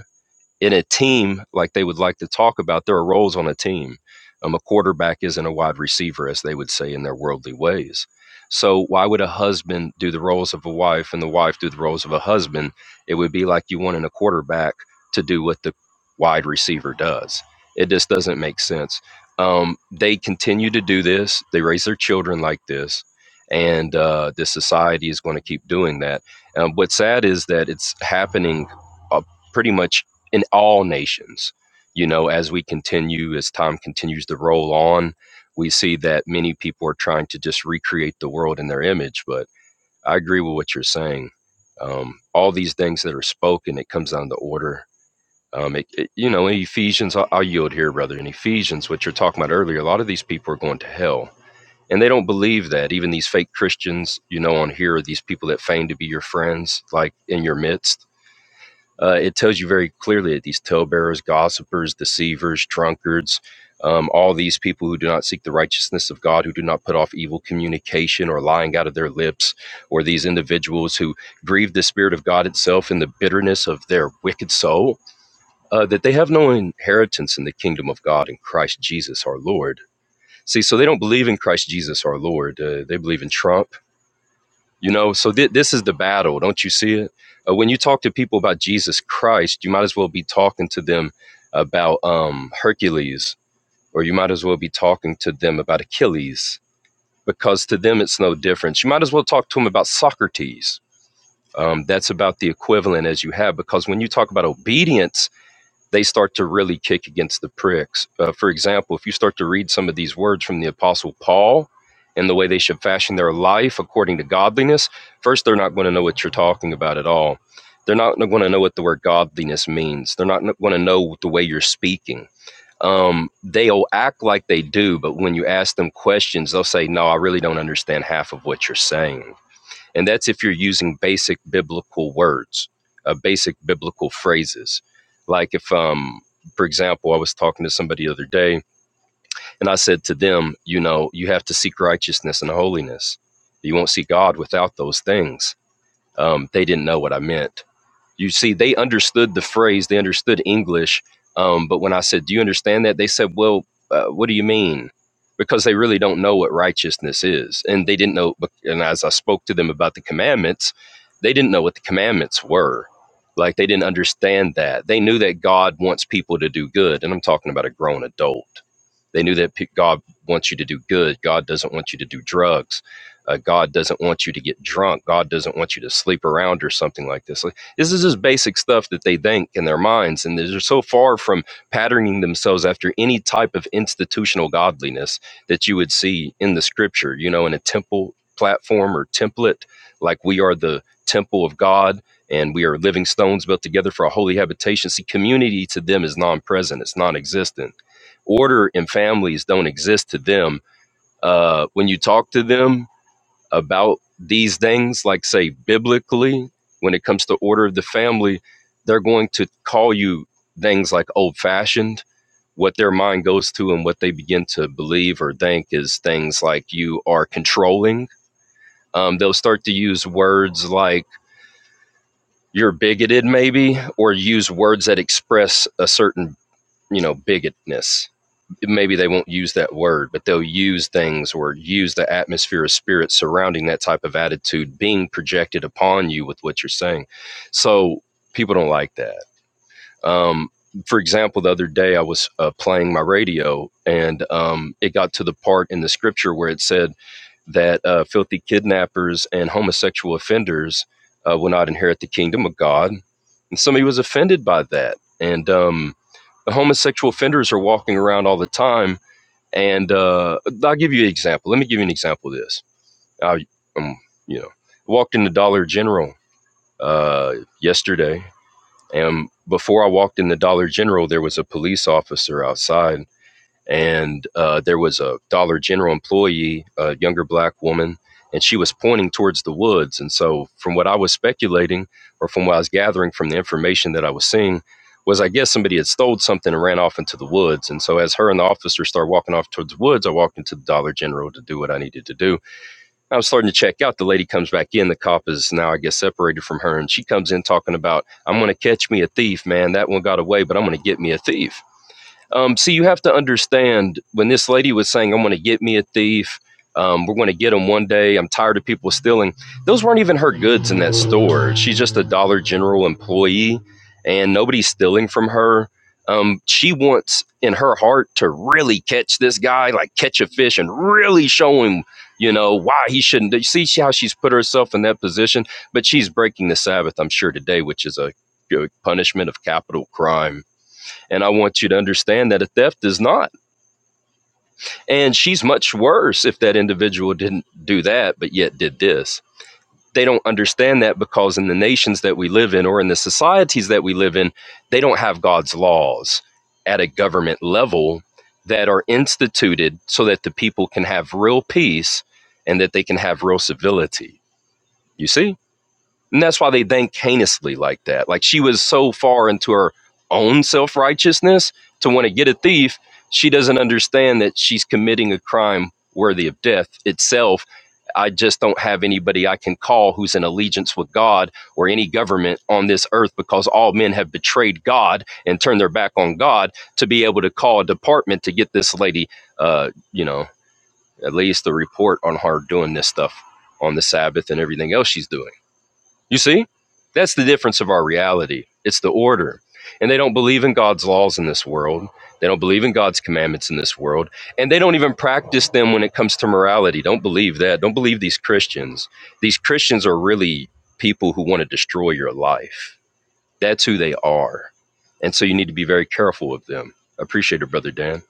E: in a team like they would like to talk about there are roles on a team um, a quarterback isn't a wide receiver as they would say in their worldly ways so why would a husband do the roles of a wife and the wife do the roles of a husband it would be like you wanting a quarterback to do what the wide receiver does it just doesn't make sense um, they continue to do this they raise their children like this and uh, the society is going to keep doing that um, what's sad is that it's happening uh, pretty much in all nations. You know, as we continue, as time continues to roll on, we see that many people are trying to just recreate the world in their image. But I agree with what you're saying. Um, all these things that are spoken, it comes down to order. Um, it, it- you know, in Ephesians, I'll, I'll yield here, brother. In Ephesians, what you're talking about earlier, a lot of these people are going to hell. And they don't believe that. Even these fake Christians, you know, on here are these people that feign to be your friends, like in your midst uh, it tells you very clearly that these talebearers, gossipers, deceivers, drunkards, um, all these people who do not seek the righteousness of God, who do not put off evil communication or lying out of their lips, or these individuals who grieve the Spirit of God itself in the bitterness of their wicked soul, uh, that they have no inheritance in the kingdom of God in Christ Jesus our Lord. See, so they don't believe in Christ Jesus our Lord. Uh, they believe in Trump. You know, so thi- this is the battle. Don't you see it? Uh, when you talk to people about Jesus Christ, you might as well be talking to them about um, Hercules, or you might as well be talking to them about Achilles, because to them it's no difference. You might as well talk to them about Socrates. Um, that's about the equivalent as you have, because when you talk about obedience, they start to really kick against the pricks. Uh, for example, if you start to read some of these words from the Apostle Paul and the way they should fashion their life according to godliness, first, they're not going to know what you're talking about at all. They're not going to know what the word godliness means. They're not going to know the way you're speaking. Um, they'll act like they do, but when you ask them questions, they'll say, No, I really don't understand half of what you're saying and that's if you're using basic biblical words, uh, basic biblical phrases. Like if, um, for example, I was talking to somebody the other day and I said to them, you know, you have to seek righteousness and holiness. You won't see God without those things um, they didn't know what I meant. You see, they understood the phrase, they understood English. Um, but when I said, Do you understand that? They said, Well, uh, what do you mean? Because they really don't know what righteousness is. And they didn't know. And as I spoke to them about the commandments, they didn't know what the commandments were. Like they didn't understand that. They knew that God wants people to do good. And I'm talking about a grown adult they knew that God wants you to do good. God doesn't want you to do drugs. Uh, God doesn't want you to get drunk. God doesn't want you to sleep around or something like this. Like, this is just basic stuff that they think in their minds, and they're so far from patterning themselves after any type of institutional godliness that you would see in the Scripture. You know, in a temple platform or template, like we are the temple of God and we are living stones built together for a holy habitation. See, community to them is non present, it's non existent order and families don't exist to them. Uh, when you talk to them about these things, like say biblically, when it comes to order of the family, they're going to call you things like old fashioned. What their mind goes to and what they begin to believe or think is things like you are controlling. Um, they'll start to use words like you're bigoted, maybe, or use words that express a certain, you know, bigotness maybe they won't use that word, but they'll use things or use the atmosphere of spirit surrounding that type of attitude being projected upon you with what you're saying. So people don't like that. Um, for example, the other day I was uh, playing my radio and um, it got to the part in the scripture where it said that uh, filthy kidnappers and homosexual offenders uh, will not inherit the kingdom of God. And somebody was offended by that. And um, the homosexual offenders are walking around all the time and uh, I'll give you an example. Let me give you an example of this. I, um, you know, walked in the Dollar General uh, yesterday, and before I walked in the Dollar General, there was a police officer outside and uh, there was a Dollar General employee, a younger black woman, and she was pointing towards the woods. And so, from what I was speculating, or from what I was gathering from the information that I was seeing, was I guess somebody had stole something and ran off into the woods. And so, as her and the officer started walking off towards the woods, I walked into the Dollar General to do what I needed to do. I was starting to check out. The lady comes back in. The cop is now, I guess, separated from her, and she comes in talking about, "I'm going to catch me a thief, man. That one got away, but I'm going to get me a thief." Um, see, you have to understand when this lady was saying, I'm going to get me a thief. Um, we're going to get him one day. I'm tired of people stealing. Those weren't even her goods in that store. She's just a Dollar General employee and nobody's stealing from her. Um, she wants in her heart to really catch this guy, like catch a fish and really show him, you know, why he shouldn't. do- You see how she's put herself in that position? But she's breaking the Sabbath, I'm sure, today, which is a punishment of capital crime and I want you to understand that a theft is not. And she's much worse if that individual didn't do that, but yet did this. They don't understand that because in the nations that we live in or in the societies that we live in, they don't have God's laws at a government level that are instituted so that the people can have real peace and that they can have real civility. You see? And that's why they think heinously like that. Like she was so far into her own self righteousness to want to get a thief, she doesn't understand that she's committing a crime worthy of death itself. I just don't have anybody I can call who's in allegiance with God or any government on this earth because all men have betrayed God and turned their back on God to be able to call a department to get this lady, uh, you know, at least the report on her doing this stuff on the Sabbath and everything else she's doing. You see? That's the difference of our reality. It's the order. And they don't believe in God's laws in this world. They don't believe in God's commandments in this world. And they don't even practice them when it comes to morality. Don't believe that. Don't believe these Christians. These Christians are really people who want to destroy your life. That's who they are. And so you need to be very careful of them. Appreciate it, Brother Dan.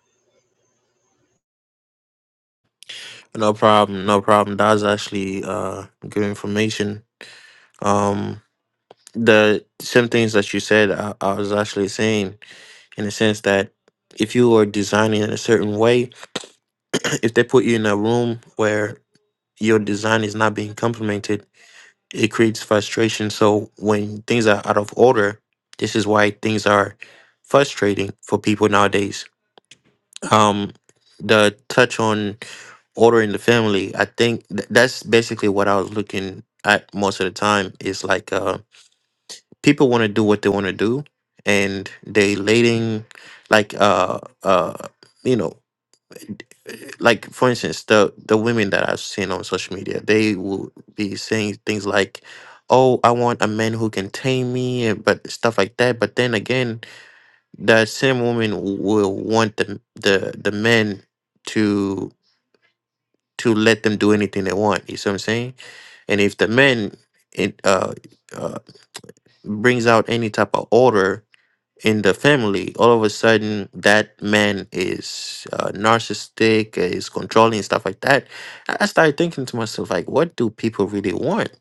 B: no problem, no problem. That's actually uh, good information. Um, the same things that you said, I, I was actually saying in the sense that if you are designing in a certain way, if they put you in a room where your design is not being complimented, it creates frustration. So when things are out of order, this is why things are frustrating for people nowadays. Um, the touch on order in the family, I think th- that's basically what I was looking at most of the time. Is like uh, people want to do what they want to do, and they letting like uh uh you know like for instance the the women that i've seen on social media they will be saying things like oh i want a man who can tame me and but stuff like that but then again the same woman will want the the the men to to let them do anything they want you see what i'm saying and if the man it uh, uh brings out any type of order in the family, all of a sudden that man is uh, narcissistic, uh, is controlling stuff like that. I I started thinking to myself, like, what do people really want?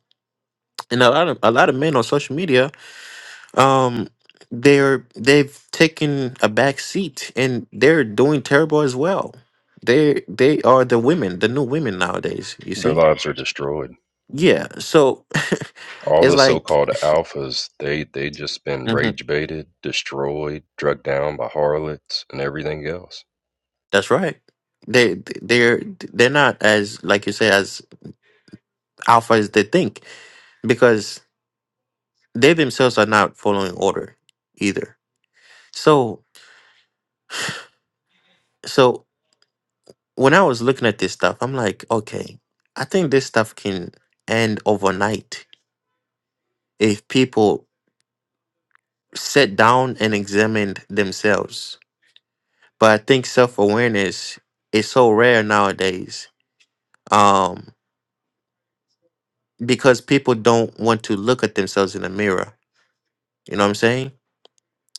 B: And a lot of a lot of men on social media, um, they're they've taken a back seat and they're doing terrible as well. They they are the women, the new women nowadays. You
E: Their
B: see,
E: lives are destroyed.
B: yeah. So
E: All
B: it's
E: the
B: like
E: so-called alphas, they they just been
B: Mhm.
E: rage baited, destroyed, drugged down by harlots and everything else.
B: that's right. They they're they're not as like you say as Alpha, as they think because they themselves are not following order either so so when i was looking at this stuff i'm like okay i think this stuff can end overnight if people sit down and examined themselves but i think self-awareness is so rare nowadays um because people don't want to look at themselves in the mirror you know what i'm saying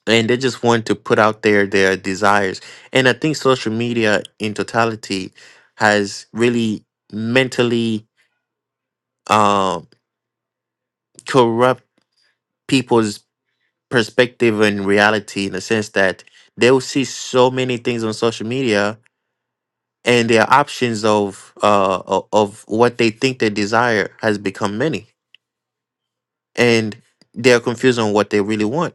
B: and they just want to put out there their desires. And I think social media in totality has really mentally uh, corrupt people's perspective and reality in the sense that they'll see so many things on social media and their options of uh, o- of what they think they desire has become many and they're confused on what they really want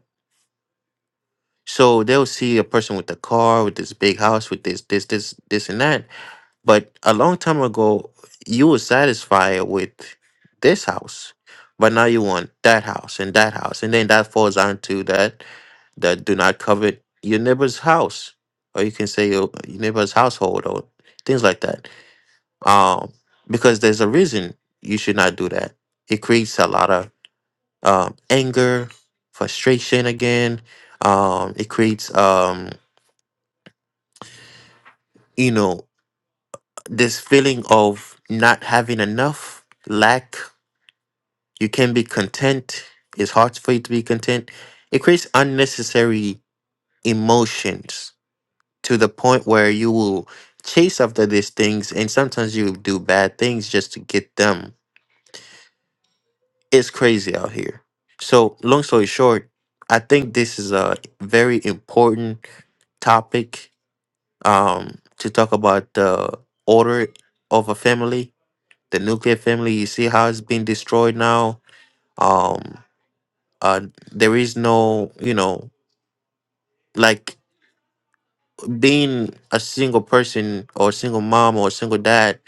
B: so they'll see a person with a car with this big house with this this this this and that But a long time ago, you were satisfied with this house, but now you want that house and that house, and then that falls onto that that do not covet your neighbor's house, or you can say your, your neighbor's household or things like that. Um, because there's a reason you should not do that. It creates a lot of um, anger, frustration again. Um, it creates um, you know this feeling of not having enough lack You can be content. It's hard for you to be content. It creates unnecessary emotions to the point where you will chase after these things and sometimes you do bad things just to get them. It's crazy out here. So, long story short, I think this is a very important topic um, to talk about the order of a family, the nuclear family. You see how it's being destroyed now. Um, uh there is no you know like being a single person or a single mom or a single dad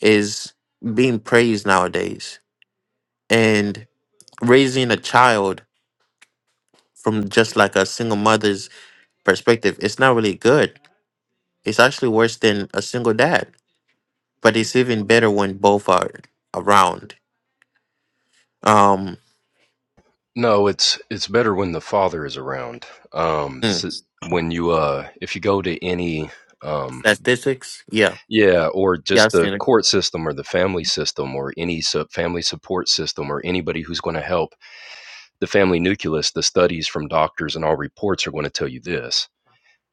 B: is being praised nowadays and raising a child from just like a single mother's perspective it's not really good it's actually worse than a single dad but it's even better when both are around um
E: No, it's it's better when the father is around. Um, so
B: mm,
E: when you uh, if you go to any um,
B: statistics yeah
E: yeah, or
B: yeah
E: just
B: i've
E: the
B: seen it
E: court system or the family system or any sub family support system or anybody who's going to help the family nucleus, the studies from doctors and all reports are going to tell you this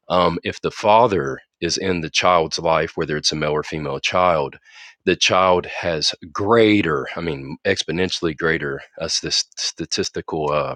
E: um, if the father is in the child's life, whether it's a male or female child, the child has greater, I mean, exponentially greater uh, st- statistical uh,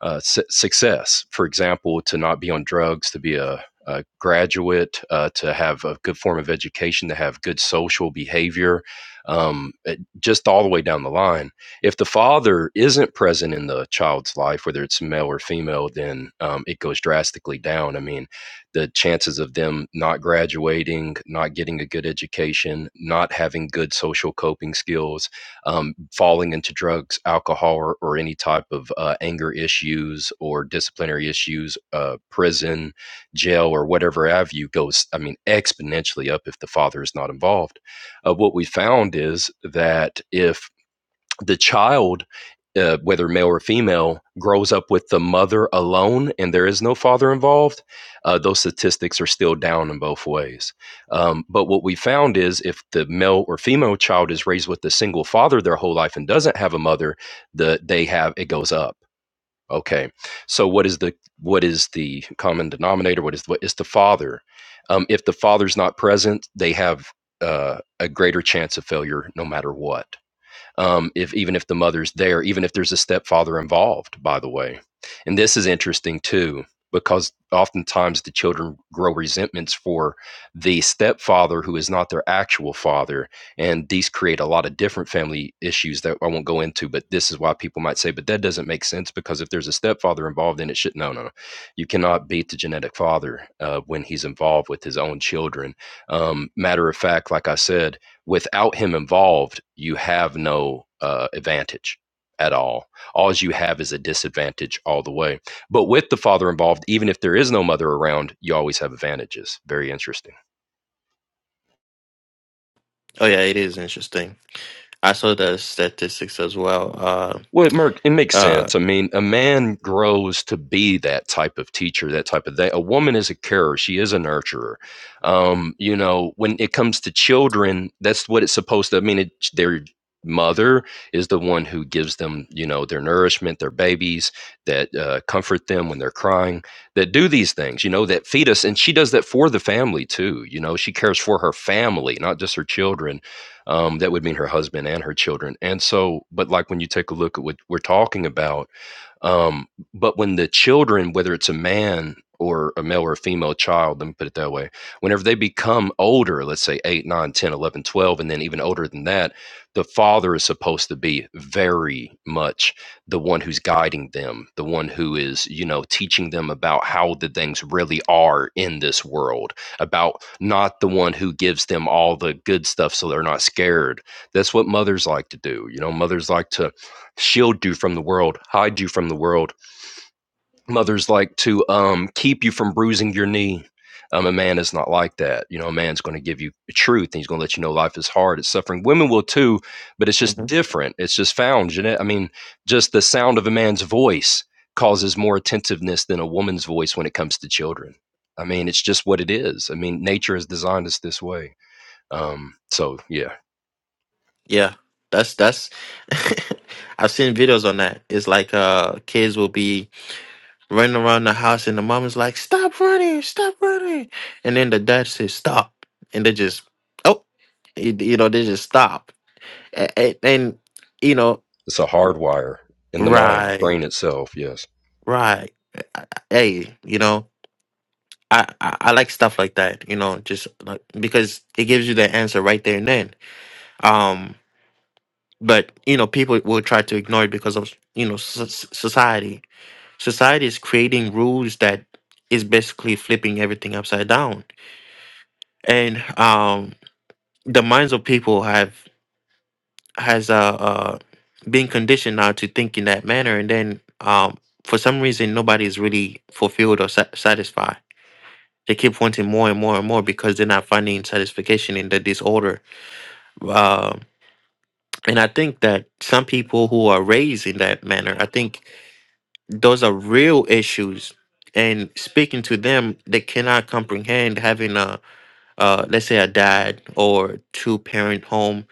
E: uh, su- success. For example, to not be on drugs, to be a, a graduate, uh, to have a good form of education, to have good social behavior, um, eh, just all the way down the line. If the father isn't present in the child's life, whether it's male or female, then um, it goes drastically down. I mean, the chances of them not graduating, not getting a good education, not having good social coping skills, um, falling into drugs, alcohol, or, or any type of uh, anger issues or disciplinary issues, uh, prison, jail, or whatever have you goes, I mean, exponentially up if the father is not involved. Uh, what we found is that if the child, uh, whether male or female, grows up with the mother alone and there is no father involved, uh, those statistics are still down in both ways. Um, but what we found is if the male or female child is raised with a single father their whole life and doesn't have a mother, the they have it goes up. Okay, so what is the what is the common denominator? What is what is the father? Um, if the father's not present, they have uh, a greater chance of failure, no matter what um, if even if the mother's there, even if there's a stepfather involved, by the way. And this is interesting too, because oftentimes the children grow resentments for the stepfather who is not their actual father. And these create a lot of different family issues that I won't go into, but this is why people might say, but that doesn't make sense because if there's a stepfather involved, then it should. No, no, no. You cannot beat the genetic father uh, when he's involved with his own children. Um, matter of fact, like I said, without him involved, you have no uh, advantage at all. All you have is a disadvantage all the way. But with the father involved, even if there is no mother around, you always have advantages. Very interesting.
B: oh yeah it is interesting i saw the statistics as well uh
E: Well, it, mer- it makes
B: uh
E: sense. I mean, a man grows to be that type of teacher, that type of thing. A woman is a carer; she is a nurturer. Um, you know, when it comes to children, that's what it's supposed to. I mean, it, their mother is the one who gives them, you know, their nourishment, their babies that uh, comfort them when they're crying, that do these things, you know, that feed us, and she does that for the family too. You know, she cares for her family, not just her children um, that would mean her husband and her children. And so, but like when you take a look at what we're talking about, um, but when the children, whether it's a man or a male or a female child, let me put it that way, whenever they become older, let's say 8, nine, ten, eleven, twelve, and then even older than that, the father is supposed to be very much the one who's guiding them, the one who is, you know, teaching them about how the things really are in this world, about not the one who gives them all the good stuff so they're not scared. That's what mothers like to do. You know, mothers like to shield you from the world, hide you from the world. Mothers like to um, keep you from bruising your knee. Um, a man is not like that. You know, a man's going to give you the truth. And he's going to let you know life is hard. It's suffering. Women will too, but it's
B: mm-hmm.
E: just different. It's just found. Jeanette, I mean, just the sound of a man's voice causes more attentiveness than a woman's voice when it comes to children. I mean, it's just what it is. I mean, nature has designed us this way. Um, so, yeah,
B: Yeah, that's that's. I've seen videos on that. It's like uh, kids will be running around the house, and the mom is like, "Stop running! Stop running!" And then the dad says, "Stop!" And they just, oh, you, you know, they just stop. A- And, you know,
E: it's a hard wire in the mind,
B: right,
E: brain itself. Yes.
B: right. Hey, you know, I, I I like stuff like that. You know, just like because it gives you the answer right there and then. Um, but you know, people will try to ignore it because of you know so- so, society Society is creating rules that is basically flipping everything upside down, and um, the minds of people have has uh, uh been conditioned now to think in that manner, and then um, for some reason nobody is really fulfilled or sa- satisfied. They keep wanting more and more and more because they're not finding satisfaction in the disorder. Um, and I think that some people who are raised in that manner, I think those are real issues and speaking to them they cannot comprehend having a uh, let's say a dad or two parent home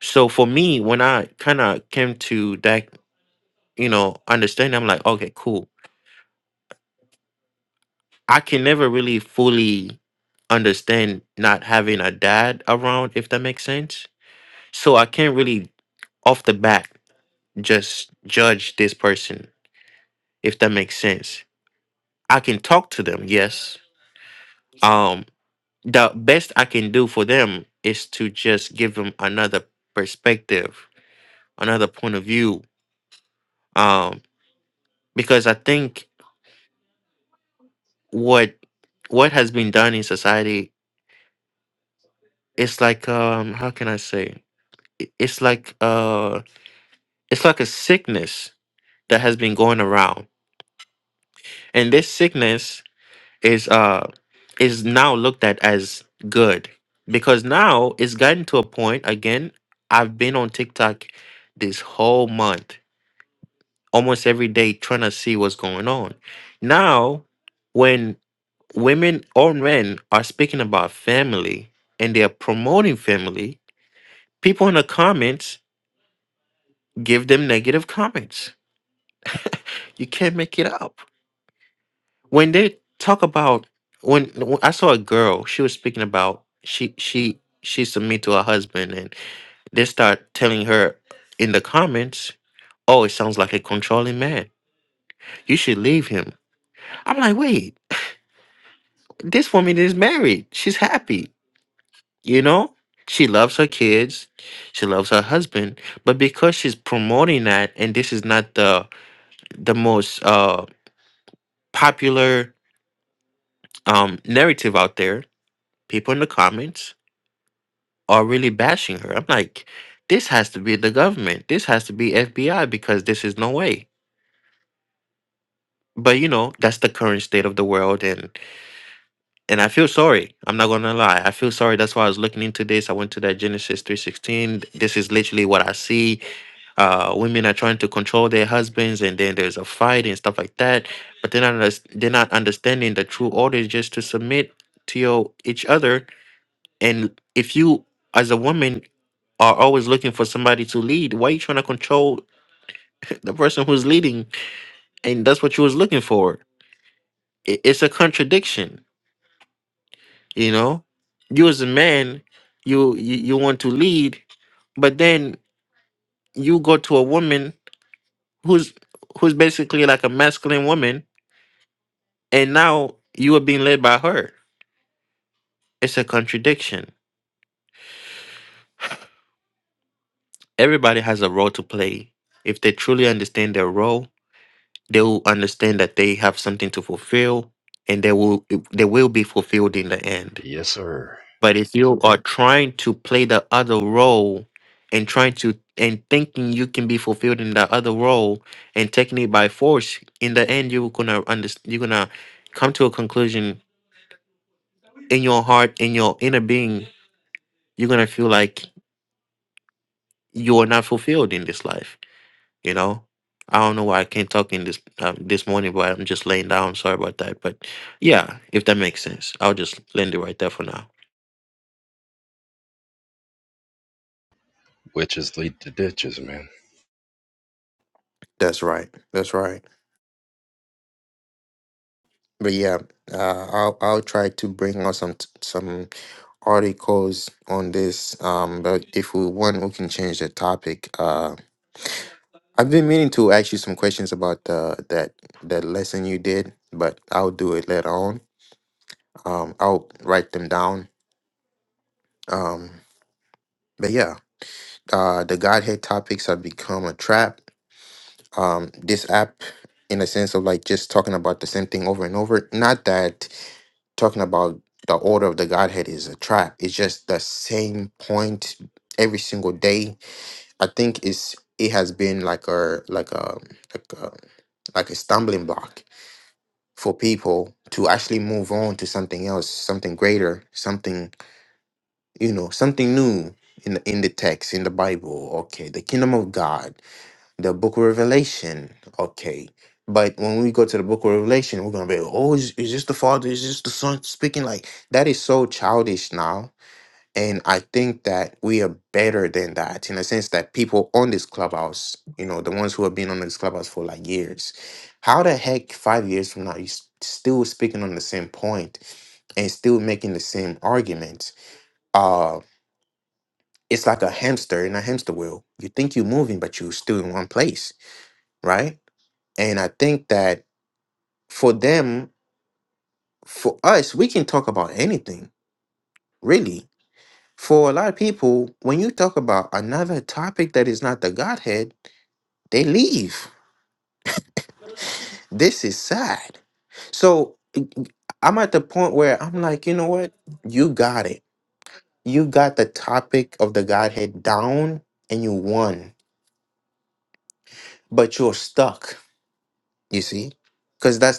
B: so for me when i kind of came to that you know understanding i'm like okay cool i can never really fully understand not having a dad around if that makes sense so i can't really off the bat just judge this person if that makes sense i can talk to them yes um, the best I can do for them is to just give them another perspective, another point of view. Um, because I think what what has been done in society is like um how can I say I- it's like uh it's like a sickness that has been going around, and this sickness is uh is now looked at as good because now it's gotten to a point again. I've been on TikTok this whole month almost every day trying to see what's going on. Now, when women or men are speaking about family and they are promoting family, people in the comments give them negative comments. You can't make it up. When they talk about when, when I saw a girl, she was speaking about she she she submit to her husband and they start telling her in the comments, "Oh, it sounds like a controlling man. You should leave him." I'm like, "Wait, This woman is married. She's happy, you know? She loves her kids. She loves her husband. But because she's promoting that and this is not the the most uh popular um narrative out there, people in the comments are really bashing her. I'm like, this has to be the government. This has to be FBI because this is no way. But you know, that's the current state of the world and. and I feel sorry. I'm not gonna lie. I feel sorry. That's why I was looking into this. I went to that Genesis 316. This is literally what I see. Uh, women are trying to control their husbands, and then there's a fight and stuff like that. But then they're not unders- they're not understanding the true order is just to submit to your each other. And if you, as a woman, are always looking for somebody to lead, why are you trying to control the person who's leading? And that's what you was looking for. It- It's a contradiction you know you as a man you you, you want to lead but then you go to a woman who's who's basically like a masculine woman and now you are being led by her it's a contradiction everybody has a role to play if they truly understand their role they will understand that they have something to fulfill and they will they will be fulfilled in the end
E: Yes, sir.
B: But if you are trying to play the other role and trying to and thinking you can be fulfilled in the other role and taking it by force, in the end you're gonna understand you're gonna come to a conclusion in your heart, in your inner being, you're gonna feel like you are not fulfilled in this life. You know? I don't know why I can't talk in this um, this morning, but I'm just laying down. Sorry about that, but yeah, if that makes sense, I'll just land it right there for now.
E: Witches lead to ditches, man.
B: Um, but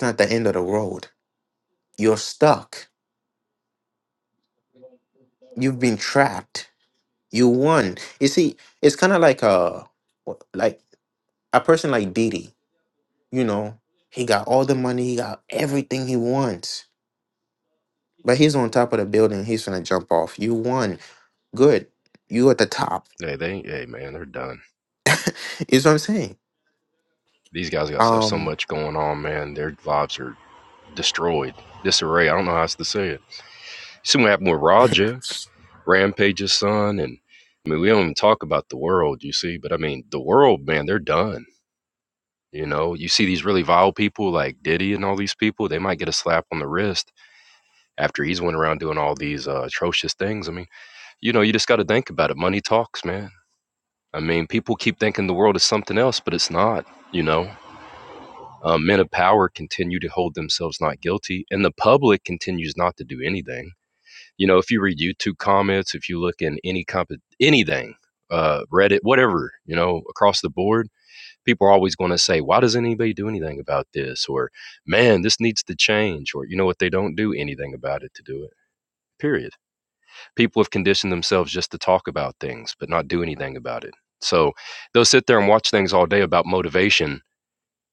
B: not the end of the road. You're stuck you've been trapped. You won. You see, it's kind of like a like a person like Didi. You know, got all the money, he got everything he wants, but he's on top of the building. He's gonna jump off. You won. You at the top.
E: Hey, they, hey, man, they're done.
B: Is what I'm saying.
E: These guys got so so
B: Um,
E: much going on, man. Their lives are destroyed, disarray. I don't know how else to say it. You see what happened with Raja, Rampage's son, and I mean, we don't even talk about the world, you see. But I mean, the world, man, they're done. You know, you see these really vile people like Diddy and all these people. They might get a slap on the wrist after he's went around doing all these uh, atrocious things. I mean, you know, you just got to think about it. Money talks, man I mean, people keep thinking the world is something else, but it's not, you know. Um, men of power continue to hold themselves not guilty, and the public continues not to do anything. You know, if you read YouTube comments, if you look in any comp- anything, uh, Reddit, whatever, you know, across the board, people are always going to say, "Why doesn't anybody do anything about this?" or "Man, this needs to change," or you know what? They don't do anything about it to do it. Period people have conditioned themselves just to talk about things but not do anything about it so they'll sit there and watch things all day about motivation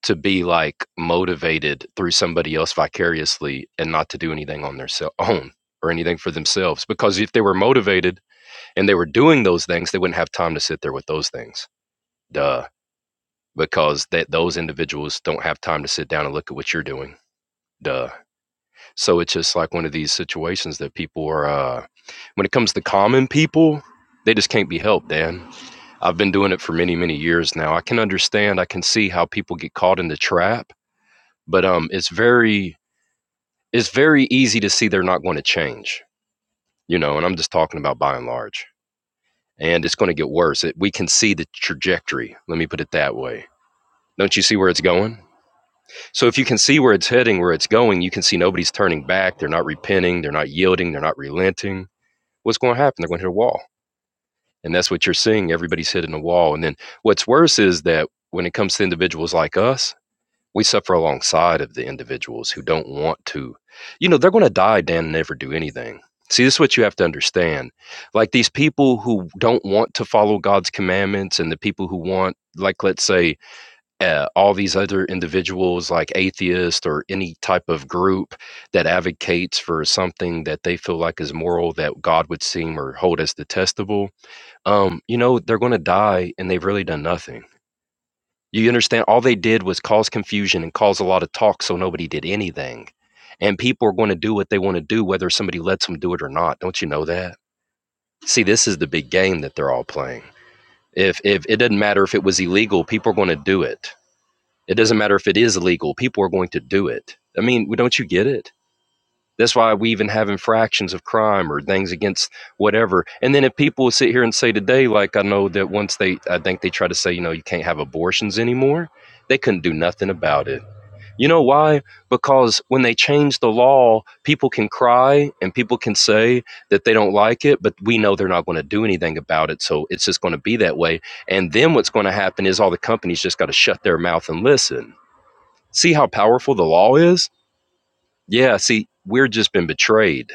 E: to be like motivated through somebody else vicariously and not to do anything on their own or anything for themselves because if they were motivated and they were doing those things they wouldn't have time to sit there with those things duh because that those individuals don't have time to sit down and look at what you're doing duh so it's just like one of these situations that people are, uh, when it comes to common people, they just can't be helped, Dan. I've been doing it for many, many years now. I can understand, I can see how people get caught in the trap, but um, it's very, it's very easy to see they're not going to change, you know. And I'm just talking about by and large, and it's going to get worse. It, we can see the trajectory. Let me put it that way. Don't you see where it's going? So if you can see where it's heading, where it's going, you can see nobody's turning back. They're not repenting. They're not yielding. They're not relenting what's going to happen? They're going to hit a wall. And that's what you're seeing. Everybody's hitting a wall. And then what's worse is that when it comes to individuals like us, we suffer alongside of the individuals who don't want to. You know, they're going to die, Dan, and never do anything. See, this is what you have to understand. Like these people who don't want to follow God's commandments and the people who want, like, let's say, uh, all these other individuals like atheists or any type of group that advocates for something that they feel like is moral that God would seem or hold as detestable, um, you know, they're going to die and they've really done nothing. You understand? All they did was cause confusion and cause a lot of talk so nobody did anything. And people are going to do what they want to do, whether somebody lets them do it or not. Don't you know that? See, this is the big game that they're all playing. If, if it doesn't matter if it was illegal, people are going to do it it doesn't matter if it is illegal, people are going to do it. I mean, don't you get it? That's why we even have infractions of crime or things against whatever. And then if people sit here and say today, like I know that once they, I think they try to say, you know, you can't have abortions anymore, they couldn't do nothing about it. You know why? Because when they change the law, people can cry and people can say that they don't like it, but we know they're not going to do anything about it. So it's just going to be that way. And then what's going to happen is all the companies just got to shut their mouth and listen See how powerful the law is? Yeah, see, we're just been betrayed.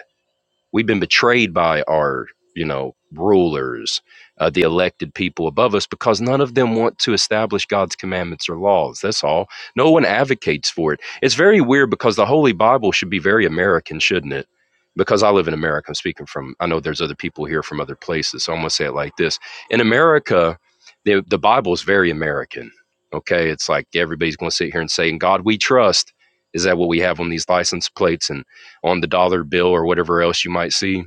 E: We've been betrayed by our, you know, rulers, uh, the elected people above us, because none of them want to establish God's commandments or laws. That's all. No one advocates for it. It's very weird because the Holy Bible should be very American, shouldn't it? Because I live in America, I'm speaking from, I know there's other people here from other places, so I'm going to say it like this. In America, the, the Bible is very American. Okay. It's like everybody's going to sit here and say, In God we trust. Is that what we have on these license plates? And on the dollar bill or whatever else you might see.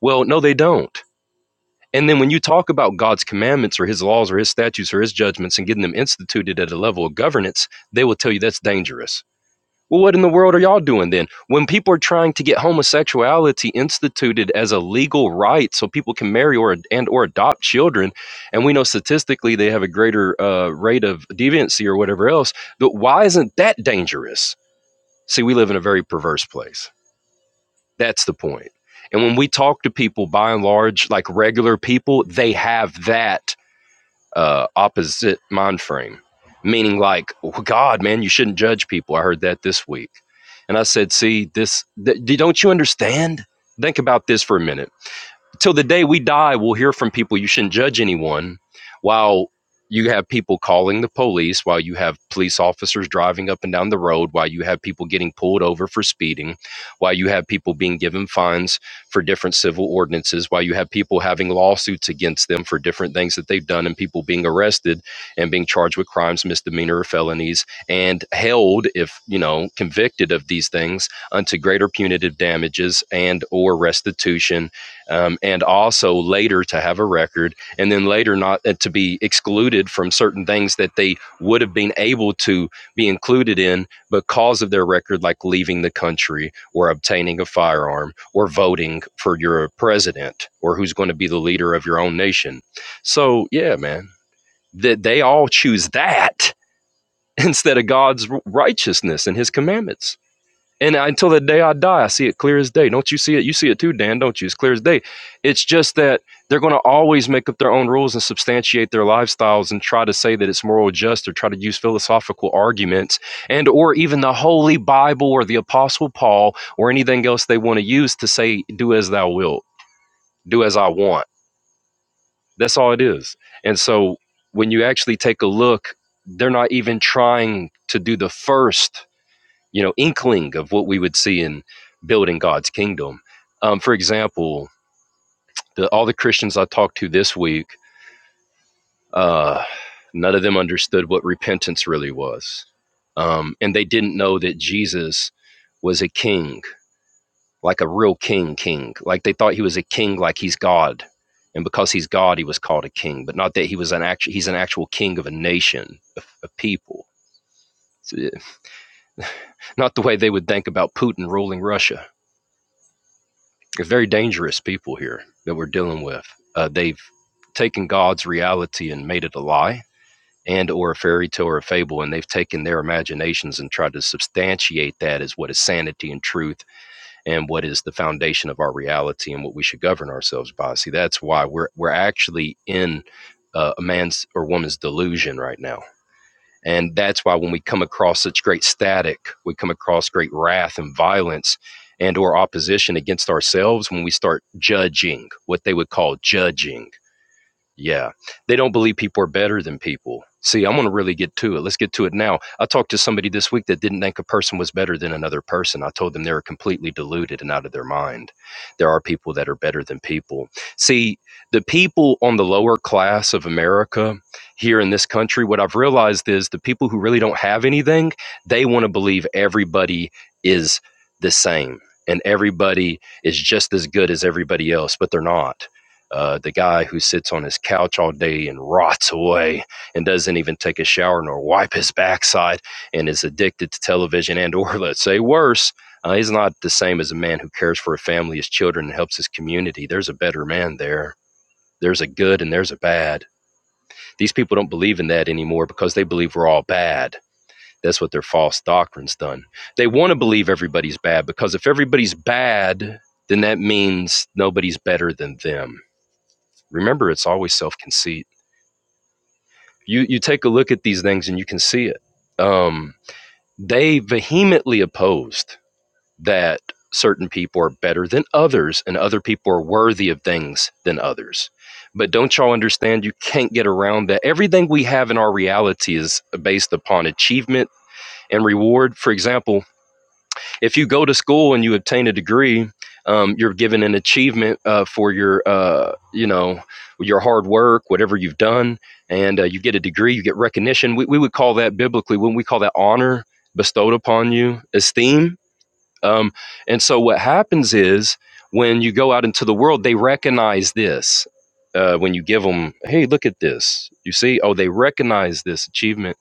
E: Well, no, they don't. And then when you talk about God's commandments or his laws or his statutes or his judgments and getting them instituted at a level of governance, they will tell you that's dangerous. Well, what in the world are y'all doing then? When people are trying to get homosexuality instituted as a legal right so people can marry or and or adopt children, and we know statistically they have a greater uh, rate of deviancy or whatever else, but why isn't that dangerous? See, we live in a very perverse place. That's the point. And when we talk to people, by and large, like regular people, they have that uh, opposite mind frame, meaning like, oh, God, man, you shouldn't judge people. I heard that this week, and I said, see, this, th- don't you understand? Think about this for a minute till the day we die, we'll hear from people you shouldn't judge anyone while you have people calling the police, while you have police officers driving up and down the road, while you have people getting pulled over for speeding, while you have people being given fines for different civil ordinances, while you have people having lawsuits against them for different things that they've done, and people being arrested and being charged with crimes, misdemeanor, or felonies, and held, if you know, convicted of these things, unto greater punitive damages and or restitution um, and also later to have a record, and then later not uh, to be excluded from certain things that they would have been able to be included in because of their record, like leaving the country or obtaining a firearm or voting for your president or who's going to be the leader of your own nation. So, yeah, man, that they they all choose that instead of God's righteousness and His commandments. And until the day I die, I see it clear as day. Don't you see it? You see it too, Dan, don't you? It's clear as day. It's just that they're going to always make up their own rules and substantiate their lifestyles and try to say that it's moral just or try to use philosophical arguments and or even the Holy Bible or the Apostle Paul or anything else they want to use to say, do as thou wilt, do as I want. That's all it is. And so when you actually take a look, they're not even trying to do the first you know, inkling of what we would see in building God's kingdom. Um, for example, the, all the Christians I talked to this week, uh, none of them understood what repentance really was. Um, and they didn't know that Jesus was a king, like a real king, king. Like they thought he was a king, like he's God. And because he's God, he was called a king, but not that he was an actual, he's an actual king of a nation, of, of people. It's, uh, Not the way they would think about Putin ruling Russia They're very dangerous people here that we're dealing with. Uh, they've taken God's reality and made it a lie and or a fairy tale or a fable and they've taken their imaginations and tried to substantiate that as what is sanity and truth and what is the foundation of our reality and what we should govern ourselves by see that's why we're we're actually in uh, a man's or woman's delusion right now and that's why when we come across such great static, we come across great wrath and violence and or opposition against ourselves when we start judging, what they would call judging yeah. They don't believe people are better than people. See, I'm going to really get to it. Let's get to it now. I talked to somebody this week that didn't think a person was better than another person. I told them they were completely deluded and out of their mind. There are people that are better than people. See, the people on the lower class of America here in this country, what I've realized is the people who really don't have anything, they want to believe everybody is the same and everybody is just as good as everybody else, but they're not uh, the guy who sits on his couch all day and rots away and doesn't even take a shower nor wipe his backside and is addicted to television and or let's say worse uh, he's not the same as a man who cares for a family his children and helps his community there's a better man there there's a good and there's a bad these people don't believe in that anymore because they believe we're all bad that's what their false doctrine's done they want to believe everybody's bad because if everybody's bad then that means nobody's better than them Remember, it's always self conceit. You you take a look at these things and you can see it. Um, they vehemently opposed that certain people are better than others and other people are worthy of things than others. But don't y'all understand? You can't get around that. Everything we have in our reality is based upon achievement and reward. For example, if you go to school and you obtain a degree, um, you're given an achievement uh, for your, uh, you know, your hard work, whatever you've done, and uh, you get a degree, you get recognition. We, we would call that biblically, when we call that honor bestowed upon you, esteem. Um, and so what happens is when you go out into the world, they recognize this. Uh, when you give them, hey, look at this, you see, oh, they recognize this achievement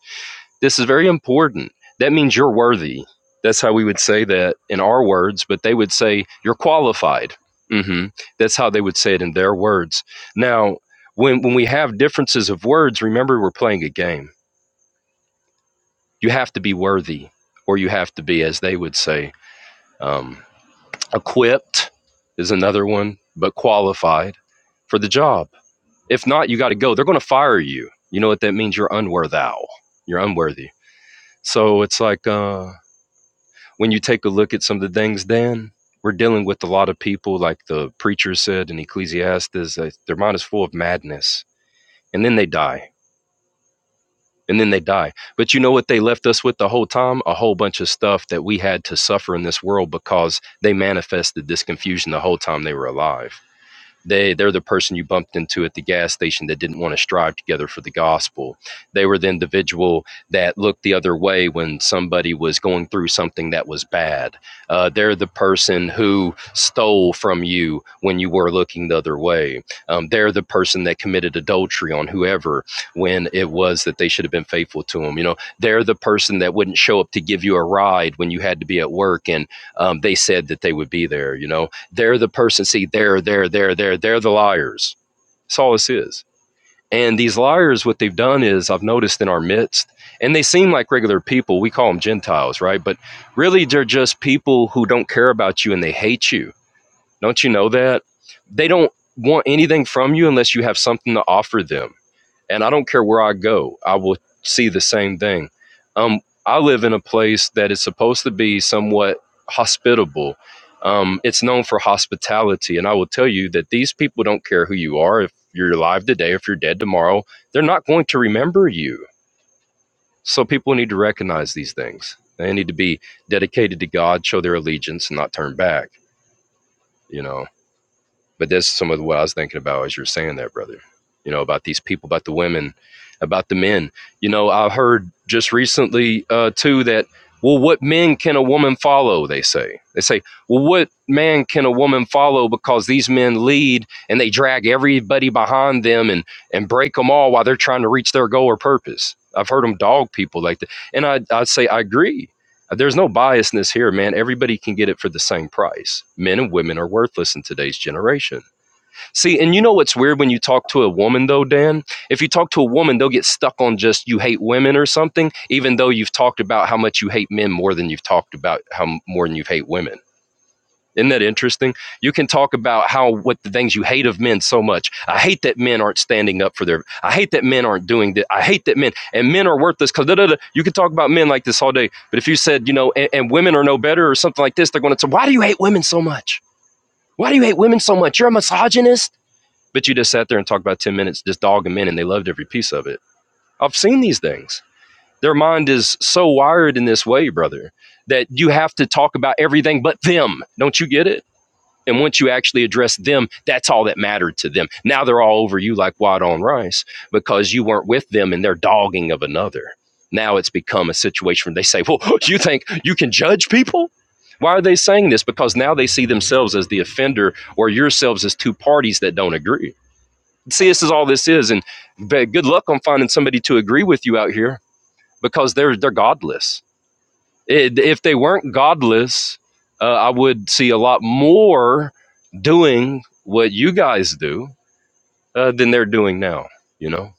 E: this is very important. That means you're worthy. That's how we would say that in our words, but they would say you're qualified. hmm That's how they would say it in their words. Now, when, when we have differences of words, remember we're playing a game. You have to be worthy, or you have to be, as they would say, um, equipped is another one, but qualified for the job. If not, you got to go. They're going to fire you. You know what that means? You're unworthal. You're unworthy. So it's like, uh, when you take a look at some of the things, Dan, we're dealing with a lot of people, like the preacher said in Ecclesiastes, that their mind is full of madness, and then they die, and then they die. But you know what they left us with the whole time? A whole bunch of stuff that we had to suffer in this world because they manifested this confusion the whole time they were alive they they're the person you bumped into at the gas station that didn't want to strive together for the gospel they were the individual that looked the other way when somebody was going through something that was bad uh, they're the person who stole from you when you were looking the other way um, they're the person that committed adultery on whoever when it was that they should have been faithful to them you know they're the person that wouldn't show up to give you a ride when you had to be at work and um, they said that they would be there you know they're the person. See, they're they're they're they're they're the liars. That's all this is. And these liars, what they've done is, I've noticed in our midst, and they seem like regular people. We call them Gentiles, right? But really, they're just people who don't care about you and they hate you. Don't you know that? They don't want anything from you unless you have something to offer them and I don't care where I go, I will see the same thing. Um, I live in a place that is supposed to be somewhat hospitable. Um, it's known for hospitality, and I will tell you that these people don't care who you are. If you're alive today, if you're dead tomorrow, they're not going to remember you. So people need to recognize these things. They need to be dedicated to God, show their allegiance, and not turn back. You know. But that's some of what I was thinking about as you're saying that, brother. You know, about these people, about the women, about the men. You know, I heard just recently uh, too that well, what men can a woman follow? They say. They say, well, what man can a woman follow? Because these men lead and they drag everybody behind them and and break them all while they're trying to reach their goal or purpose. I've heard them dog people like that, and I I say I agree there's no biasness here, man. Everybody can get it for the same price. Men and women are worthless in today's generation. See, and you know what's weird when you talk to a woman, though, Dan? If you talk to a woman, they'll get stuck on just you hate women or something, even though you've talked about how much you hate men more than you've talked about how more than you hate women. Isn't that interesting? You can talk about how what the things you hate of men so much. I hate that men aren't standing up for their. I hate that men aren't doing that. I hate that men and men are worthless because da, da, da. you can talk about men like this all day. But if you said you know and, and women are no better or something like this, they're going to say, "Why do you hate women so much? Why do you hate women so much? You're a misogynist." But you just sat there and talked about ten minutes just dogging men, and they loved every piece of it. I've seen these things. Their mind is so wired in this way, brother, that you have to talk about everything but them. Don't you get it? And once you actually address them, that's all that mattered to them. Now they're all over you like wild on rice because you weren't with them in their dogging of another. Now it's become a situation where they say, Well, you think you can judge people? Why are they saying this? Because now they see themselves as the offender or yourselves as two parties that don't agree. See, this is all this is. And good luck on finding somebody to agree with you out here because they're, they're godless it, if they weren't godless, uh, I would see a lot more doing what you guys do uh, than they're doing now. You know,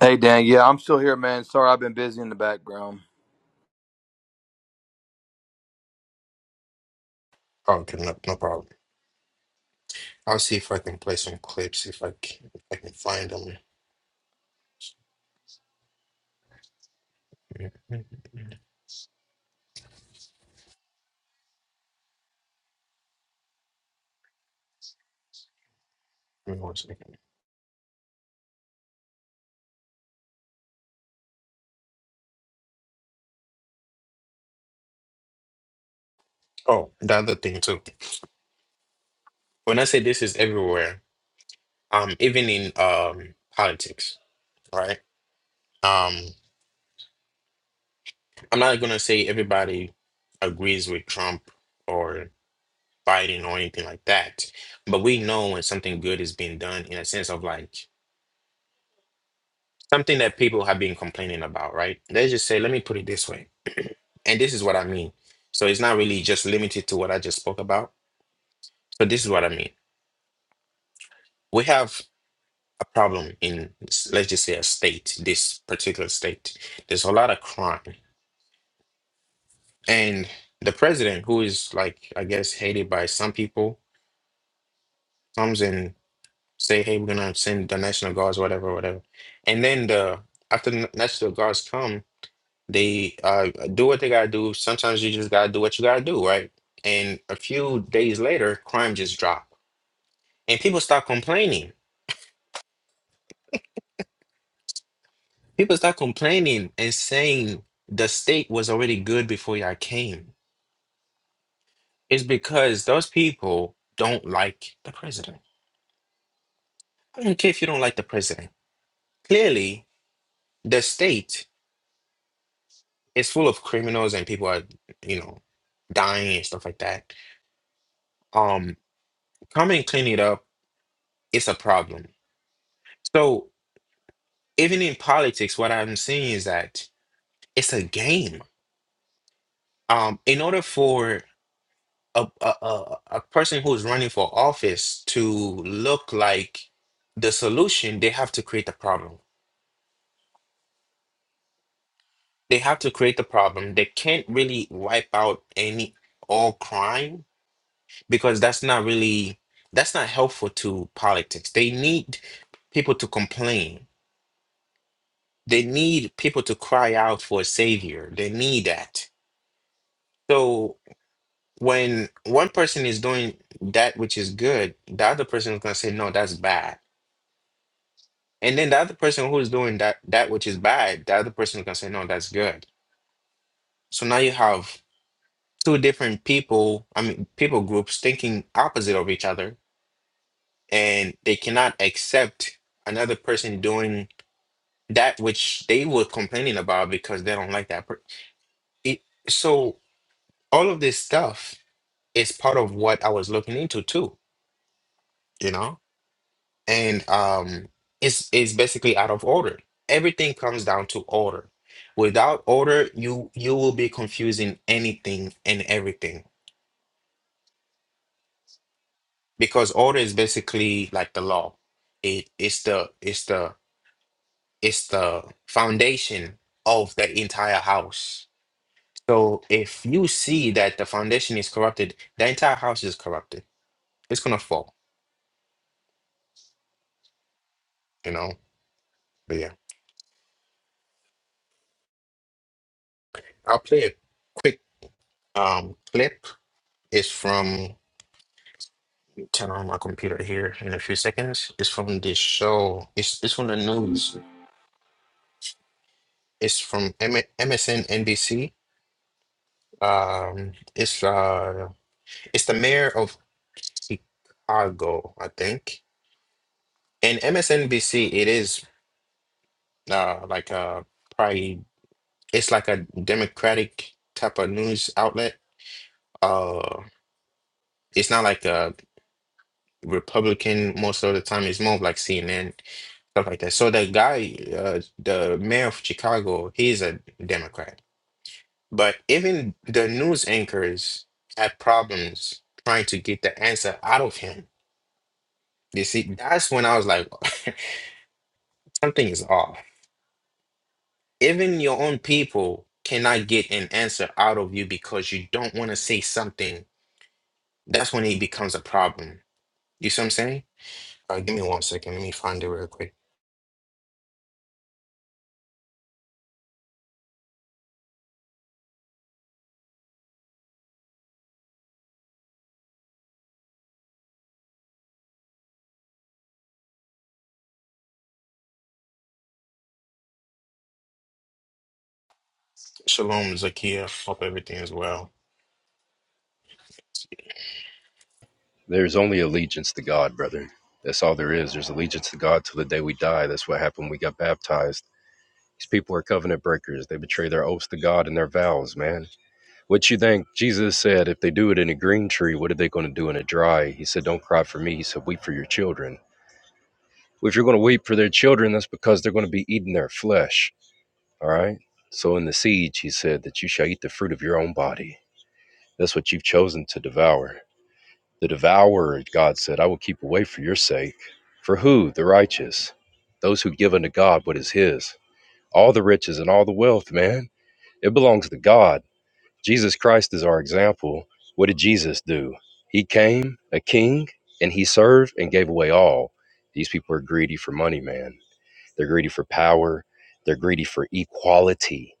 A: Hey Dan, yeah, I'm still here, man. Sorry, I've been busy in the background.
E: there's only allegiance to God, brother. That's all there is. There's allegiance to God till the day we die. That's what happened. We got baptized. These people are covenant breakers. They betray their oaths to God and their vows, man. What you think Jesus said, if they do it in a green tree, what are they going to do in a dry? He said, Don't cry for me. He said, Weep for your children. Well, if you're going to weep for their children, that's because they're going to be eating their flesh. All right. So in the siege, he said that you shall eat the fruit of your own body. That's what you've chosen to devour. The devourer, God said, I will keep away for your sake. For who? The righteous. Those who give unto God what is his. All the riches and all the wealth, man. It belongs to God. Jesus Christ is our example. What did Jesus do? He came a king and he served and gave away all. These people are greedy for money, man. They're greedy for power. They're greedy for equality.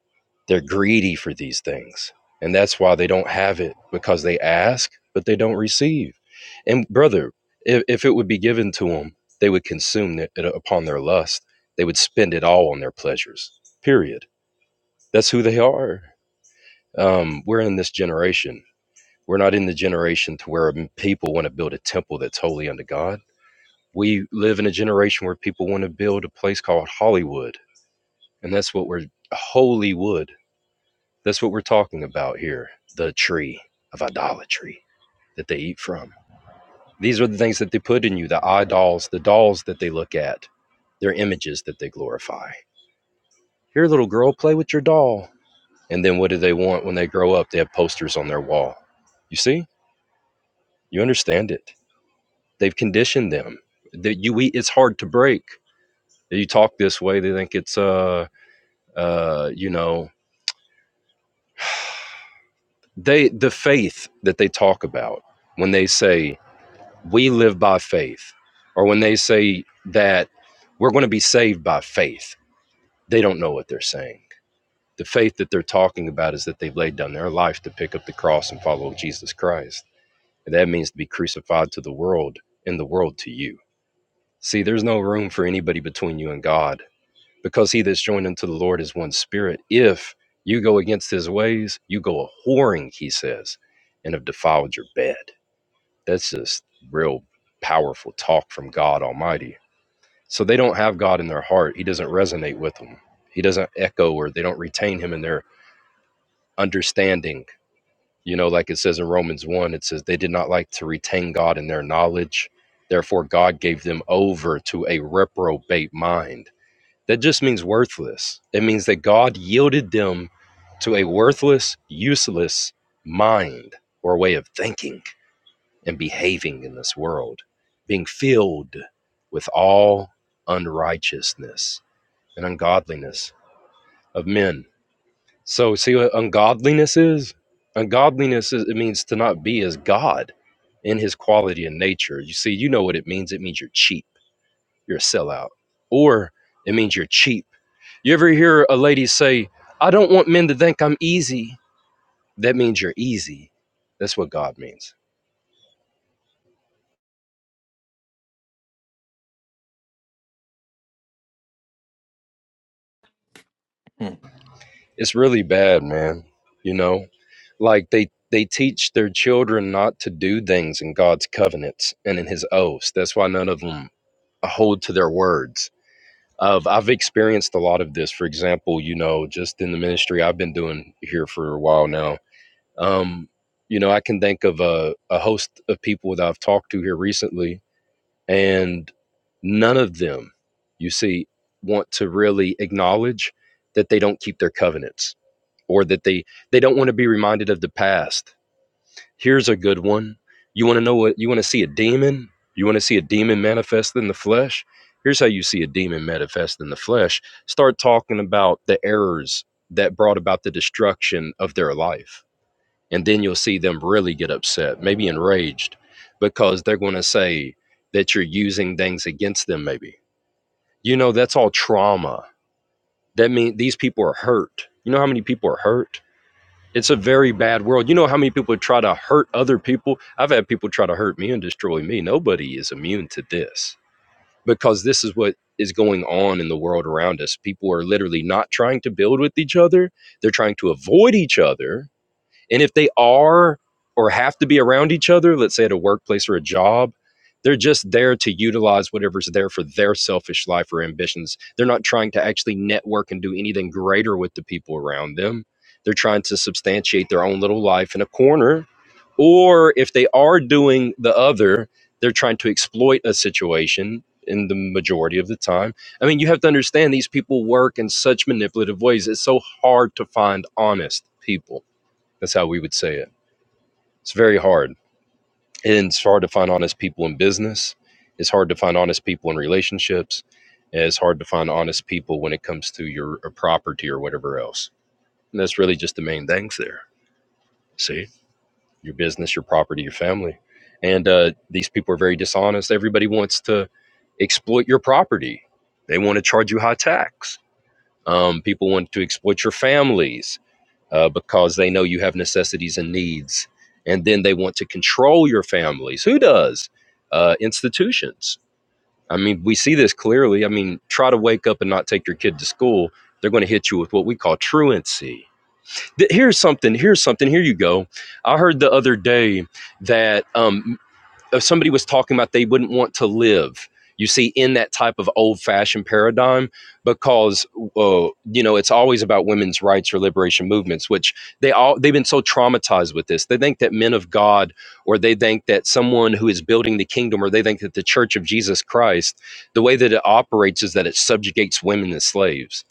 E: They're greedy for these things. And that's why they don't have it because they ask, but they don't receive. And brother, if, if it would be given to them, they would consume it uh, upon their lust. They would spend it all on their pleasures, period. That's who they are um, we're in this generation. We're not in the generation to where people want to build a temple that's holy unto God. We live in a generation where people want to build a place called Hollywood, and that's what we're Holywood. That's what we're talking about here. The tree of idolatry that they eat from. These are the things that they put in you, the idols, the dolls that they look at, their images that they glorify. Here, little girl, play with your doll. And then what do they want when they grow up? They have posters on their wall. You see? You understand it. They've conditioned them that you eat. It's hard to break. You talk this way. They think it's uh uh you know they the faith that they talk about when they say we live by faith or when they say that we're going to be saved by faith they don't know what they're saying the faith that they're talking about is that they've laid down their life to pick up the cross and follow jesus christ and that means to be crucified to the world and the world to you see there's no room for anybody between you and god because he that's joined unto the Lord is one spirit. If you go against his ways, you go a whoring, he says, and have defiled your bed. That's just real powerful talk from God Almighty. So they don't have God in their heart. He doesn't resonate with them. He doesn't echo or they don't retain him in their understanding. You know, like it says in Romans 1, it says they did not like to retain God in their knowledge. Therefore, God gave them over to a reprobate mind that just means worthless. It means that God yielded them to a worthless, useless mind or way of thinking and behaving in this world, being filled with all unrighteousness and ungodliness of men. So, see what ungodliness is? Ungodliness is, it means to not be as God in his quality and nature. You see, you know what it means. It means you're cheap you're a sellout. Or it means you're cheap. You ever hear a lady say, I don't want men to think I'm easy? That means you're easy. That's what God means. It's really bad, man. You know, like they they teach their children not to do things in God's covenants and in His oaths. That's why none of them hold to their words. Of I've experienced a lot of this. For example, you know, just in the ministry I've been doing here for a while now Um, you know, I can think of a, a host of people that I've talked to here recently, and none of them, you see, want to really acknowledge that they don't keep their covenants or that they they don't want to be reminded of the past. Here's a good one. You want to know what you want to see a demon? You want to see a demon manifest in the flesh? Here's how you see a demon manifest in the flesh. Start talking about the errors that brought about the destruction of their life and then you'll see them really get upset, maybe enraged, because they're going to say that you're using things against them. Maybe you know that's all trauma. That means these people are hurt. You know how many people are hurt. It's a very bad world. You know how many people try to hurt other people. I've had people try to hurt me and destroy me. Nobody is immune to this because this is what is going on in the world around us. People are literally not trying to build with each other. They're trying to avoid each other and if they are or have to be around each other, let's say at a workplace or a job, they're just there to utilize whatever's there for their selfish life or ambitions. They're not trying to actually network and do anything greater with the people around them. They're trying to substantiate their own little life in a corner. Or if they are doing the other, they're trying to exploit a situation in the majority of the time. I mean, you have to understand these people work in such manipulative ways. It's so hard to find honest people that's how we would say it. It's very hard. And it's hard to find honest people in business. It's hard to find honest people in relationships. And it's hard to find honest people when it comes to your uh, property or whatever else. And that's really just the main things there. See, your business, your property, your family. And uh, these people are very dishonest. Everybody wants to exploit your property, they want to charge you high tax. Um, people want to exploit your families uh, because they know you have necessities and needs. And then they want to control your families. Who does? Uh, institutions. I mean, we see this clearly. I mean, try to wake up and not take your kid to school. They're going to hit you with what we call truancy. Here's something. Here's something. Here you go. I heard the other day that um, if somebody was talking about they wouldn't want to live you see in that type of old fashioned paradigm because uh, you know it's always about women's rights or liberation movements which they all they've been so traumatized with this they think that men of god or they think that someone who is building the kingdom or they think that the church of jesus christ the way that it operates is that it subjugates women as slaves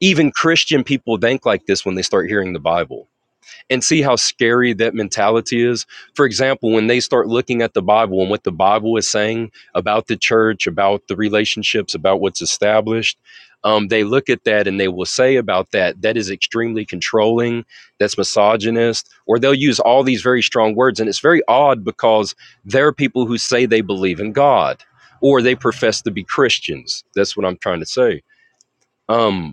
E: even christian people think like this when they start hearing the bible and see how scary that mentality is. For example, when they start looking at the Bible and what the Bible is saying about the church, about the relationships, about what's established, um, they look at that and they will say about that, that is extremely controlling, that's misogynist, or they'll use all these very strong words. And it's very odd because there are people who say they believe in God or they profess to be Christians. That's what I'm trying to say. Um,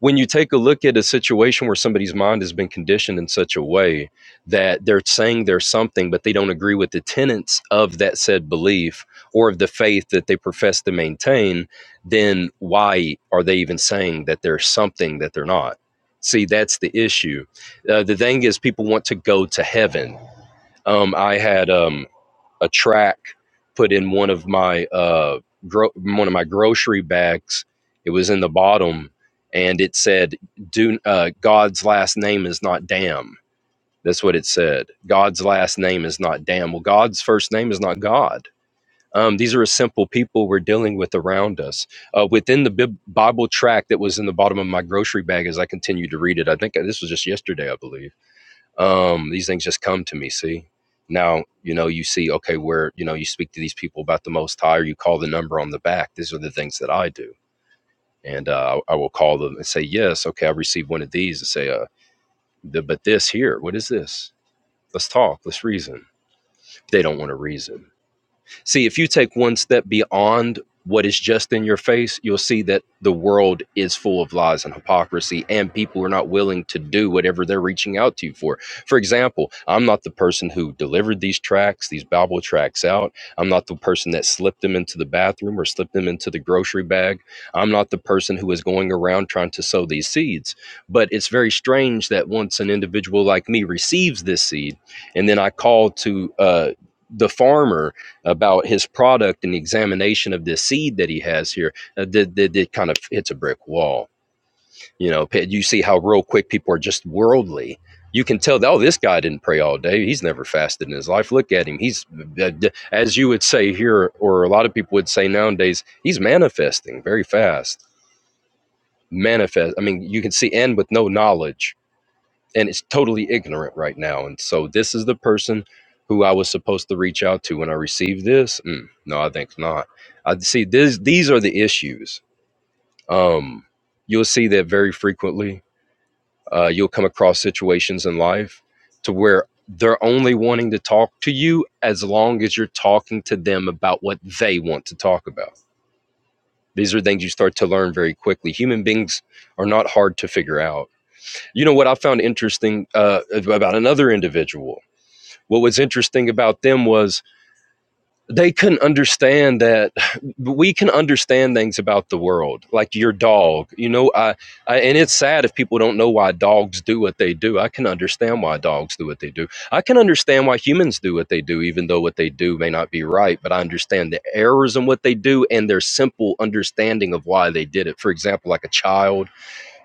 E: when you take a look at a situation where somebody's mind has been conditioned in such a way that they're saying there's something, but they don't agree with the tenets of that said belief or of the faith that they profess to maintain, then why are they even saying that there's something that they're not? See, that's the issue. Uh, the thing is, people want to go to heaven. Um, I had. Um, a track, put in one of my uh gro- one of my grocery bags. It was in the bottom, and it said, "Do uh, God's last name is not damn." That's what it said. God's last name is not damn. Well, God's first name is not God. Um, these are simple people we're dealing with around us. Uh, within the Bib- Bible track that was in the bottom of my grocery bag, as I continued to read it, I think uh, this was just yesterday, I believe um, these things just come to me see now you know you see okay where you know you speak to these people about the most high or you call the number on the back these are the things that i do and uh, i will call them and say yes okay i received one of these and say uh, the, but this here what is this let's talk let's reason they don't want to reason See, if you take one step beyond what is just in your face, you'll see that the world is full of lies and hypocrisy, and people are not willing to do whatever they're reaching out to you for. For example, I'm not the person who delivered these tracks, these Bible tracks out. I'm not the person that slipped them into the bathroom or slipped them into the grocery bag. I'm not the person who is going around trying to sow these seeds. But it's very strange that once an individual like me receives this seed, and then I call to uh, the farmer about his product and the examination of this seed that he has here uh, that, that, that kind of hits a brick wall you know you see how real quick people are just worldly you can tell that, oh this guy didn't pray all day he's never fasted in his life look at him he's uh, as you would say here or a lot of people would say nowadays he's manifesting very fast manifest i mean you can see and with no knowledge and it's totally ignorant right now. And so this is the person who I was supposed to reach out to when I received this. Mm, no, I think not. I see this. These are the issues. Um, you'll see that very frequently. Uh, you'll come across situations in life to where they're only wanting to talk to you as long as you're talking to them about what they want to talk about. These are things you start to learn very quickly. Human beings are not hard to figure out. You know what I found interesting uh, about another individual? what was interesting about them was they couldn't understand that we can understand things about the world like your dog you know I, I and it's sad if people don't know why dogs do what they do i can understand why dogs do what they do i can understand why humans do what they do even though what they do may not be right but i understand the errors in what they do and their simple understanding of why they did it for example like a child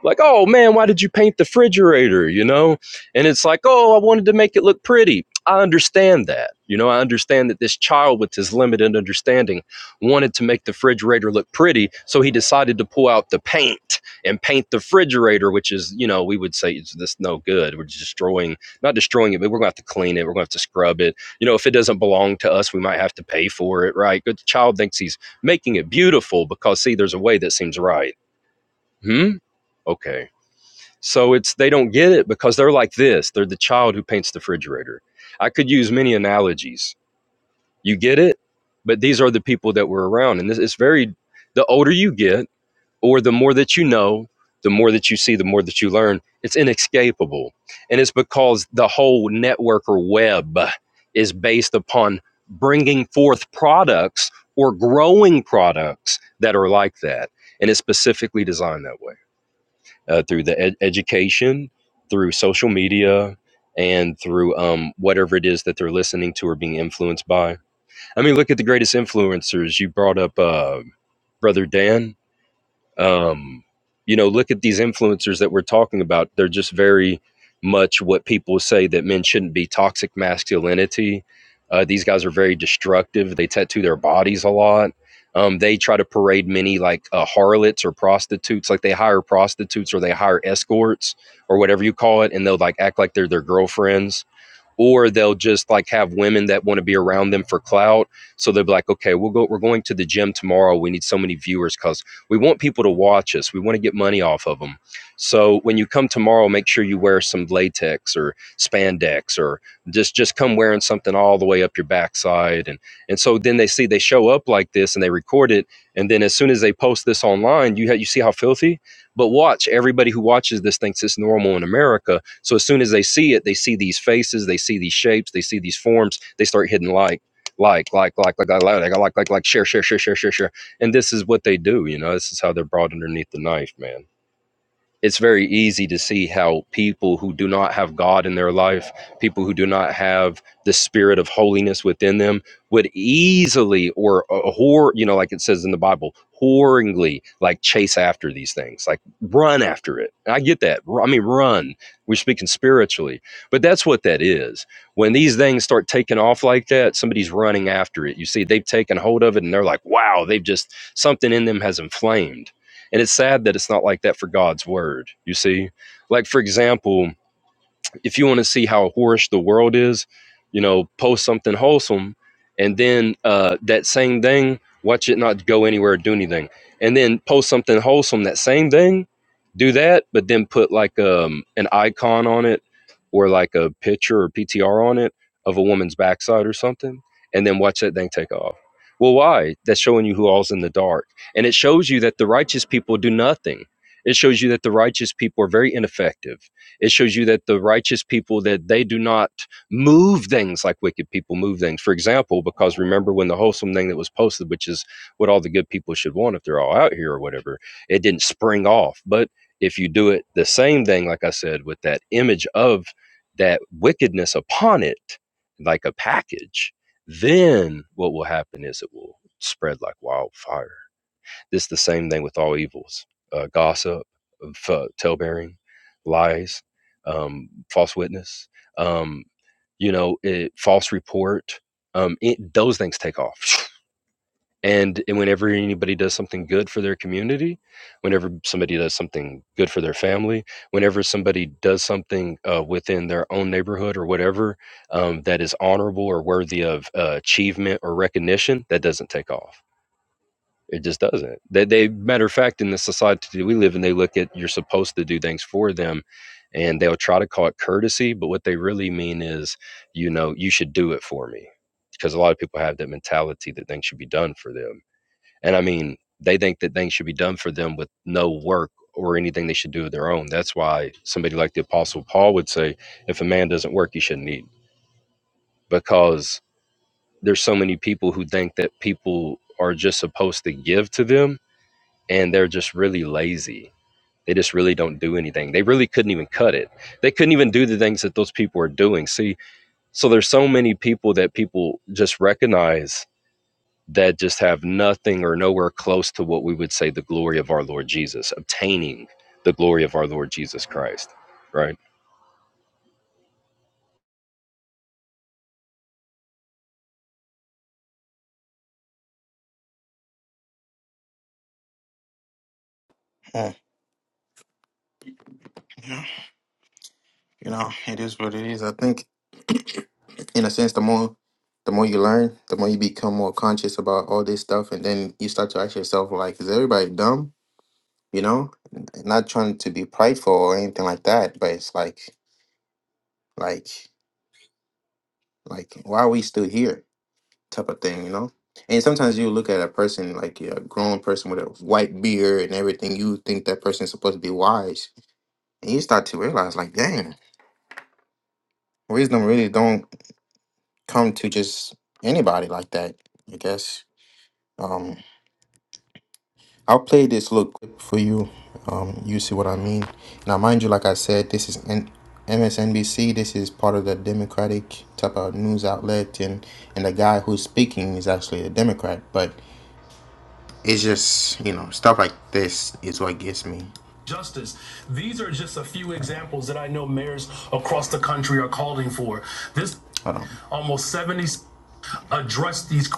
E: like, oh man, why did you paint the refrigerator? You know? And it's like, oh, I wanted to make it look pretty. I understand that. You know, I understand that this child with his limited understanding wanted to make the refrigerator look pretty. So he decided to pull out the paint and paint the refrigerator, which is, you know, we would say it's this no good. We're destroying, not destroying it, but we're gonna have to clean it. We're gonna have to scrub it. You know, if it doesn't belong to us, we might have to pay for it, right? But the child thinks he's making it beautiful because see, there's a way that seems right. Hmm? Okay. So it's they don't get it because they're like this. They're the child who paints the refrigerator. I could use many analogies. You get it, but these are the people that were around, and this it's very. The older you get, or the more that you know, the more that you see, the more that you learn. It's inescapable, and it's because the whole network or web is based upon bringing forth products or growing products that are like that, and it's specifically designed that way uh, through the ed- education, through social media, and through um, whatever it is that they're listening to or being influenced by. I mean, look at the greatest influencers. You brought up uh, Brother Dan um, you know look at these influencers that we're talking about they're just very much what people say that men shouldn't be toxic masculinity uh, these guys are very destructive they tattoo their bodies a lot um, they try to parade many like uh, harlots or prostitutes like they hire prostitutes or they hire escorts or whatever you call it and they'll like act like they're their girlfriends or they'll just like have women that want to be around them for clout so they'll be like okay we'll go we're going to the gym tomorrow we need so many viewers because we want people to watch us we want to get money off of them so when you come tomorrow make sure you wear some latex or spandex or just just come wearing something all the way up your backside and and so then they see they show up like this and they record it and then as soon as they post this online you ha- you see how filthy but watch, everybody who watches this thinks it's normal in America. So as soon as they see it, they see these faces, they see these shapes, they see these forms, they start hitting like, like, like, like, like, like, like, like, like, like, like, share, share, share, share, share, share. And this is what they do, you know. This is how they're brought underneath the knife, man it's very easy to see how people who do not have God in their life, people who do not have the spirit of holiness within them, would easily or a whore, you know, like it says in the Bible, whoringly like chase after these things, like run after it. And I get that. Ru- I mean, run. We're speaking spiritually, but that's what that is. When these things start taking off like that, somebody's running after it. You see, they've taken hold of it and they're like, wow, they've just, something in them has inflamed and it's sad that it's not like that for God's word. You see, like for example, if you want to see how whorish the world is, you know, post something wholesome, and then uh, that same thing, watch it not go anywhere or do anything, and then post something wholesome. That same thing, do that, but then put like um, an icon on it or like a picture or PTR on it of a woman's backside or something, and then watch that thing take off. Well, why? That's showing you who all's in the dark, and it shows you that the righteous people do nothing. It shows you that the righteous people are very ineffective it shows you that the righteous people that they do not move things like wicked people move things. For example, because remember when the wholesome thing that was posted, which is what all the good people should want if they're all out here or whatever, it didn't spring off. But if you do it the same thing, like I said, with that image of that wickedness upon it, like a package, then what will happen is it will spread like wildfire. It's the same thing with all evils uh, gossip, f- bearing, lies, um, false witness, um, you know, it, false report. Um, it, those things take off. And, and whenever anybody does something good for their community, whenever somebody does something good for their family, whenever somebody does something uh, within their own neighborhood or whatever um, that is honorable or worthy of uh, achievement or recognition, that doesn't take off it just doesn't. They, they matter of fact, in the society we live in, they look at you're supposed to do things for them, and they'll try to call it courtesy, but what they really mean is, you know, you should do it for me, because a lot of people have that mentality that things should be done for them, and I mean, they think that things should be done for them with no work or anything they should do of their own. That's why somebody like the Apostle Paul would say, if a man doesn't work, you shouldn't eat, because there's so many people who think that people are just supposed to give to them and they're just really lazy. They just really don't do anything. They really couldn't even cut it. They couldn't even do the things that those people are doing. See, so there's so many people that people just recognize that just have nothing or nowhere close to what we would say the glory of our Lord Jesus, obtaining the glory of our Lord Jesus Christ. Right.
B: justice. These are just a few examples that I know mayors across the country are calling for. This almost 70. address these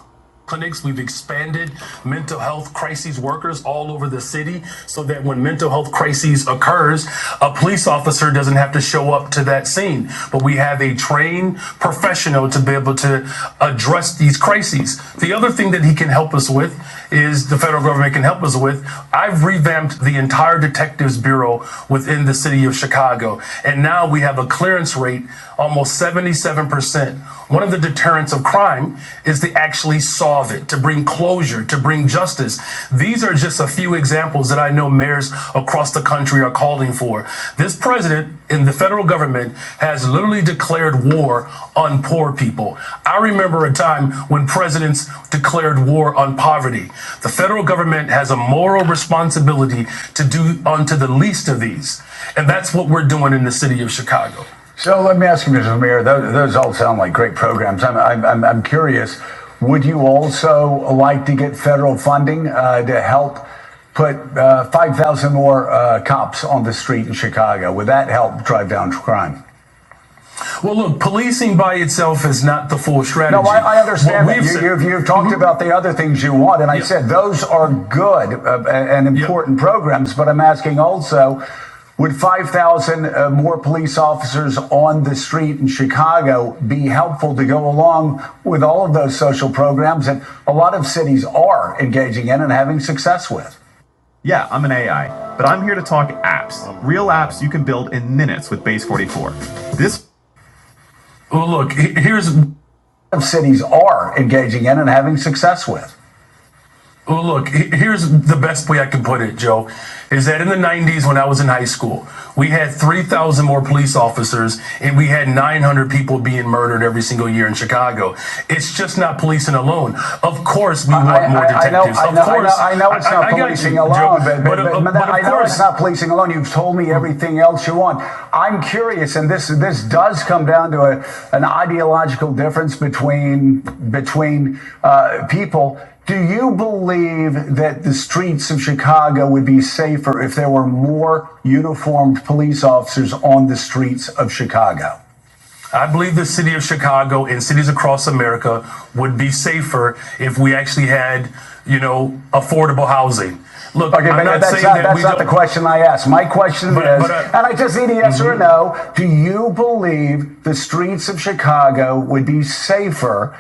B: clinics. We've expanded mental health crises workers all over the city so that when mental health crises occurs, a police officer doesn't have to show up to that scene. But we have a trained professional to be able to address these crises. The other thing that he can help us with is the federal government can help us with. I've revamped the entire detectives bureau within the city of Chicago. And now we have a clearance rate almost 77% 100%. One of the deterrents of crime is to actually solve it, to bring closure, to bring justice. These are just a few examples that I know mayors across the country are calling for. This president and the federal government has literally declared war on poor people. I remember a time when presidents declared war on poverty. The federal government has a moral responsibility to do unto the least of these. And that's what we're doing in the city of Chicago. So let me ask you, Mrs. Mayor, those, those all sound like great programs. I'm, I'm, I'm, curious, would you also like to get federal funding uh, to help put uh, 5,000 more uh, cops on the street in Chicago? Would that help drive down crime? Well, look, policing by itself is not the full strategy. No, I, I understand that. You, you've, you've talked mm-hmm. about the other things you want, and I Yeah. said those are good uh, uh, and important yeah. programs, but I'm asking also would 5,000 uh, more police officers on the street in Chicago be helpful to go along with all of those social programs that a lot of cities are engaging in and having success with? Yeah, I'm an AI, but I'm here to talk apps. Real apps you can build in minutes with Base 44. This well, look, here's what cities are engaging in and having success with. Well, look, here's the best way I can put it, Joe, is that in the 90s when I was in high school, we had 3,000 more police officers and we had 900 people being murdered every single year in Chicago. It's just not policing alone. Of course, we I, want more I- detectives. I know- detectives. I of know- course. I know- course. I know it's not I- I not you, policing Joe, alone, but, but, uh, but, but I of course it's not policing alone. You've told me everything else you want. I'm curious, and this this does come down to a, an ideological difference between between uh, people. Do you believe that the streets of Chicago would be safer if there were more uniformed police officers on the streets of Chicago? I believe the city of Chicago and cities across America would be safer if we actually had, you know, affordable housing. Look, Okay, I'm not that's saying not, that that's we not the don't- The question I asked. My question But- is, but, uh, and I just need a yes mm-hmm. or a no. Do you believe the streets of Chicago would be safer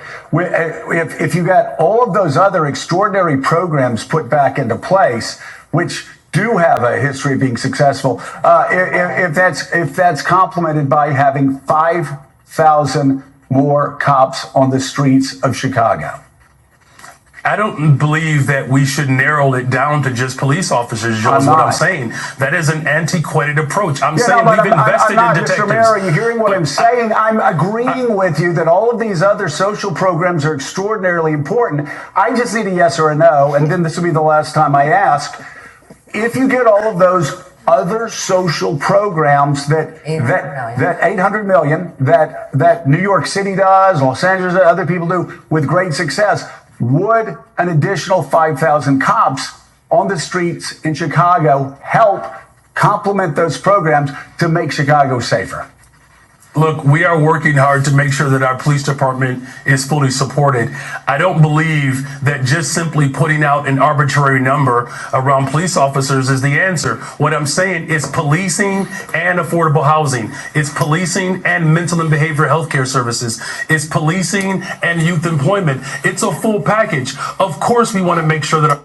B: uh, if, if you got all of those other extraordinary programs put back into place which do have a history of being successful, uh, if, if that's if that's complemented by having five thousand more cops on the streets of Chicago. I don't believe that we should narrow it down to just police officers. Joe, is what I'm saying. That is an antiquated approach. I'm Yeah, saying no, we've I'm- invested I'm not, in Mr. detectives. Mister Mayor, are you hearing what but I'm saying? I, I'm agreeing I, with you that all of these other social programs are extraordinarily important. I just need a yes or a no, and then this will be the last time I ask if you get all of those other social programs that that that 800 million that that New York City does, Los Angeles, that other people do with great success, would an additional 5,000 cops on the streets in Chicago help complement those programs to make Chicago safer? Look, we are working hard to make sure that our police department is fully supported. I don't believe that just simply putting out an arbitrary number around police officers is the answer. What I'm saying is policing and affordable housing. It's policing and mental and behavioral health care services. It's policing and youth employment. It's a full package. Of course, we want to make sure that our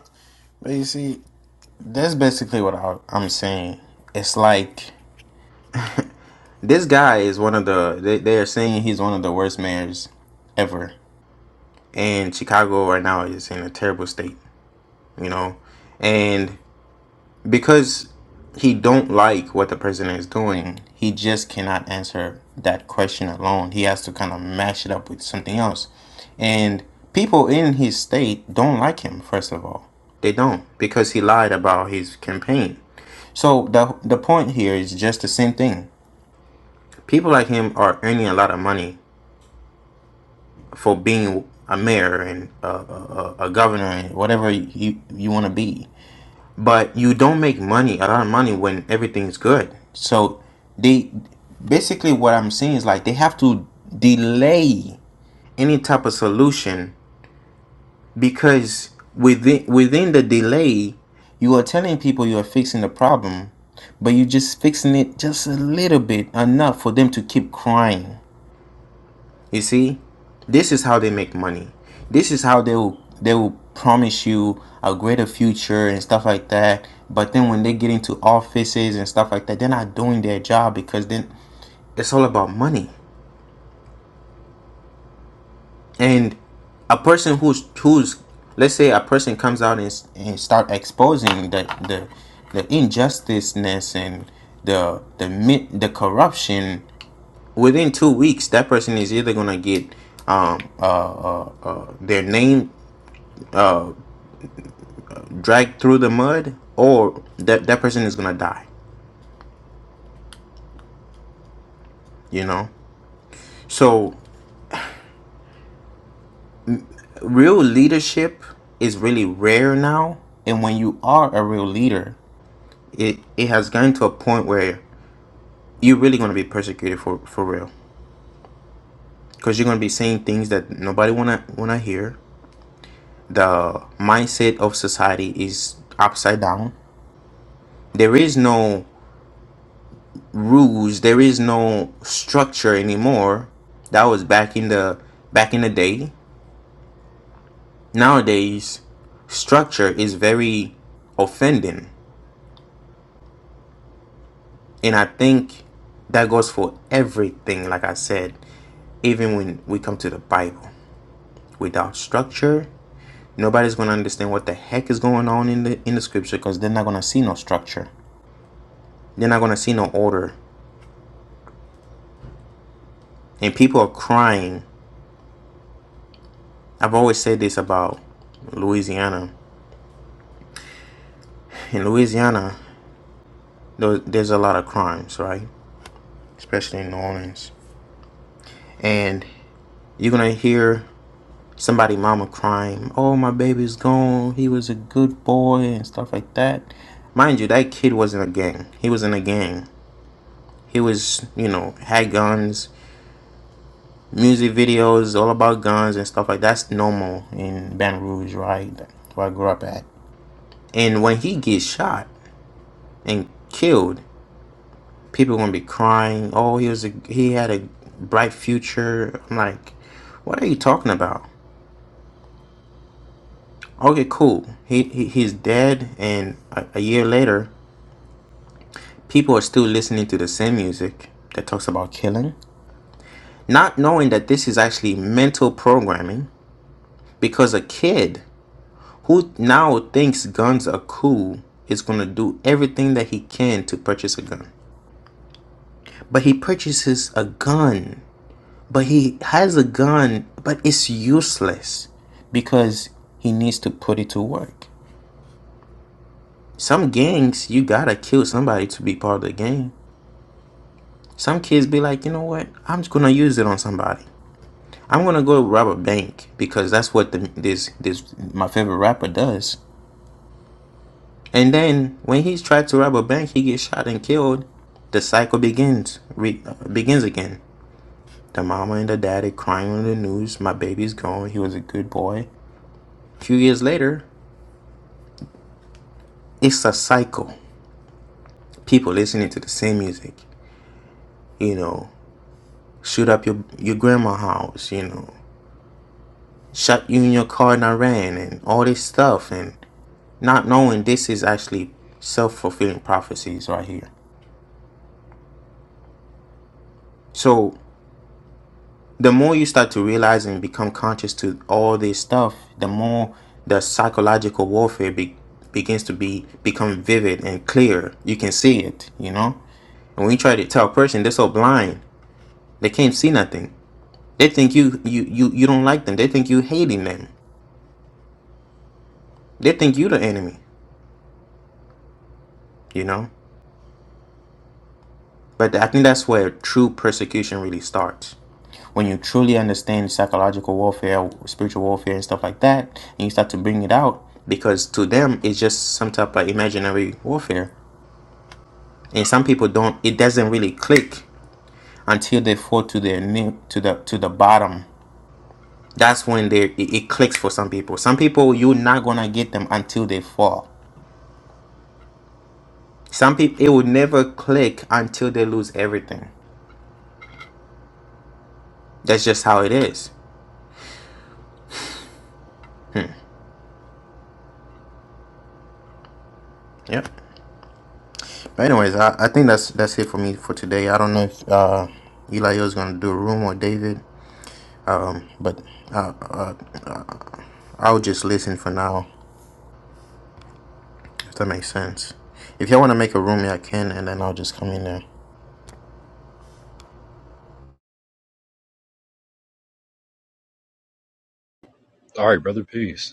E: All right, brother. Peace.